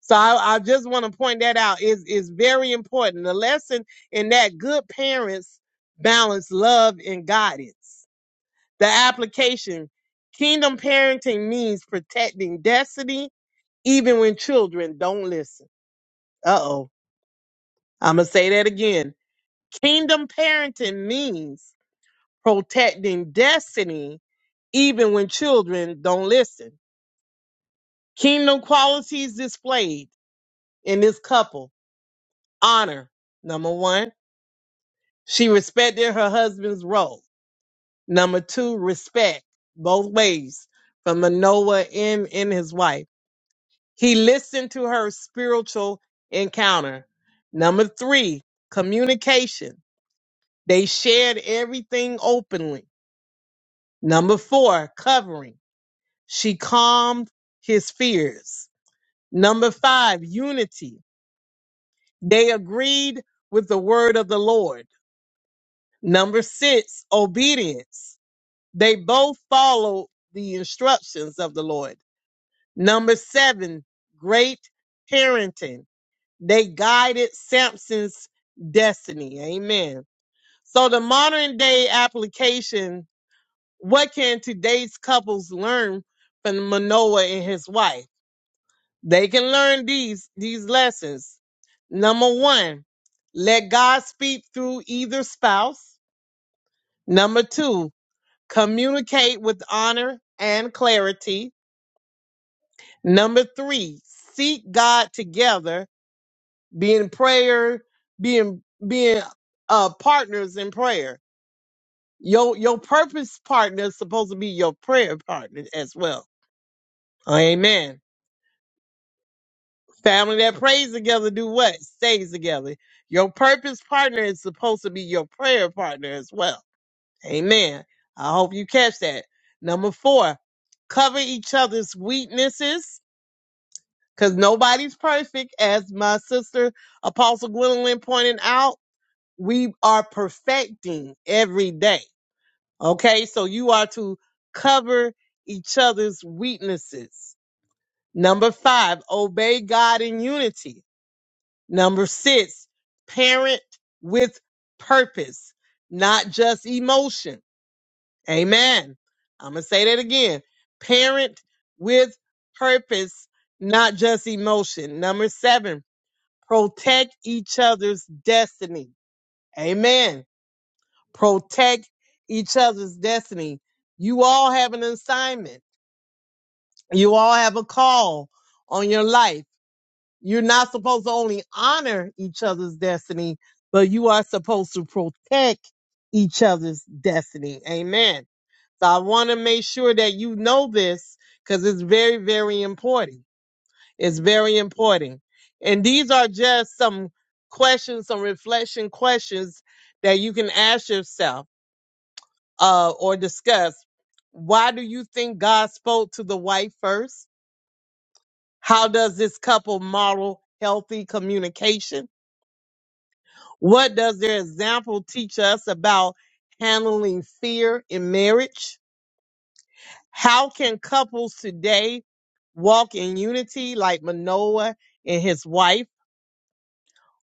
S1: So I, I just want to point that out. It's, it's very important. The lesson in that good parents balance love and guidance. The application, kingdom parenting means protecting destiny, even when children don't listen. Uh oh. I'm gonna say that again. Kingdom parenting means protecting destiny, even when children don't listen. Kingdom qualities displayed in this couple honor. Number one, she respected her husband's role. Number two, respect both ways from Manoah and, and his wife. He listened to her spiritual encounter. Number three, communication. They shared everything openly. Number four, covering. She calmed his fears. Number five, unity. They agreed with the word of the Lord. Number six, obedience. They both followed the instructions of the Lord. Number seven, great parenting. They guided Samson's destiny. Amen. So the modern day application, what can today's couples learn from Manoah and his wife? They can learn these these lessons. Number 1, let God speak through either spouse. Number 2, communicate with honor and clarity. Number 3, seek God together, being prayer, being being uh partners in prayer. Your your purpose partner is supposed to be your prayer partner as well. Amen. Family that prays together do what? Stays together. Your purpose partner is supposed to be your prayer partner as well. Amen. I hope you catch that. Number four, cover each other's weaknesses because nobody's perfect. As my sister Apostle Gwendolyn pointed out, we are perfecting every day. Okay, so you are to cover each other's weaknesses. Number five, obey God in unity Number six, parent with purpose, not just emotion. Amen. I'm going to say that again. Parent with purpose, not just emotion. Number seven, protect each other's destiny. Amen. Protect each other's destiny. You all have an assignment. You all have a call on your life. You're not supposed to only honor each other's destiny, but you are supposed to protect each other's destiny. Amen. So I want to make sure that you know this because it's very, very important. It's very important. And these are just some questions, some reflection questions that you can ask yourself uh, or discuss. Why do you think God spoke to the wife first? How does this couple model healthy communication? What does their example teach us about handling fear in marriage? How can couples today walk in unity like Manoah and his wife?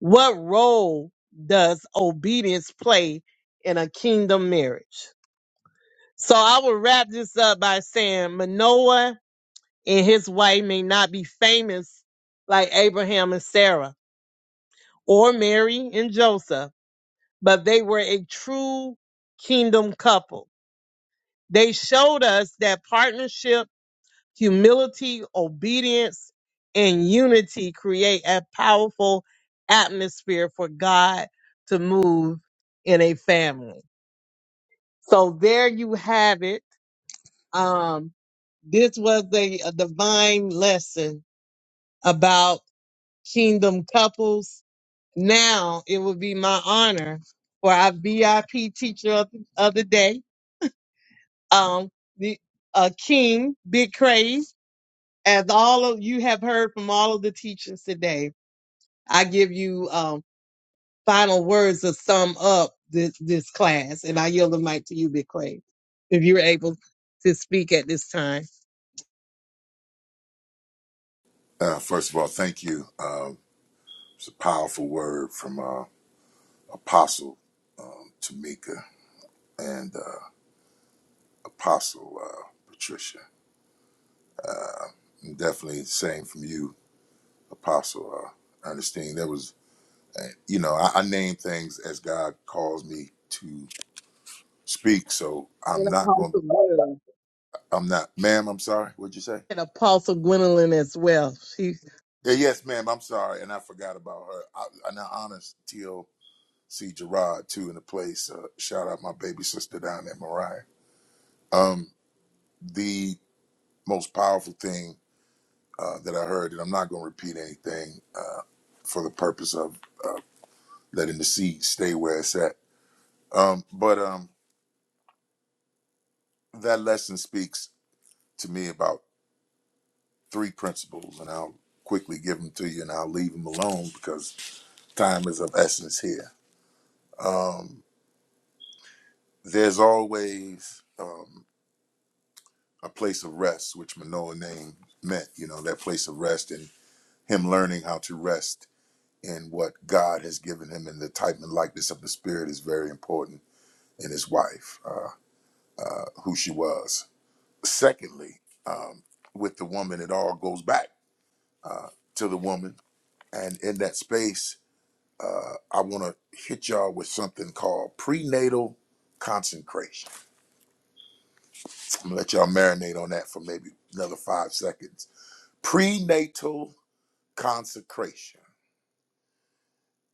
S1: What role does obedience play in a kingdom marriage? So I will wrap this up by saying Manoah and his wife may not be famous like Abraham and Sarah or Mary and Joseph, but they were a true kingdom couple They showed us that partnership, humility, obedience, and unity create a powerful atmosphere for God to move in a family. So there you have it. Um, this was a, a divine lesson about kingdom couples. Now it will be my honor for our VIP teacher of, of the day, um, the, uh, King Big Crave. as all of you have heard from all of the teachers today, I give you um, final words to sum up this, this class, and I yield the mic to you, Big Clay, if you're able to speak at this time.
S2: Uh, first of all, thank you. Um, it's a powerful word from uh, Apostle um, Tamika and uh, Apostle uh, Patricia. Uh, definitely the same from you, Apostle uh, Ernestine. There was you know, I, I name things as God calls me to speak. So I'm
S1: And
S2: not going.
S1: Apostle Gwendolyn.
S2: I'm not, ma'am. I'm sorry. What'd you say?
S1: And Apostle Gwendolyn as well. She
S2: Yeah, yes, ma'am. I'm sorry, and I forgot about her. I, and I honest TLC Gerard too in the place. Uh, shout out my baby sister down there, Mariah. Um, the most powerful thing uh, that I heard, and I'm not going to repeat anything uh, for the purpose of uh, letting the seed stay where it's at. Um, but um, that lesson speaks to me about. three principles, and I'll quickly give them to you, and I'll leave them alone because time is of essence here. Um, there's always um, a place of rest, which Manoah name meant, you know, that place of rest, and him learning how to rest in what God has given him, and the type and likeness of the Spirit is very important in his wife, uh, uh, who she was. Secondly, um, with the woman, it all goes back to the woman, and in that space uh, I want to hit y'all with something called prenatal consecration. I'm gonna let y'all marinate on that for maybe another five seconds. Prenatal consecration.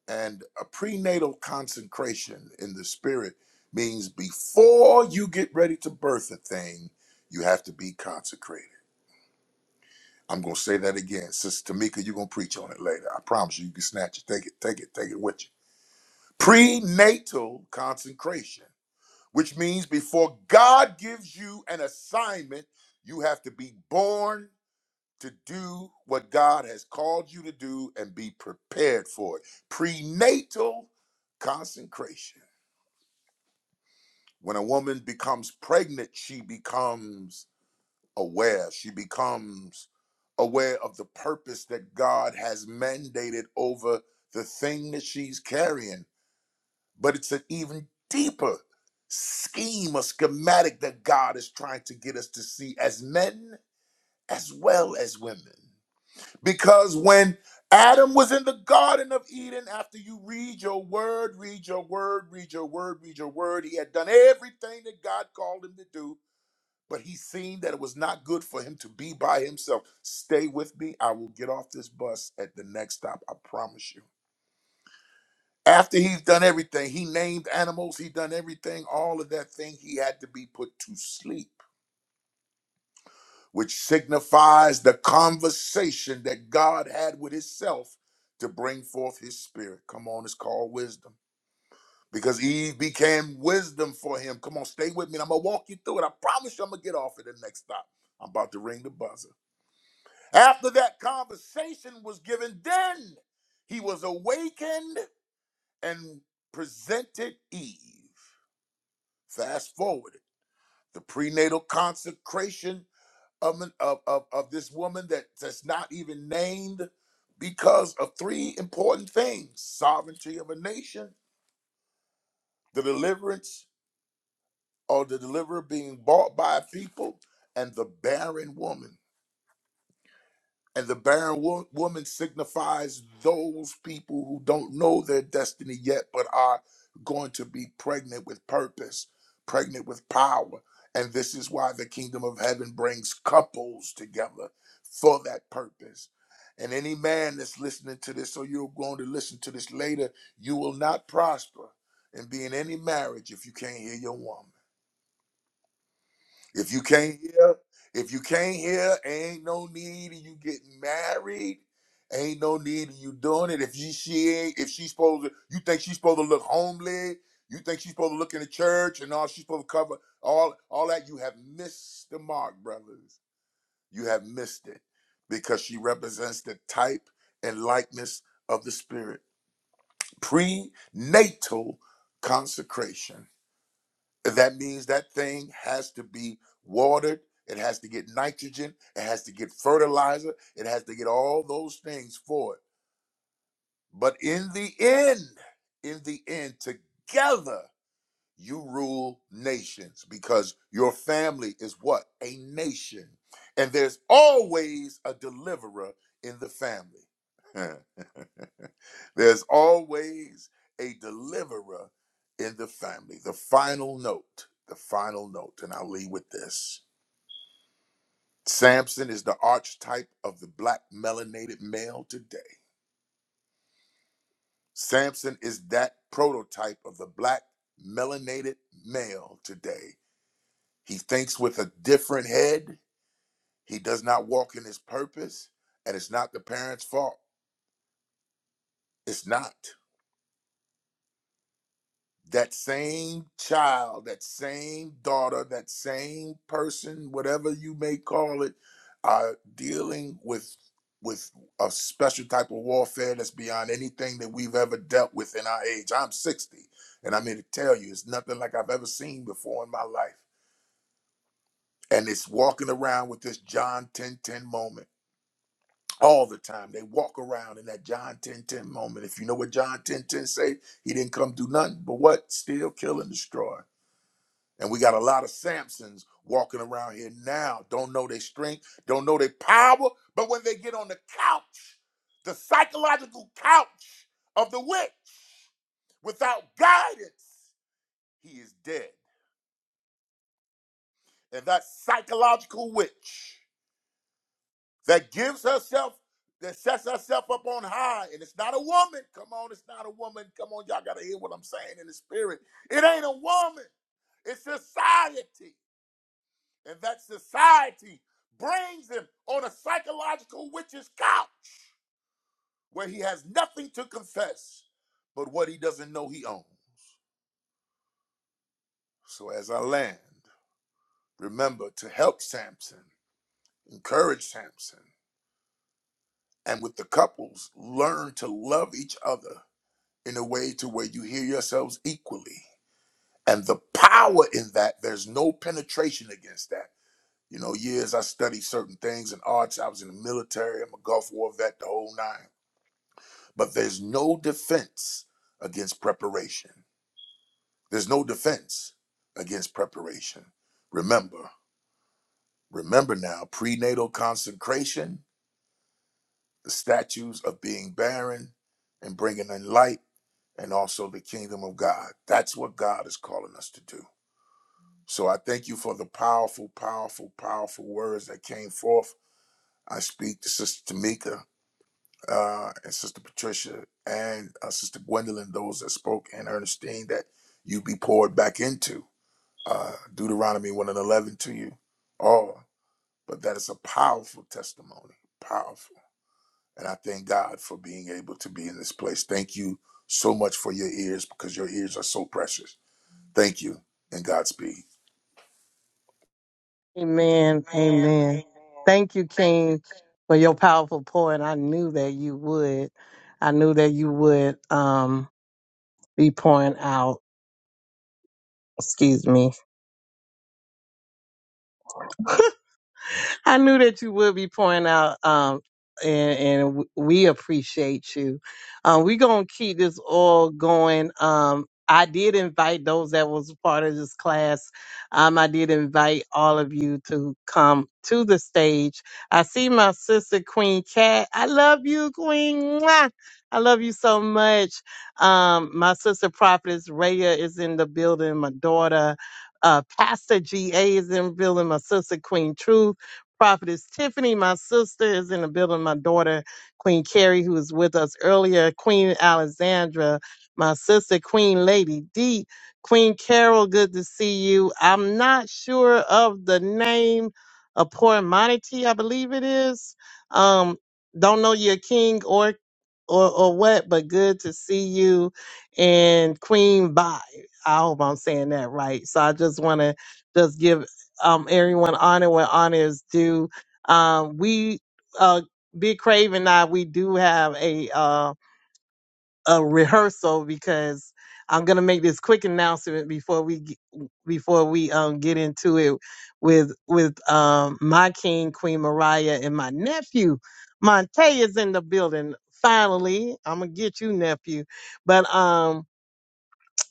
S2: And a prenatal consecration in the spirit means before you get ready to birth a thing, you have to be consecrated. I'm gonna say that again. Sister Tamika, you're gonna preach on it later. I promise you, you can snatch it. Take it, take it, take it with you. Prenatal consecration which means before God gives you an assignment, you have to be born to do what God has called you to do and be prepared for it. Prenatal consecration. When a woman becomes pregnant, she becomes aware, she becomes aware of the purpose that God has mandated over the thing that she's carrying but it's an even deeper scheme or schematic that God is trying to get us to see as men as well as women. Because when Adam was in the Garden of Eden, after you read your word, read your word, read your word, read your word, he had done everything that God called him to do, but he seen that it was not good for him to be by himself. Stay with me. I will get off this bus at the next stop. I promise you. After he's done everything, he named animals, he done everything, all of that thing, he had to be put to sleep, which signifies the conversation that God had with himself to bring forth his spirit. Come on, it's called wisdom. Because Eve became wisdom for him. Come on, stay with me. and I'm gonna walk you through it. I promise you, I'm gonna get off at the next stop. I'm about to ring the buzzer. After that conversation was given, then he was awakened and presented Eve. Fast forward, the prenatal consecration of, an, of, of, of this woman that, that's not even named because of three important things sovereignty of a nation, the deliverance or the deliverer being bought by a people, and the barren woman. And the barren wo- woman signifies those people who don't know their destiny yet, but are going to be pregnant with purpose, pregnant with power. And this is why the kingdom of heaven brings couples together for that purpose. And any man that's listening to this, or you're going to listen to this later, you will not prosper and be in any marriage if you can't hear your woman. If you can't hear, if you can't hear, ain't no need of you getting married. Ain't no need of you doing it. If you she ain't, if she's supposed to, you think she's supposed to look homely. You think she's supposed to look in the church and all she's supposed to cover all all that. You have missed the mark, brothers. You have missed it because she represents the type and likeness of the Spirit. Prenatal consecration that means that thing has to be watered. It has to get nitrogen. It has to get fertilizer. It has to get all those things for it. But in the end, in the end, together you rule nations because your family is what? A nation. And there's always a deliverer in the family. (laughs) There's always a deliverer in the family. The final note, the final note, and I'll leave with this. Samson is the archetype of the black melanated male today. Samson is that prototype of the black melanated male today. He thinks with a different head. He does not walk in his purpose, and it's not the parents' fault. It's not. that same child, that same daughter, that same person, whatever you may call it, are dealing with with a special type of warfare that's beyond anything that we've ever dealt with in our age. I'm 60, and I'm here to tell you, it's nothing like I've ever seen before in my life. And it's walking around with this John 10 10 moment all the time. They walk around in that John 10 10 moment. If you know what John 10 10 say, he didn't come do nothing but what? Steal, kill, and destroy. And we got a lot of Samsons walking around here now. Don't know their strength, don't know their power. But when they get on the couch, the psychological couch of the witch, without guidance, he is dead. And that psychological witch that gives herself, that sets herself up on high, and it's not a woman. Come on, it's not a woman. Come on, y'all gotta hear what I'm saying in the spirit. It ain't a woman, it's society. and that society brings him on a psychological witch's couch where he has nothing to confess but what he doesn't know he owns. So as I land, remember to help Samson, encourage Samson, and with the couples, learn to love each other in a way to where you hear yourselves equally. And the power in that, there's no penetration against that. You know, years I studied certain things in arts, I was in the military, I'm a Gulf War vet, the whole nine. But there's no defense against preparation. There's no defense against preparation. Remember, remember now prenatal consecration, the statues of being barren and bringing in light, and also the kingdom of God. That's what God is calling us to do. So I thank you for the powerful, powerful, powerful words that came forth. I speak to Sister Tamika. uh, and Sister Patricia and uh, Sister Gwendolyn, those that spoke, and Ernestine, that you be poured back into. Uh, Deuteronomy 1 and 11 to you all. But that is a powerful testimony, powerful. And I thank God for being able to be in this place. Thank you so much for your ears because your ears are so precious. Thank you and Godspeed.
S1: Amen. Amen. Thank you, King, for your powerful pour. And I knew that you would. I knew that you would um, be pouring out. Excuse me. I knew that you would be pouring out, um, and, and w- we appreciate you. Um, we gonna keep this all going. Um, I did invite those that was part of this class. Um, I did invite all of you to come to the stage. I see my sister Queen Cat. I love you, Queen. Mwah! I love you so much. Um, my sister Prophetess Raya is in the building. My daughter, uh, Pastor GA is in the building. My sister Queen Truth. Prophetess Tiffany, my sister, is in the building. My daughter, Queen Carrie, who was with us earlier. Queen Alexandra, my sister, Queen Lady D. Queen Carol, good to see you. I'm not sure of the name of Poor Monty, I believe it is. Um, don't know your king or or or what, but good to see you. And Queen Bye. I hope I'm saying that right. So I just want to just give um, everyone honor where honor is due. Um, we, uh, Big Crave and I, we do have a, uh, a rehearsal because I'm going to make this quick announcement before we, g- before we, um, get into it with, with, um, my king, Queen Mariah and my nephew, Monte is in the building. Finally, I'm going to get you nephew. But, um,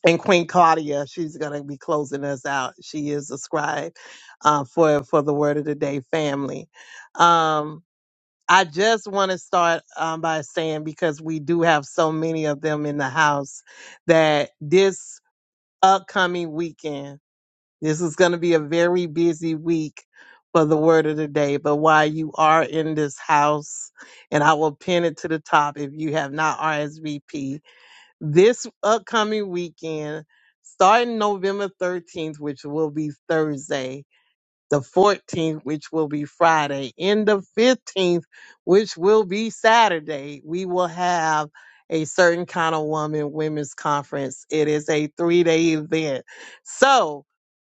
S1: and Queen Claudia, she's going to be closing us out. She is a scribe uh, for for the Word of the Day family. Um, I just want to start um, by saying because we do have so many of them in the house that this upcoming weekend, this is going to be a very busy week for the Word of the Day. But while you are in this house, and I will pin it to the top if you have not RSVP this upcoming weekend, starting November 13th, which will be Thursday, the 14th, which will be Friday, and the 15th, which will be Saturday, we will have a certain kind of woman women's conference. It is a three day event. So,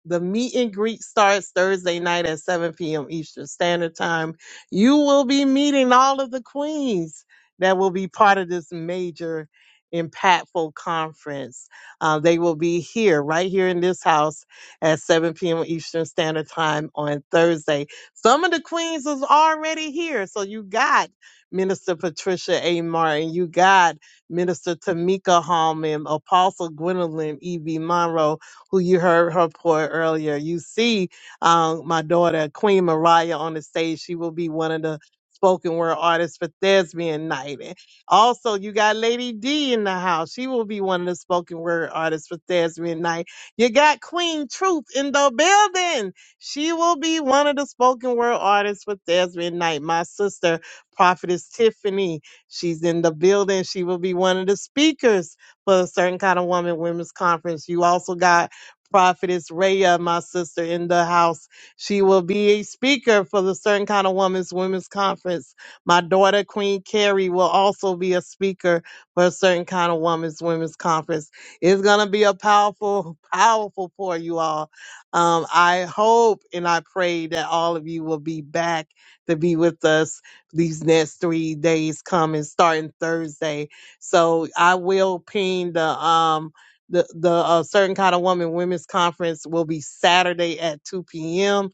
S1: the meet and greet starts Thursday night at 7 p.m. Eastern Standard Time. You will be meeting all of the queens that will be part of this major impactful conference. Uh, they will be here, right here in this house at 7 p.m. Eastern Standard Time on Thursday. Some of the queens is already here. So you got Minister Patricia A. Martin, you got Minister Tamika Hallman, Apostle Gwendolyn E.B. Monroe, who you heard her pour earlier. You see um, my daughter, Queen Mariah, on the stage. She will be one of the spoken word artists for Thespian Night. And Also, you got Lady D in the house. She will be one of the spoken word artists for Thespian Night. You got Queen Truth in the building. She will be one of the spoken word artists for Thespian Night. My sister, Prophetess Tiffany, she's in the building. She will be one of the speakers for a certain kind of woman women's conference. You also got Prophetess Raya, my sister in the house. She will be a speaker for the Certain Kind of Woman's Women's Conference. My daughter, Queen Carrie, will also be a speaker for a Certain Kind of Woman's Women's Conference. It's going to be a powerful, powerful for you all. Um, I hope and I pray that all of you will be back to be with us these next three days coming, starting Thursday. So I will ping the um, the the uh, certain kind of woman women's conference will be Saturday at 2 p.m.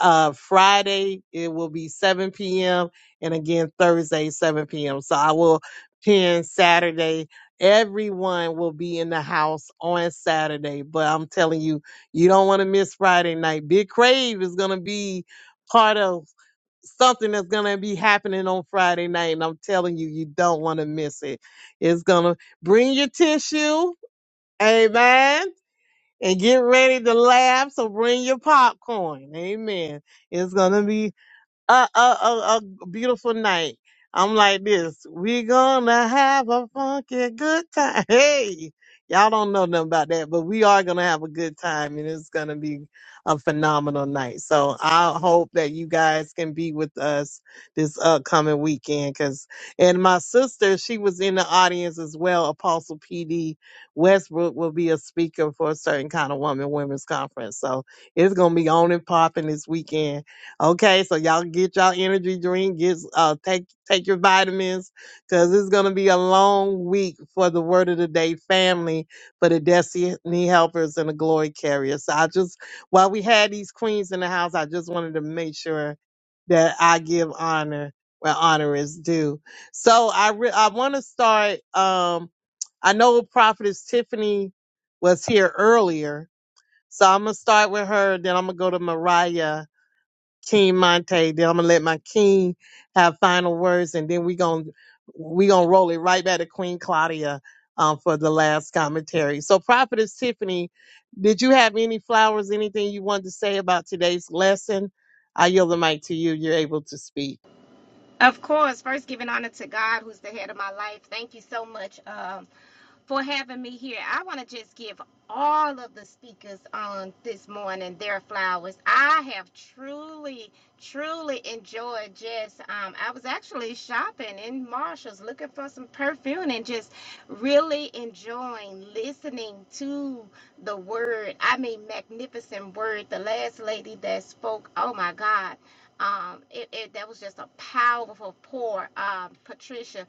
S1: uh, Friday it will be 7 p.m. and again Thursday 7 p.m. So I will pin Saturday. Everyone will be in the house on Saturday, but I'm telling you, you don't want to miss Friday night. Big Crave is gonna be part of something that's gonna be happening on Friday night, and I'm telling you, you don't want to miss it. It's gonna bring your tissue Amen. And get ready to laugh. So bring your popcorn. Amen. It's going to be a, a, a, a beautiful night. I'm like this. We gonna have a funky good time. (laughs) Hey, y'all don't know nothing about that, but we are gonna have a good time, and it's gonna be a phenomenal night. So I hope that you guys can be with us this upcoming weekend. Cause and my sister, she was in the audience as well. Apostle PD Westbrook will be a speaker for a certain kind of woman women's conference. So it's gonna be on and popping this weekend Okay, so y'all get y'all energy drink, get uh take take your vitamins, cause it's gonna be a long week for the word of the day family, for the destiny helpers and the glory carriers. So I just while we had these queens in the house, I just wanted to make sure that I give honor where honor is due. So I re- I want to start. Um, I know Prophetess Tiffany was here earlier, so I'm gonna start with her. Then I'm gonna go to Mariah King Monte. Then I'm gonna let my king have final words, and then we gonna we gonna roll it right back to Queen Claudia um, for the last commentary. So, Prophetess Tiffany, did you have any flowers, anything you wanted to say about today's lesson? I yield the mic to you. You're able to speak.
S8: Of course, first giving honor to God, who's the head of my life. Thank you so much, um, for having me here. I want to just give all of the speakers on this morning their flowers. I have truly, truly enjoyed just, um, I was actually shopping in Marshall's looking for some perfume and just really enjoying listening to the word. I mean, magnificent word. The last lady that spoke, oh my God. Um, it, it that was just a powerful pour, um, Patricia.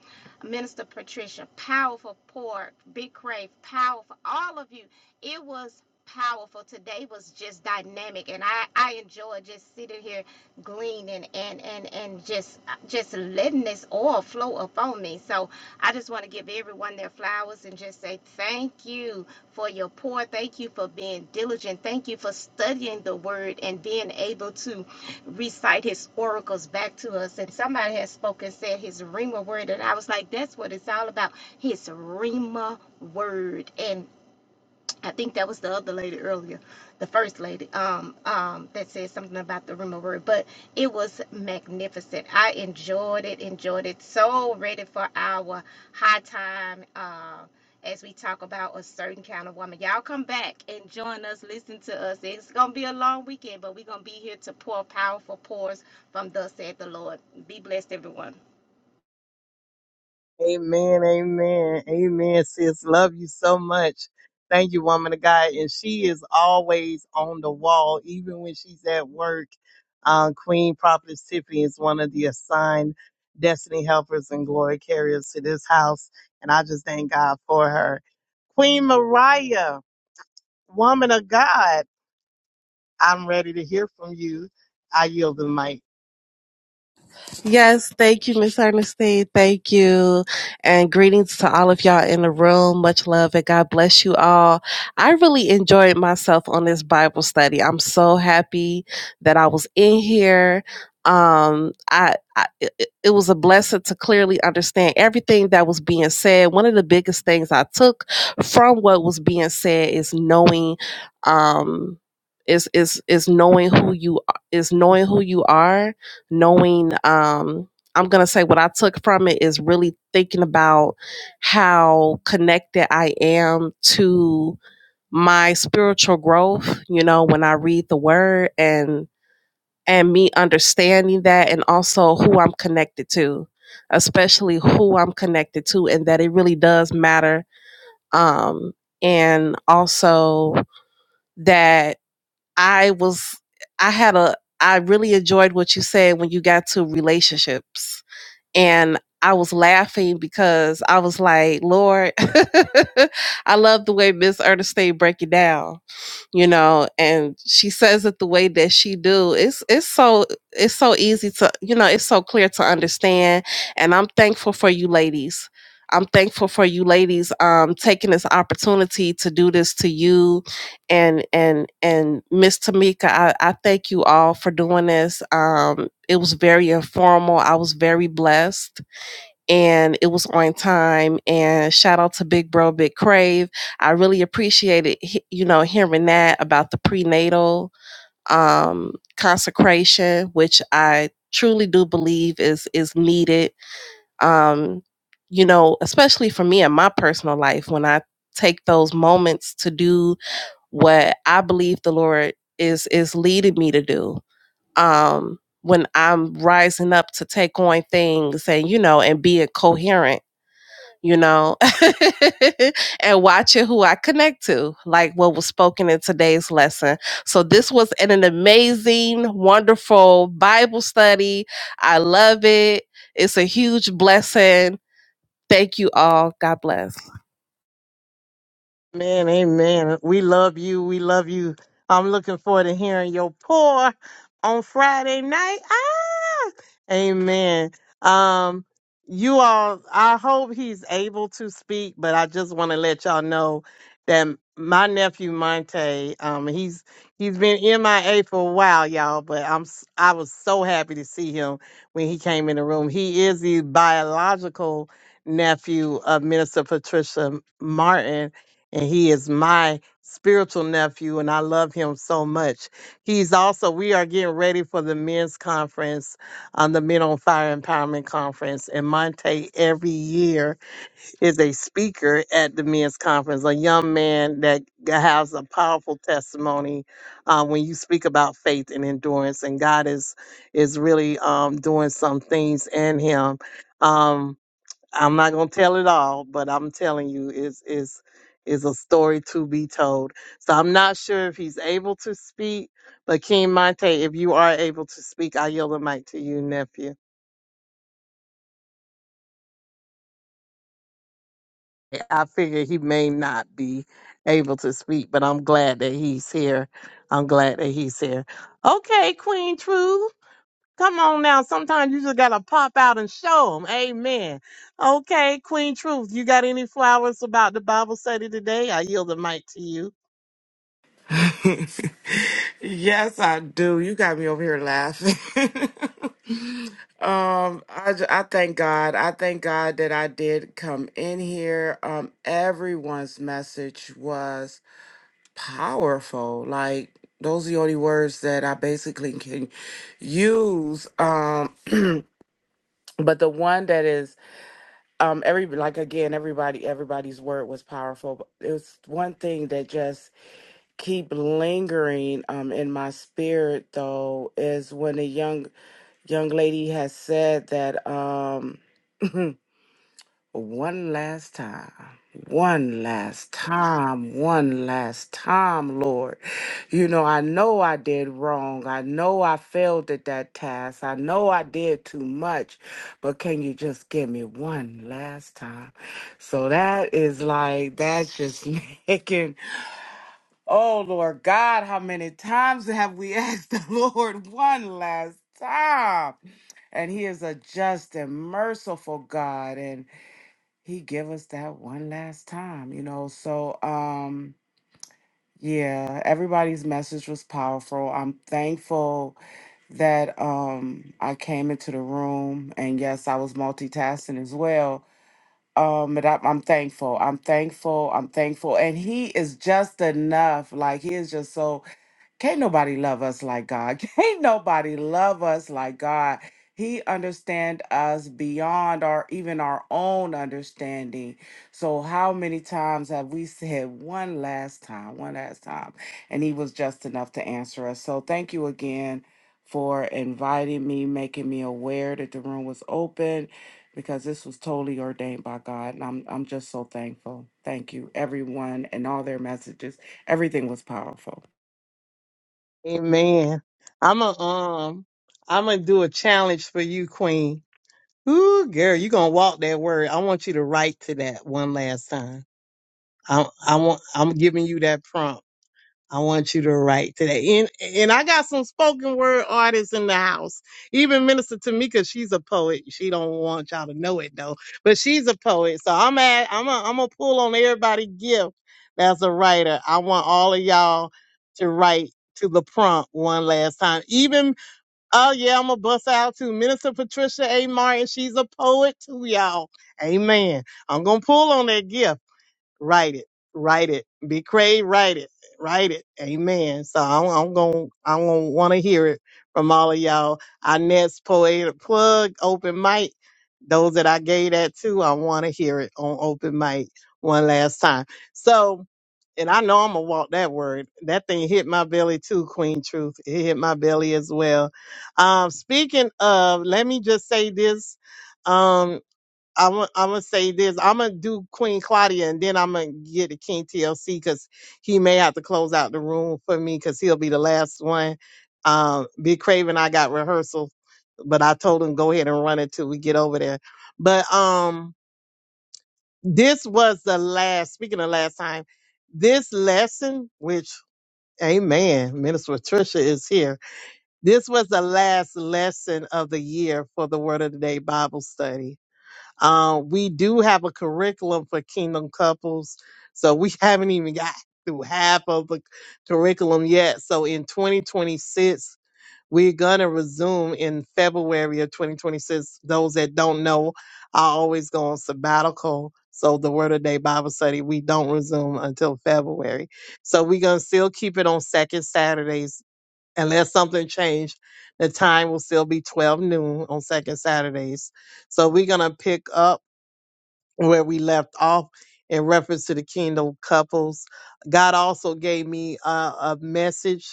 S8: Minister Patricia, powerful Port, Big Crave, powerful, all of you. It was powerful. Today was just dynamic and I, I enjoy just sitting here gleaning and, and, and just just letting this oil flow up on me. So I just want to give everyone their flowers and just say thank you for your pour. Thank you for being diligent. Thank you for studying the word and being able to recite his oracles back to us. And somebody has spoken, said his Rima word. And I was like, that's what it's all about. His Rima word. and. I think that was the other lady earlier, the first lady, um, um, that said something about the rumor. word, but it was magnificent. I enjoyed it, enjoyed it. So ready for our high time, uh, as we talk about a certain kind of woman. Y'all come back and join us, listen to us. It's gonna be a long weekend, but we're gonna be here to pour powerful pours from thus said the Lord. Be blessed, everyone.
S1: Amen, amen, amen, sis. Love you so much. Thank you, woman of God. And she is always on the wall, even when she's at work. Um, Queen Prophetess Tiffany is one of the assigned destiny helpers and glory carriers to this house. And I just thank God for her. Queen Mariah, woman of God, I'm ready to hear from you. I yield the mic.
S9: Yes, thank you, Miss Ernestine. Thank you. And greetings to all of y'all in the room. Much love and God bless you all. I really enjoyed myself on this Bible study. I'm so happy that I was in here. Um, I, I it, it it was a blessing to clearly understand everything that was being said. One of the biggest things I took from what was being said is knowing, um, is is is knowing who you is knowing who you are knowing um i'm going to say what i took from it is really thinking about how connected i am to my spiritual growth you know when i read the word and and me understanding that and also who i'm connected to especially who i'm connected to and that it really does matter um and also that i was i had a i really enjoyed what you said when you got to relationships and I was laughing because I was like, Lord, (laughs) I love the way Miss Ernestine break it down, you know, and she says it the way that she do. It's it's so it's so easy to you know, it's so clear to understand. And I'm thankful for you ladies. I'm thankful for you ladies um taking this opportunity to do this to you and and and Miss Tamika, I, I thank you all for doing this. Um, it was very informal. I was very blessed, and it was on time. And shout out to Big Bro, Big Crave. I really appreciated he- you know hearing that about the prenatal um, consecration, which I truly do believe is is needed. Um, you know, especially for me in my personal life when I take those moments to do what I believe the Lord is is leading me to do. Um when I'm rising up to take on things and you know and being coherent, you know, (laughs) and watching who I connect to, like what was spoken in today's lesson. So this was an, an amazing, wonderful Bible study. I love it. It's a huge blessing. Thank you all. God bless.
S1: Man, amen. We love you. We love you. I'm looking forward to hearing your pour on Friday night. Amen. Um, you all, I hope he's able to speak, but I just want to let y'all know that my nephew Monte, um, he's he's been MIA for a while, y'all. But I'm s- I was so happy to see him when he came in the room. He is the biological nephew of Minister Patricia Martin, and he is my spiritual nephew, and I love him so much. He's also we are getting ready for the men's conference on the Men on Fire Empowerment Conference. And Monte every year is a speaker at the men's conference, a young man that has a powerful testimony uh, when you speak about faith and endurance. And God is is really um, doing some things in him. Um, I'm not gonna tell it all, but I'm telling you, is is is a story to be told. So I'm not sure if he's able to speak, but King Monte, if you are able to speak, I yield the mic to you, nephew. I figure he may not be able to speak, but I'm glad that he's here. I'm glad that he's here. Okay, Queen Truth, come on now. Sometimes you just gotta pop out and show 'em. Amen. Okay, Queen Truth, you got any flowers about the Bible study today? I yield the mic to you.
S10: (laughs) yes, I do. You got me over here laughing. (laughs) um, I, ju- I thank God. I thank God that I did come in here. Um, everyone's message was powerful. Like those are the only words that I basically can use. Um, (clears throat) but the one that is um every like again everybody everybody's word was powerful. But it was one thing that just keep lingering um in my spirit though is when a young young lady has said that um (laughs) (clears throat) one last time one last time one last time lord you know i know i did wrong i know i failed at that task i know i did too much but can you just give me one last time so that is like that's just (laughs) making Oh Lord God, how many times have we (laughs) asked the Lord one last time? And He is a just and merciful God, and He give us that one last time, you know. So, um, yeah, everybody's message was powerful. I'm thankful that um I came into the room, and yes, I was multitasking as well. Um, but I, I'm thankful. I'm thankful. I'm thankful. And he is just enough. Like he is just so can't nobody love us like God. (laughs) Can't nobody love us like God. He understand us beyond our even our own understanding. So how many times have we said one last time, one last time, and he was just enough to answer us. So thank you again for inviting me, making me aware that the room was open because this was totally ordained by God and I'm I'm just so thankful. Thank you everyone and all their messages. Everything was powerful.
S1: Amen. I'm a um, I'm gonna do a challenge for you, Queen. Ooh, girl, you gonna walk that word. I want you to write to that one last time. I I want I'm giving you that prompt I want you to write today. And and I got some spoken word artists in the house. Even Minister Tamika, she's a poet. She don't want y'all to know it though, but she's a poet. So I'm at I'm a, I'm gonna pull on everybody gift that's a writer. I want all of y'all to write to the prompt one last time. Even oh yeah, I'm gonna bust out to Minister Patricia A. Martin. She's a poet too, y'all. Amen. I'm gonna pull on that gift write it, write it. Be Craig, write it, write it. Amen. So I'm, I'm going, I'm going to want to hear it from all of y'all. Our next poetic plug, open mic. Those that I gave that to, I want to hear it on open mic one last time. So, and I know I'm gonna walk that word. That thing hit my belly too, Queen Truth. It hit my belly as well. Um, speaking of, let me just say this. Um, I want I'm gonna say this. I'm gonna do Queen Claudia, and then I'm gonna get to King TLC because he may have to close out the room for me because he'll be the last one. Um, Big Craven, I got rehearsal, but I told him go ahead and run it till we get over there. But um, this was the last. Speaking of last time, this lesson, which Amen, Minister Patricia is here. This was the last lesson of the year for the Word of the Day Bible study uh, we do have a curriculum for kingdom couples, so we (laughs) haven't even got through half of the curriculum yet. So in 2026, we're gonna resume in February of 2026. Those that don't know, I always go on sabbatical. So the Word of Day Bible study, we don't resume until February. So we're gonna still keep it on second Saturdays. Unless something changed, the time will still be 12 noon on second Saturdays. So we're gonna pick up where we left off in reference to the kingdom couples. God also gave me a, a message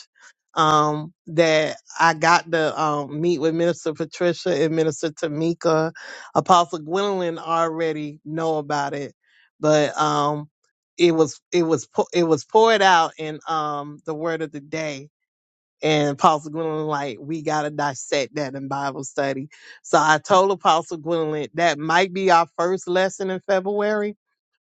S1: um, that I got to um, meet with Minister Patricia and Minister Tamika. Apostle Gwendolyn already know about it, but um, it was it was pou- it was poured out in um, the Word of the Day and Apostle Gwendolyn, like, we gotta dissect that in Bible study. So I told Apostle Gwendolyn that might be our first lesson in February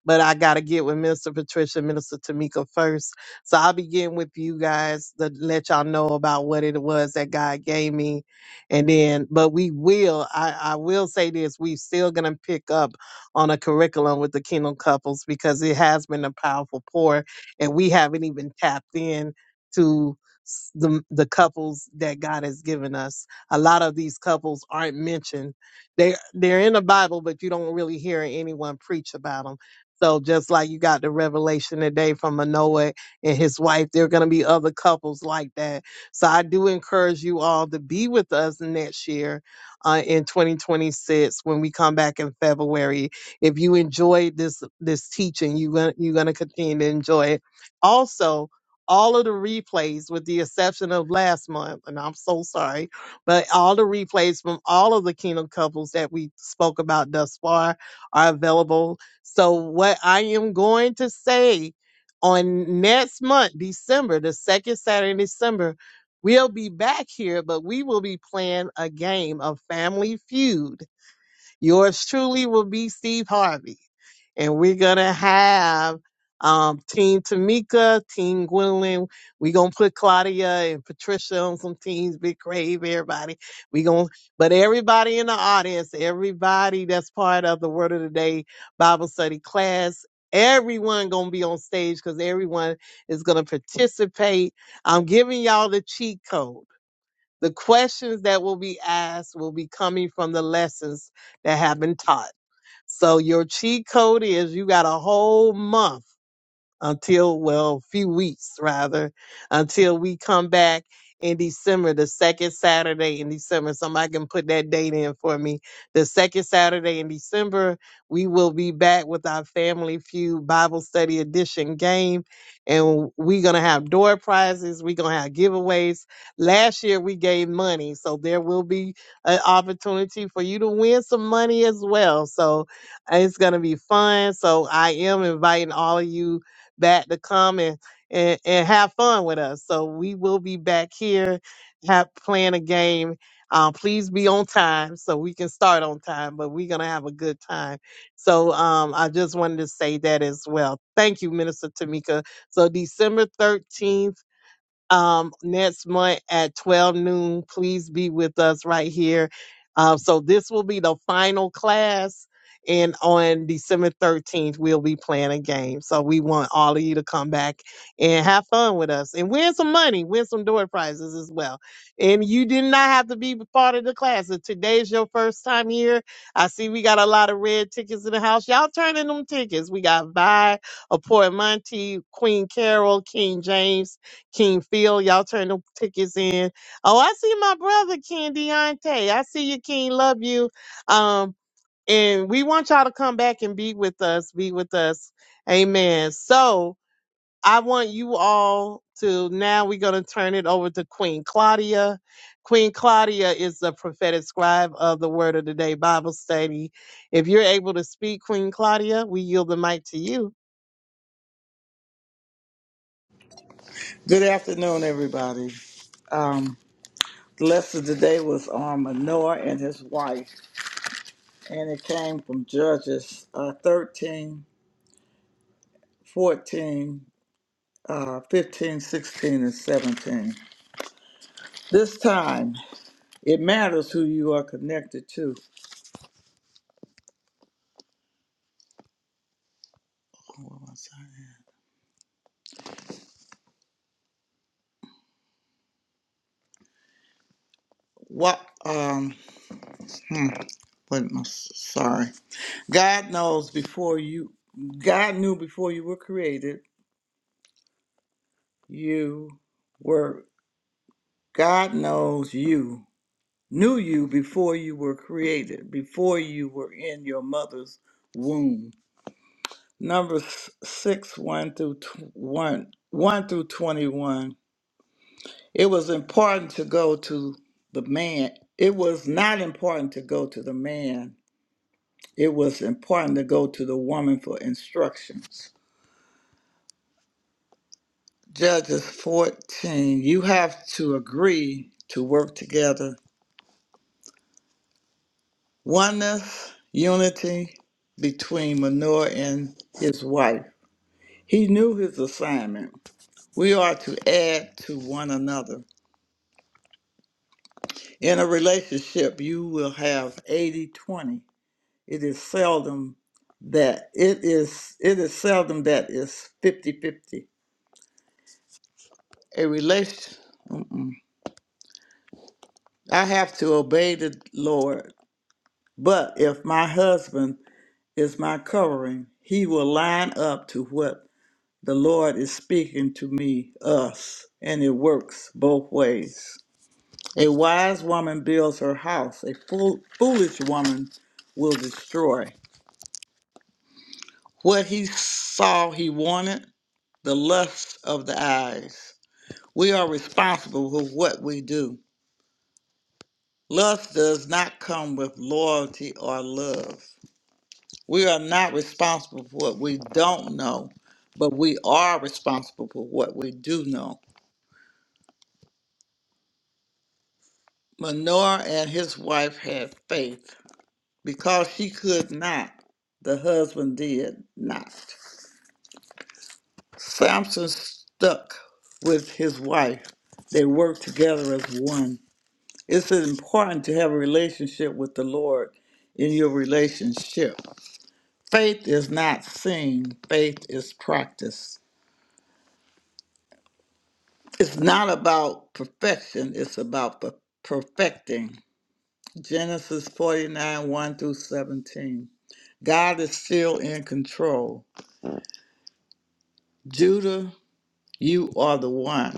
S1: but I got to get with Minister Patricia and Minister Tamika first. So I'll begin with you guys to let y'all know about what it was that God gave me. And then, but we will, I, I will say this, we still going to pick up on a curriculum with the Kingdom Couples because it has been a powerful pour and we haven't even tapped in to s- the, the couples that God has given us. A lot of these couples aren't mentioned. They, they're in the Bible, but you don't really hear anyone preach about them. So just like you got the revelation today from Manoah and his wife, there are going to be other couples like that. So I do encourage you all to be with us next year uh, in 2026 when we come back in February. If you enjoyed this this teaching, you're gonna, you're going to continue to enjoy it. Also, all of the replays, with the exception of last month, and I'm so sorry, but all the replays from all of the Kingdom couples that we spoke about thus far are available so, what I am going to say on next month, December, the second Saturday in December, we'll be back here, but we will be playing a game of Family Feud. Yours truly will be Steve Harvey. And we're going to have um, Team Tamika, Team Gwendolyn. We're going to put Claudia and Patricia on some teams, Big Crave, everybody. we going to, but everybody in the audience, everybody that's part of the Word of the Day Bible study class, everyone going to be on stage because everyone is going to participate. I'm giving y'all the cheat code. The questions that will be asked will be coming from the lessons that have been taught. So your cheat code is you got a whole month until, well, a few weeks rather, until we come back in December, the second Saturday in December. Somebody can put that date in for me. The second Saturday in December, we will be back with our Family Feud Bible Study Edition game. And we're going to have door prizes. We're going to have giveaways. Last year, we gave money. So there will be an opportunity for you to win some money as well. So uh, it's going to be fun. So I am inviting all of you back to come and, and, and have fun with us. So we will be back here have playing a game. Um, please be on time so we can start on time, but we're going to have a good time. So um, I just wanted to say that as well. Thank you, Minister Tamika. So December 13th um, next month at 12 noon. Please be with us right here. Uh, so this will be the final class. And on December 13th, we'll be playing a game. So we want all of you to come back and have fun with us and win some money, win some door prizes as well. And you did not have to be part of the class. If today's your first time here, I see we got a lot of red tickets in the house. Y'all turn in them tickets. We got Vi, Aport Monty, Queen Carol, King James. King Phil, y'all turn the tickets in. Oh, I see my brother King Deontay. I see you, King. Love you. Um, and we want y'all to come back and be with us. Be with us. Amen. So I want you all to now we're gonna turn it over to Queen Claudia. Queen Claudia is the prophetic scribe of the Word of the Day Bible study. If you're able to speak, Queen Claudia, we yield the mic to you.
S6: Good afternoon, everybody. Um, the lesson today was on Manoah and his wife, and it came from Judges uh, 13, fourteen, uh, 15, sixteen, and 17. This time, it matters who you are connected to. What? Um. Hmm, what? am I- Sorry. God knows before you. God knew before you were created. You were. God knows you. Knew you before you were created. Before you were in your mother's womb. Numbers six one through tw- one one through twenty one. It was important to go to the man. It was not important to go to the man it was important to go to the woman for instructions. Judges 14, you have to agree to work together. Oneness, unity between Manoah and his wife. He knew his assignment. We are to add to one another. In a relationship, you will have 80 20. It is seldom that it is it is seldom that it's 50 fifty. A relation. I have to obey the Lord, but if my husband is my covering, he will line up to what the Lord is speaking to me, us, and it works both ways. A wise woman builds her house, a fool, foolish woman will destroy. What he saw he wanted, the lust of the eyes. We are responsible for what we do. Lust does not come with loyalty or love. We are not responsible for what we don't know, but we are responsible for what we do know. Manoah and his wife had faith. Because she could not, the husband did not. Samson stuck with his wife. They worked together as one. It's important to have a relationship with the Lord in your relationship. Faith is not seen, faith is practiced. It's not about perfection, it's about per- perfecting. Genesis 49 1 through 17. God is still in control. Judah, you are the one.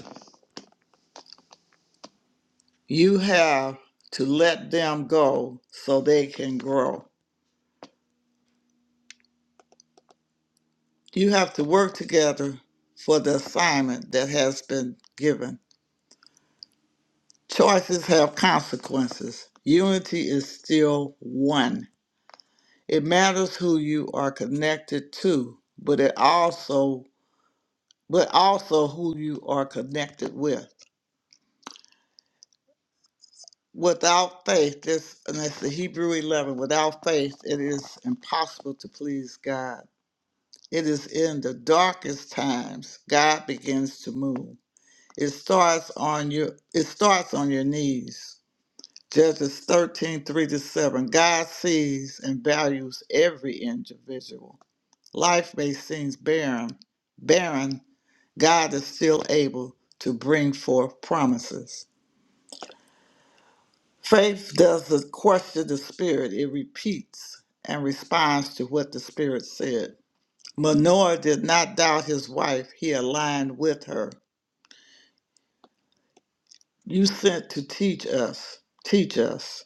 S6: You have to let them go so they can grow. You have to work together for the assignment that has been given. Choices have consequences. Unity is still one. It matters who you are connected to, but it also but also who you are connected with. Without faith, this and that's the Hebrew eleven, without faith it is impossible to please God. It is in the darkest times God begins to move. It starts on your it starts on your knees. Judges 13 3 to 7. God sees and values every individual. Life may seem barren, barren God is still able to bring forth promises. Faith doesn't question the Spirit, it repeats and responds to what the Spirit said. Manoah did not doubt his wife, he aligned with her. You sent to teach us, teach us.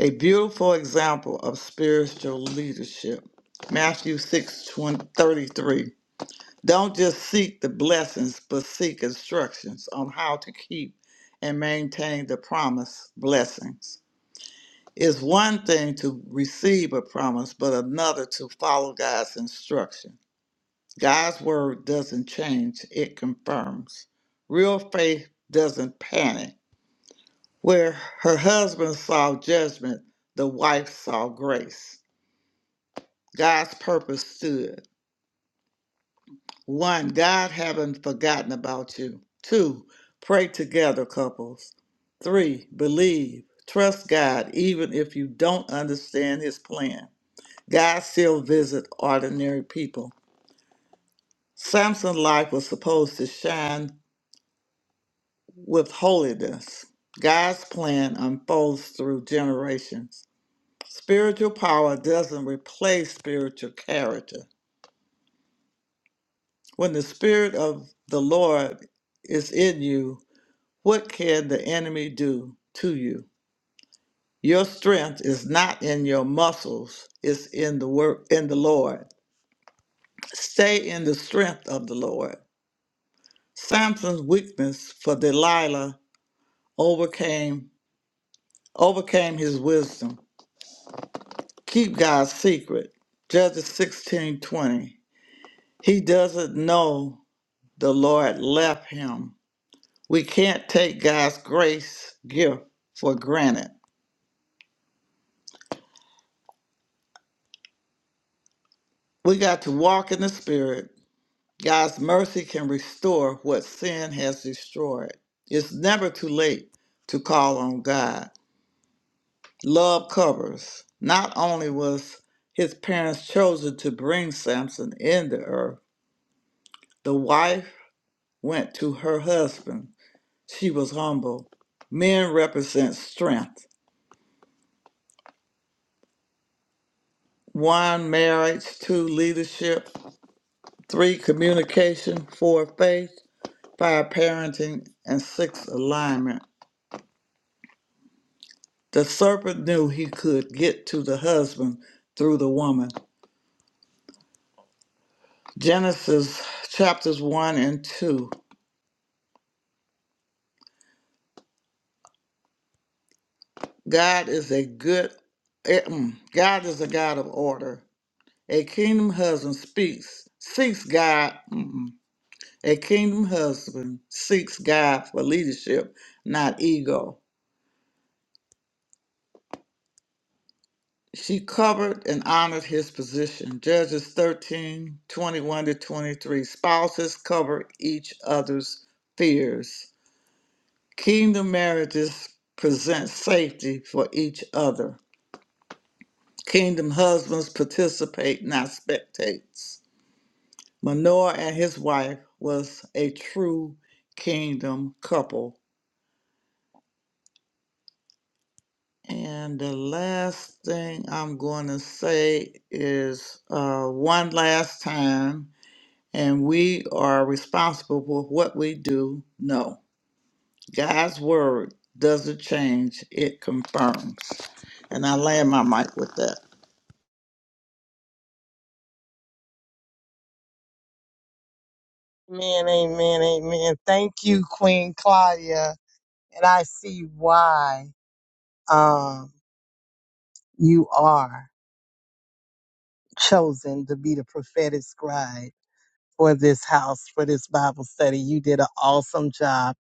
S6: A beautiful example of spiritual leadership. Matthew 6 thirty-three. Don't just seek the blessings, but seek instructions on how to keep and maintain the promised blessings. It's one thing to receive a promise, but another to follow God's instruction. God's word doesn't change, it confirms. Real faith doesn't panic. Where her husband saw judgment, the wife saw grace. God's purpose stood. One, God haven't forgotten about you. Two, pray together, couples. Three, believe. Trust God even if you don't understand his plan. God still visit ordinary people. Samson's life was supposed to shine with holiness. God's plan unfolds through generations. Spiritual power doesn't replace spiritual character. When the spirit of the Lord is in you, What can the enemy do to you? Your strength is not in your muscles, it's in the work in the Lord. Stay in the strength of the Lord. Samson's weakness for Delilah overcame overcame his wisdom. Keep God's secret. Judges 16:20. He doesn't know the Lord left him. We can't take God's grace gift for granted. We got to walk in the spirit God's mercy can restore what sin has destroyed. It's never too late to call on God. Love covers. Not only was his parents chosen to bring Samson in the earth, the wife went to her husband. She was humble. Men represent strength. One, marriage. Two, leadership. Three, communication. Four, faith. Five, parenting. And six, alignment. The serpent knew he could get to the husband through the woman. Genesis chapters 1 and 2. God is a good eh, mm, God is a God of order. A kingdom husband speaks, seeks God. mm-mm. A kingdom husband seeks God for leadership, not ego. She covered and honored his position. Judges 13 21 to 23. Spouses cover each other's fears. Kingdom marriages present safety for each other. Kingdom husbands participate, not spectates. Manoah and his wife was a true kingdom couple. And the last thing I'm going to say is uh, one last time, and we are responsible for what we do. No, God's word doesn't change, it confirms. And I land my mic with that.
S1: Amen, amen, amen. Thank you, Queen Claudia. and I see why um, you are chosen to be the prophetic scribe for this house, for this Bible study. You did an awesome job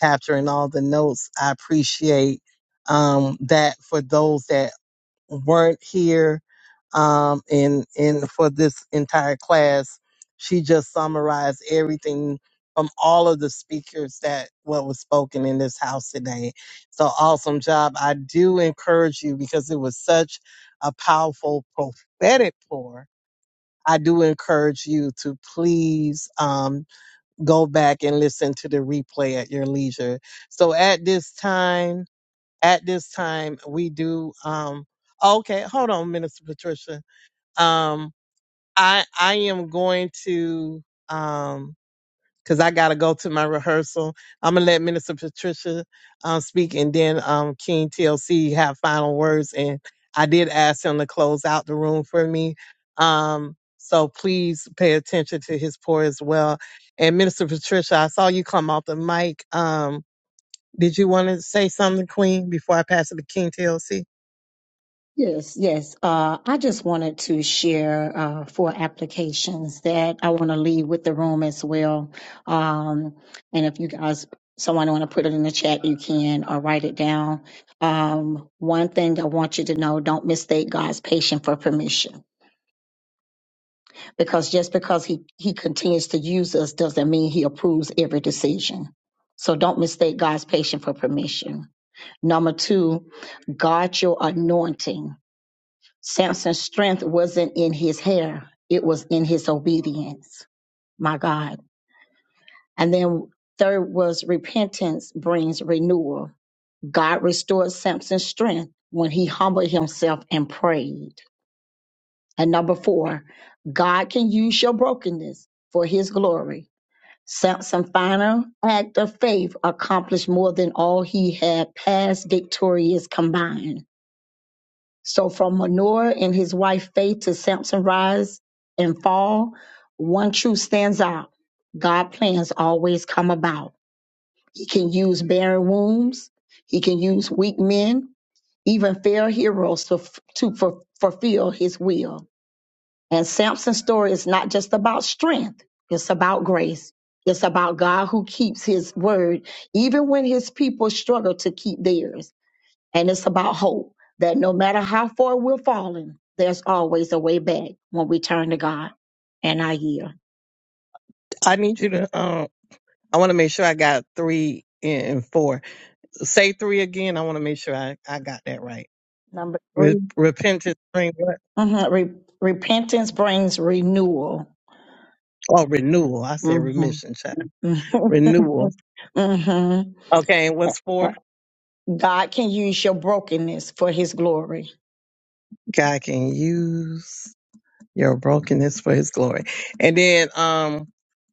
S1: capturing all the notes. I appreciate um, that for those that weren't here um, in in for this entire class. She just summarized everything from all of the speakers that what was spoken in this house today. So awesome job! I do encourage you because it was such a powerful prophetic pour. I do encourage you to please um, go back and listen to the replay at your leisure. So at this time. At this time, we do. Um, oh, okay, hold on, Minister Patricia. Um, I I am going to um because I gotta go to my rehearsal. I'm gonna let Minister Patricia um speak, and then um King TLC have final words. And I did ask him to close out the room for me. Um, so please pay attention to his pour as well. And Minister Patricia, I saw you come off the mic. Um, did you want to say something, Queen, before I pass it to King TLC?
S7: Yes, yes. Uh, I just wanted to share uh, four applications that I want to leave with the room as well. Um, and if you guys, someone want to put it in the chat, you can or write it down. Um, one thing I want you to know: don't mistake God's patience for permission, because just because He He continues to use us doesn't mean He approves every decision. So don't mistake God's patience for permission. Number two, guard your anointing. Samson's strength wasn't in his hair, it was in his obedience. My God. And then third was repentance brings renewal. God restored Samson's strength when he humbled himself and prayed. And number four, God can use your brokenness for his glory. Samson's final act of faith accomplished more than all he had past victorious combined. So from Manoah and his wife Faith to Samson rise and fall, one truth stands out. God plans always come about. He can use barren wombs. He can use weak men, even fair heroes to, to fu- fulfill his will. And Samson's story is not just about strength. It's about grace. It's about God who keeps his word, even when his people struggle to keep theirs. And it's about hope that no matter how far we're falling, there's always a way back when we turn to God. And I yield.
S1: I need you to. Um, I want to make sure I got three and four. Say three again. I want to make sure I, I got that right.
S7: Number
S1: Re-
S7: 3
S1: repentance, bring what?
S7: Mhm. Re- repentance brings renewal.
S1: Oh, renewal. I said
S7: hmm
S1: remission, child.
S7: hmm
S1: Renewal.
S7: (laughs)
S1: Okay, and what's four?
S7: God can use your brokenness for his glory.
S1: God can use your brokenness for His glory. And then, um,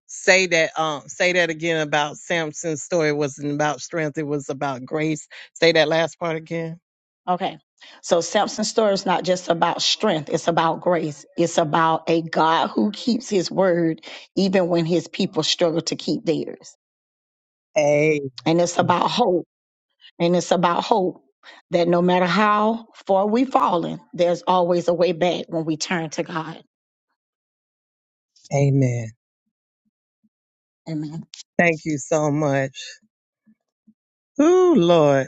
S1: say that. Um, say that again about Samson's story. It wasn't about strength. It was about grace. Say that last part again.
S7: Okay. So Samson's story is not just about strength, it's about grace. It's about a God who keeps his word even when his people struggle to keep theirs.
S1: Amen.
S7: And it's about hope and it's about hope that no matter how far we've fallen, there's always a way back when we turn to God.
S1: Amen.
S7: Amen.
S1: Thank you so much. Ooh, Lord.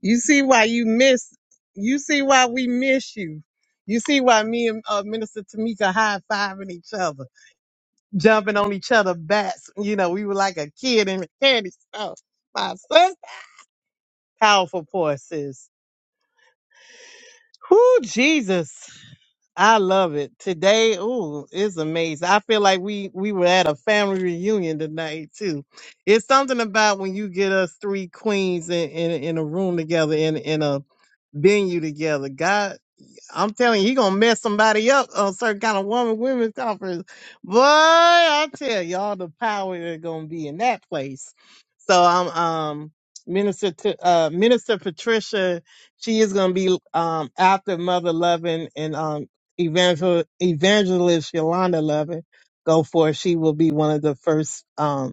S1: You see why you miss, you see why we miss you. You see why me and uh, Minister Tamika high fiving each other, jumping on each other backs. You know, we were like a kid in a candy store. My sister, powerful poor sis. Ooh, Jesus. I love it. Today, ooh, it's amazing. I feel like we we were at a family reunion tonight too. It's something about when you get us three queens in in, in a room together in in a bend you together. God, I'm telling you, he gonna mess somebody up on certain kind of woman women's conference. Boy, I tell you, all the power that's gonna be in that place. So I'm um Minister to, uh Minister Patricia, she is gonna be um after Mother Loving and um Evangel- Evangelist Yolanda Loving go for it. She will be one of the first um,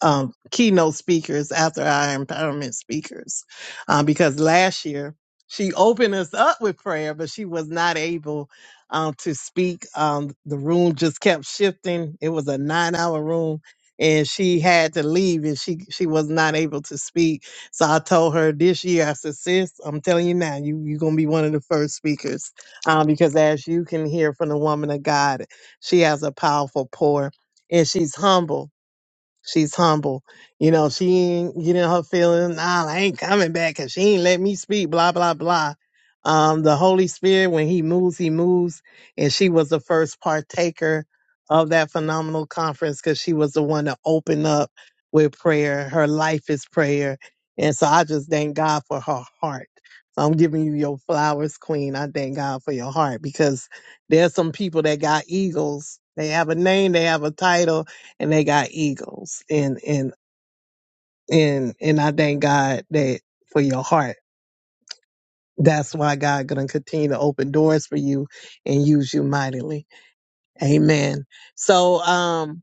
S1: um, keynote speakers after our empowerment speakers uh, because last year she opened us up with prayer, but she was not able um, to speak. Um, the room just kept shifting. It was a nine hour room and she had to leave and she, she was not able to speak. So I told her this year, I said, sis, I'm telling you now, you, you're going to be one of the first speakers um, because as you can hear from the woman of God, she has a powerful pour and she's humble She's humble. You know, she ain't getting her feelings. Nah, I ain't coming back because she ain't let me speak, blah, blah, blah. Um, the Holy Spirit, when he moves, he moves. And she was the first partaker of that phenomenal conference because she was the one to open up with prayer. Her life is prayer. And so I just thank God for her heart. So I'm giving you your flowers, Queen. I thank God for your heart because there's some people that got eagles. They have a name, they have a title, and they got egos and and and and I thank God that for your heart. That's why God gonna continue to open doors for you and use you mightily. Amen. So um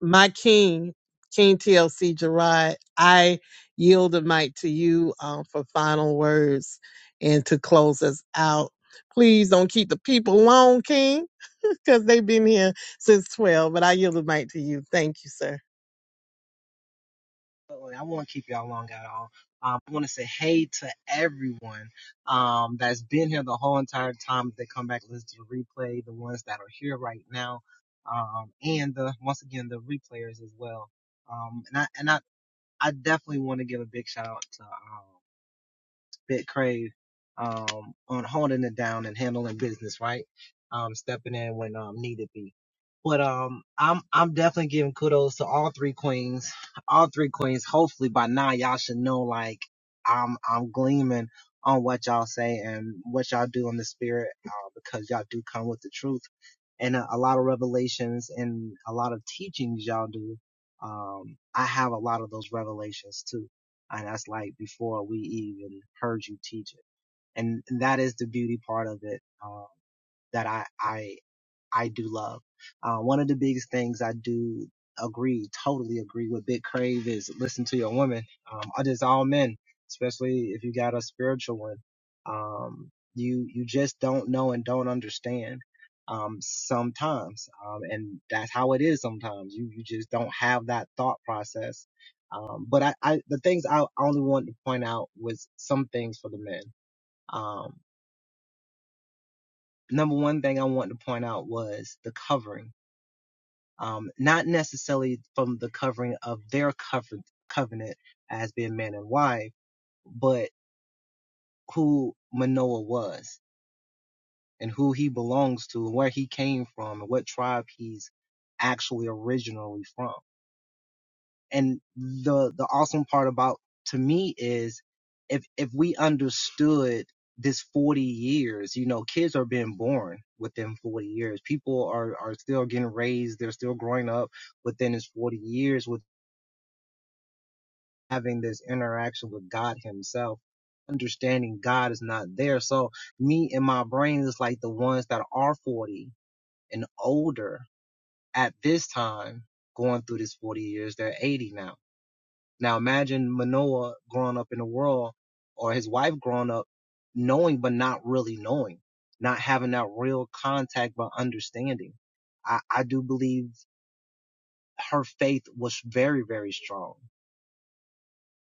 S1: my king, King TLC Gerard, I yield the mic to you um for final words and to close us out. Please don't keep the people long, King, (laughs) because they've been here since twelve. But I yield the mic to you. Thank you, sir.
S11: I won't keep y'all long at all. Um, I want to say hey to everyone um, that's been here the whole entire time. If they come back, listen to the replay, the ones that are here right now, um, and the once again the replayers as well. Um, and I and I, I definitely want to give a big shout out to um, bit crave um, on holding it down and handling business, right? Um, stepping in when um, needed be. But um, I'm I'm definitely giving kudos to all three queens, all three queens. Hopefully by now y'all should know like I'm I'm gleaming on what y'all say and what y'all do in the spirit uh, because y'all do come with the truth and a, a lot of revelations and a lot of teachings y'all do. Um, I have a lot of those revelations too and that's like before we even heard you teach it. And that is the beauty part of it, um, that I, I I do love. Uh, one of the biggest things I do agree, totally agree with Big Crave is listen to your woman. Um, it is all men, especially if you got a spiritual one. Um, you, you just don't know and don't understand. Um, sometimes, um, and that's how it is sometimes. You, you just don't have that thought process. Um, but I, I, the things I only wanted to point out was some things for the men. Um, number one thing I wanted to point out was the covering um, not necessarily from the covering of their cover- covenant as being man and wife, but who Manoah was and who he belongs to and where he came from and what tribe he's actually originally from. And the, the awesome part about to me is if, if we understood this 40 years, you know, kids are being born within 40 years. People are, are still getting raised. They're still growing up within this 40 years with. having this interaction with God Himself, understanding God is not there. So me and my brain is like the ones that are 40 and older at this time, going through this 40 years, they're 80 now. Now imagine Manoah growing up in the world or his wife growing up knowing, but not really knowing, not having that real contact, but understanding. I, I do believe her faith was very, very strong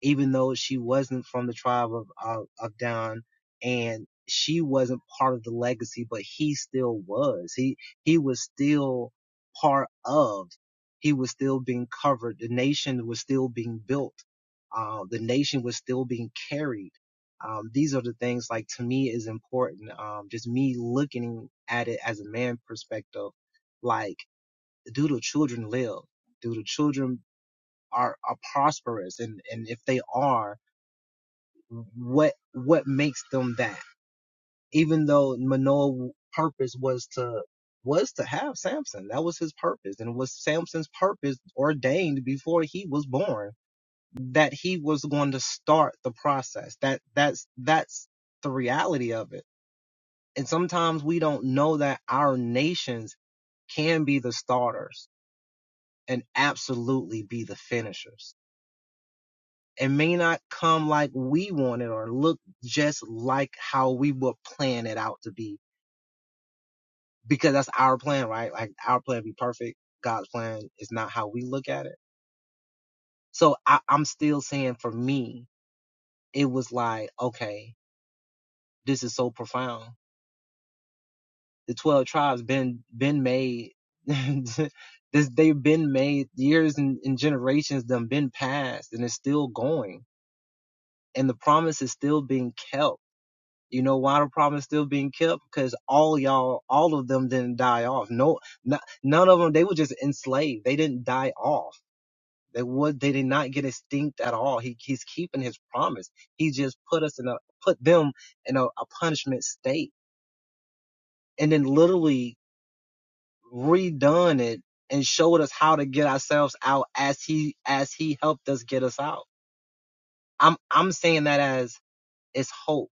S11: even though she wasn't from the tribe of, of, of Dan and she wasn't part of the legacy, but he still was. He, he was still part of, he was still being covered. The nation was still being built. Uh, the nation was still being carried. Um, these are the things like to me is important. Um, just me looking at it as a man perspective, like do the children live? Do the children are, are prosperous? And, and if they are, what what makes them that even though manoah's purpose was to was to have samson that was his purpose and it was samson's purpose ordained before he was born that he was going to start the process that that's that's the reality of it and sometimes we don't know that our nations can be the starters and absolutely be the finishers It may not come like we want it or look just like how we would plan it out to be because that's our plan, right? Like our plan be perfect. God's plan is not how we look at it. So I, I'm still saying for me, it was like, okay, this is so profound. The 12 tribes been, been made. (laughs) this, they've been made years and, and generations them been passed and it's still going and the promise is still being kept You know why the promise still being kept? Because all y'all, all of them didn't die off. No, not, none of them. They were just enslaved. They didn't die off. They would. They did not get extinct at all. He he's keeping his promise. He just put us in a put them in a, a punishment state, and then literally redone it and showed us how to get ourselves out as he as he helped us get us out. I'm I'm saying that as it's hope.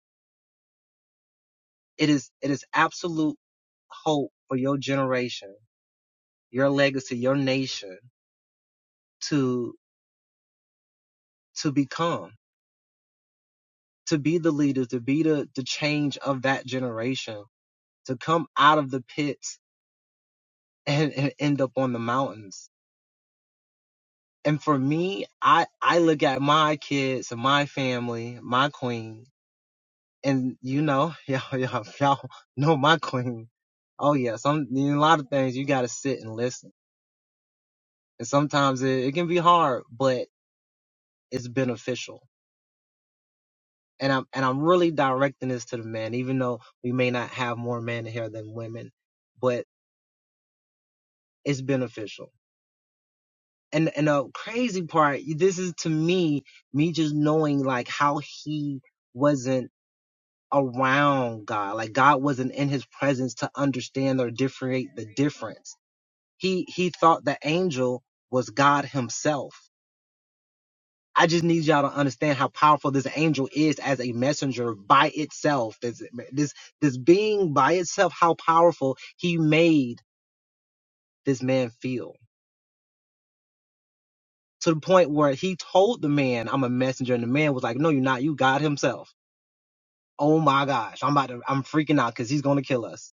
S11: It is it is absolute hope for your generation your legacy, your nation to to become, to be the leaders, to be the the change of that generation, to come out of the pits and, and end up on the mountains. And for me, I I look at my kids and my family, my queen, and you know, (laughs) y'all y'all y'all know my queen. Oh yeah, some in a lot of things you got to sit and listen, and sometimes it, it can be hard, but it's beneficial and I'm and I'm really directing this to the men, even though we may not have more men here than women, but it's beneficial. And and the crazy part, this is to me, me just knowing like how he wasn't around God, like God wasn't in his presence to understand or differentiate the difference. He he thought the angel was God himself I just need y'all to understand how powerful this angel is as a messenger by itself. This this this being by itself, how powerful he made this man feel. To the point where he told the man, I'm a messenger, and the man was like, No, you're not, you God himself. Oh my gosh, I'm about to I'm freaking out because he's gonna kill us.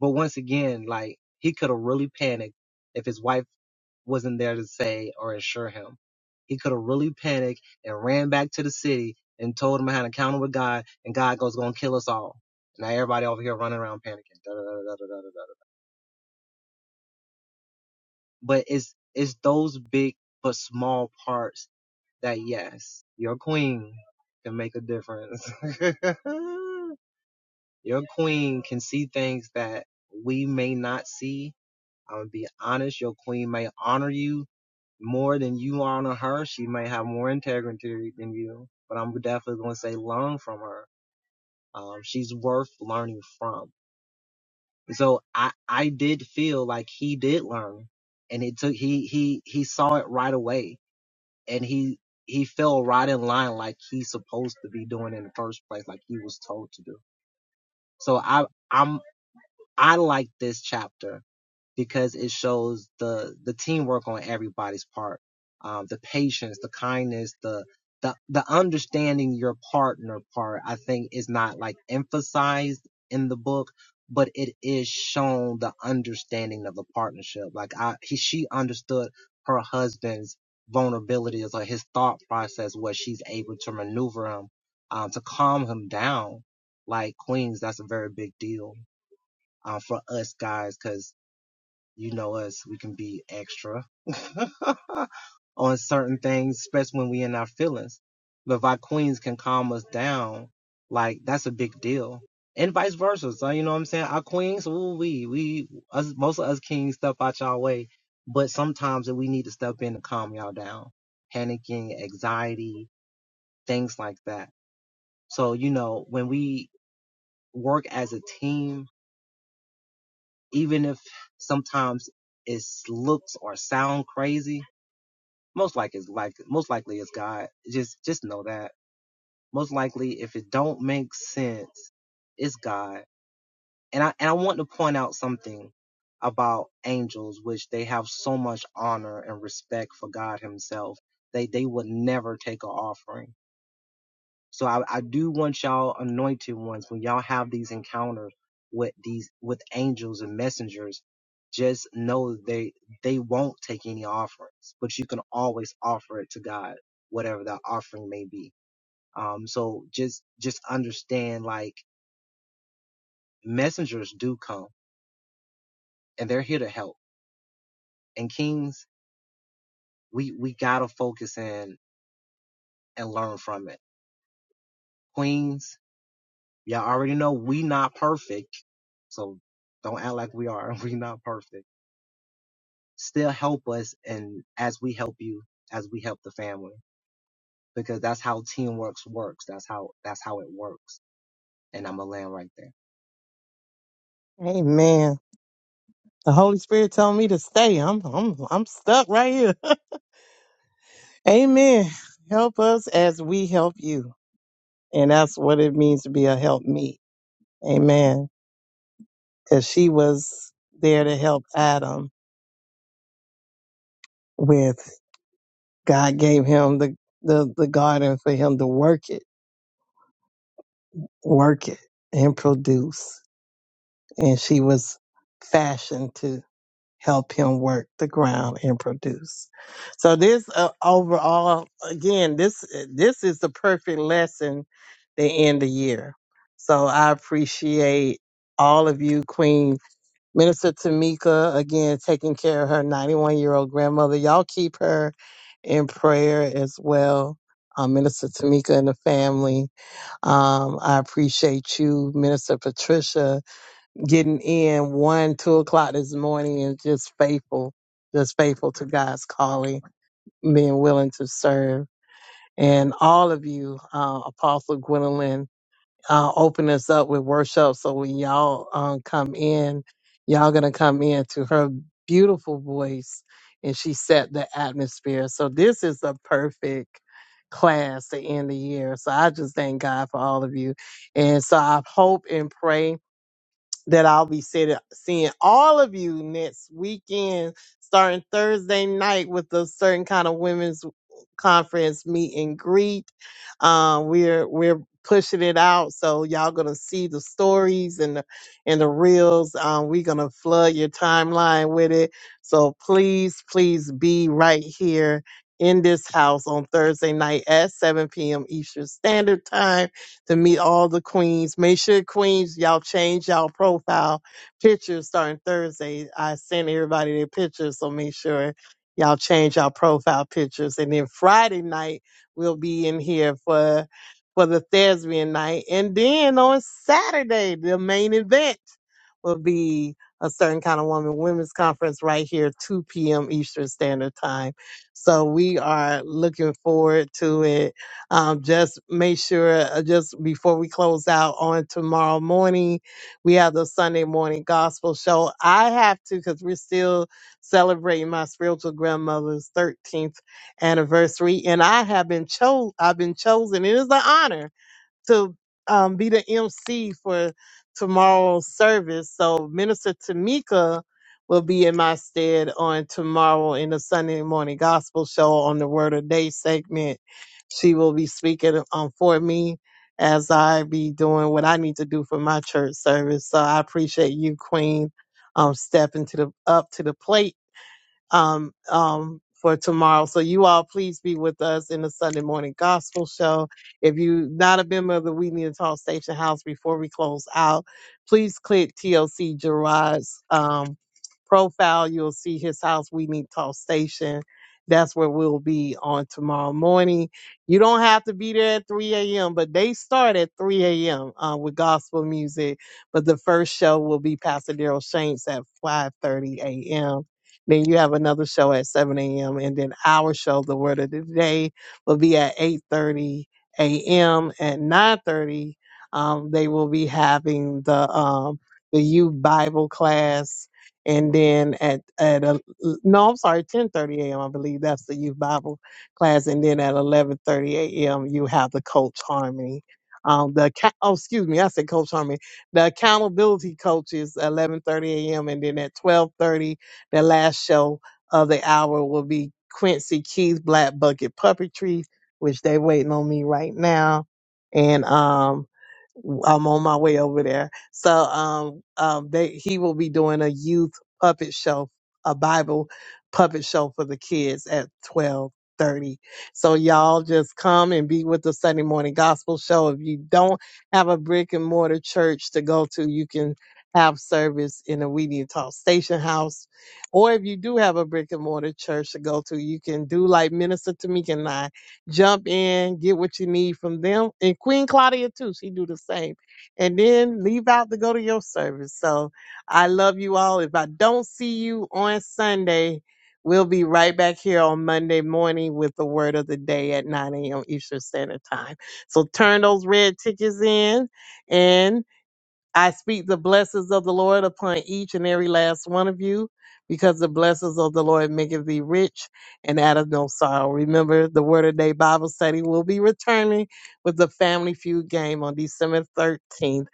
S11: But once again, like he could have really panicked if his wife wasn't there to say or assure him. He could have really panicked and ran back to the city and told him I had an encounter with God and God goes gonna kill us all. Now everybody over here running around panicking. Da, da, da, da, da, da, da, da, But it's it's those big but small parts that yes, your queen can make a difference. (laughs) your queen can see things that we may not see I'm gonna be honest, your queen may honor you more than you honor her. She may have more integrity than you, but I'm definitely gonna say learn from her. Um, she's worth learning from. So I, I did feel like he did learn and it took, he, he, he saw it right away and he, he fell right in line like he's supposed to be doing in the first place, like he was told to do. So I, I'm, I like this chapter because it shows the the teamwork on everybody's part, um, the patience, the kindness, the the the understanding your partner part. I think is not like emphasized in the book, but it is shown the understanding of the partnership. Like I, he, she understood her husband's vulnerabilities or his thought process, where she's able to maneuver him, um, to calm him down. Like queens, that's a very big deal uh, for us guys, because. You know us, we can be extra (laughs) on certain things, especially when we in our feelings. But if our queens can calm us down, like that's a big deal. And vice versa. So you know what I'm saying? Our queens, ooh, we we us most of us kings step out y'all way. But sometimes we need to step in to calm y'all down. Panicking, anxiety, things like that. So, you know, when we work as a team, even if sometimes it looks or sound crazy, Most likely, it's like most likely it's God. Just just know that. Most likely, if it don't make sense, it's God. And I and I want to point out something about angels, which they have so much honor and respect for God Himself. They they would never take an offering so I, I do want y'all anointed ones when y'all have these encounters with these with angels and messengers, just know they they won't take any offerings, but you can always offer it to God, whatever that offering may be. Um, so just just understand like messengers do come and they're here to help. And kings, we we gotta focus in and learn from it. Queens, y'all already know we not perfect, so don't act like we are. (laughs) We not perfect still help us and as we help you as we help the family because that's how teamwork works that's how that's how it works and i'm gonna land right there
S1: Amen. The Holy Spirit told me to stay. I'm I'm I'm stuck right here. (laughs) Amen. Help us as we help you. And that's what it means to be a help me. Amen. Cause she was there to help Adam with God gave him the, the, the garden for him to work it, work it and produce. And she was fashioned help him work the ground and produce. So this uh, overall, again, this this is the perfect lesson to end the year. So I appreciate all of you, Queen Minister Tamika, again taking care of her 91 year old grandmother. Y'all keep her in prayer as well. Um, Minister Tamika and the family. Um, I appreciate you, Minister Patricia, getting in one, two o'clock this morning and just faithful, just faithful to God's calling, being willing to serve. And all of you, uh, Apostle Gwendolyn, uh, open us up with worship. So when y'all um, come in, y'all gonna come in to her beautiful voice, and she set the atmosphere. So this is a perfect class to end the year. So I just thank God for all of you, and so I hope and pray that I'll be sit- seeing all of you next weekend, starting Thursday night with a certain kind of women's conference meet and greet. Um, we're we're pushing it out, so y'all gonna see the stories and the, and the reels. Um, we're gonna flood your timeline with it. So please, please be right here in this house on Thursday night at 7 p.m. Eastern Standard Time to meet all the queens. Make sure queens, y'all change y'all profile pictures starting Thursday. I send everybody their pictures, so make sure Y'all change our profile pictures. And then Friday night, we'll be in here for, for the thespian night. And then on Saturday, the main event will be a certain kind of woman women's conference right here, 2 p.m. Eastern Standard Time. So we are looking forward to it. Um, just make sure, uh, just before we close out on tomorrow morning, we have the Sunday morning gospel show. I have to, because we're still celebrating my spiritual grandmother's 13th anniversary, and I have been chosen. I've been chosen. It is an honor to um, be the MC for tomorrow's service. So Minister Tamika will be in my stead on tomorrow in the Sunday morning gospel show on the Word of Day segment. She will be speaking um, for me as I be doing what I need to do for my church service. So I appreciate you, Queen, um, stepping to the up to the plate um, um, for tomorrow. So you all please be with us in the Sunday morning gospel show. If you're not a member of the We Need to Talk Station House before we close out, please click TLC Gerard's um, profile. You'll see his house, We Need to Talk Station. That's where we'll be on tomorrow morning. You don't have to be there at 3 a.m., but they start at 3 a.m. Uh, with gospel music. But the first show will be Pastor Daryl Shanks at 5:30 a.m then you have another show at 7 a.m. And then our show, The Word of the Day, will be at 8.30 a.m. At 9.30, um, they will be having the, um, the youth Bible class. And then at, at a, no, I'm sorry, 10.30 a.m. I believe that's the youth Bible class. And then at 11.30 a.m., you have the Coach Harmony. Um, the, acco- oh, excuse me, I said Coach Harmony. The accountability coaches, 11.30 a.m. And then at 12.30 the last show of the hour will be Quincy Keith's Black Bucket Puppetry, which they waiting on me right now. And um I'm on my way over there. So um um they he will be doing a youth puppet show, a Bible puppet show for the kids at twelve thirty. So y'all just come and be with the Sunday morning gospel show. If you don't have a brick and mortar church to go to, you can have service in the We Need to Talk Station House or if you do have a brick and mortar church to go to, you can do like Minister Tamika and I, jump in, get what you need from them. And Queen Claudia too, she do the same. And then leave out to go to your service. So I love you all. If I don't see you on Sunday, we'll be right back here on Monday morning with the word of the day at 9 a.m. Eastern Standard Time. So turn those red tickets in and I speak the blessings of the Lord upon each and every last one of you, because the blessings of the Lord maketh thee rich and out of no sorrow. Remember, the Word of Day Bible study will be returning with the Family Feud game on December 13th.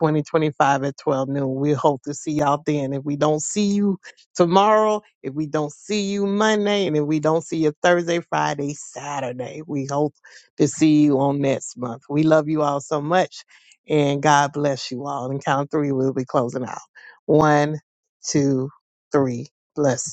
S1: 2025 at 12 noon. We hope to see y'all then. If we don't see you tomorrow, if we don't see you Monday, and if we don't see you Thursday, Friday, Saturday, we hope to see you on next month. We love you all so much. And God bless you all. And count three, we'll be closing out. One, two, three. Blessings.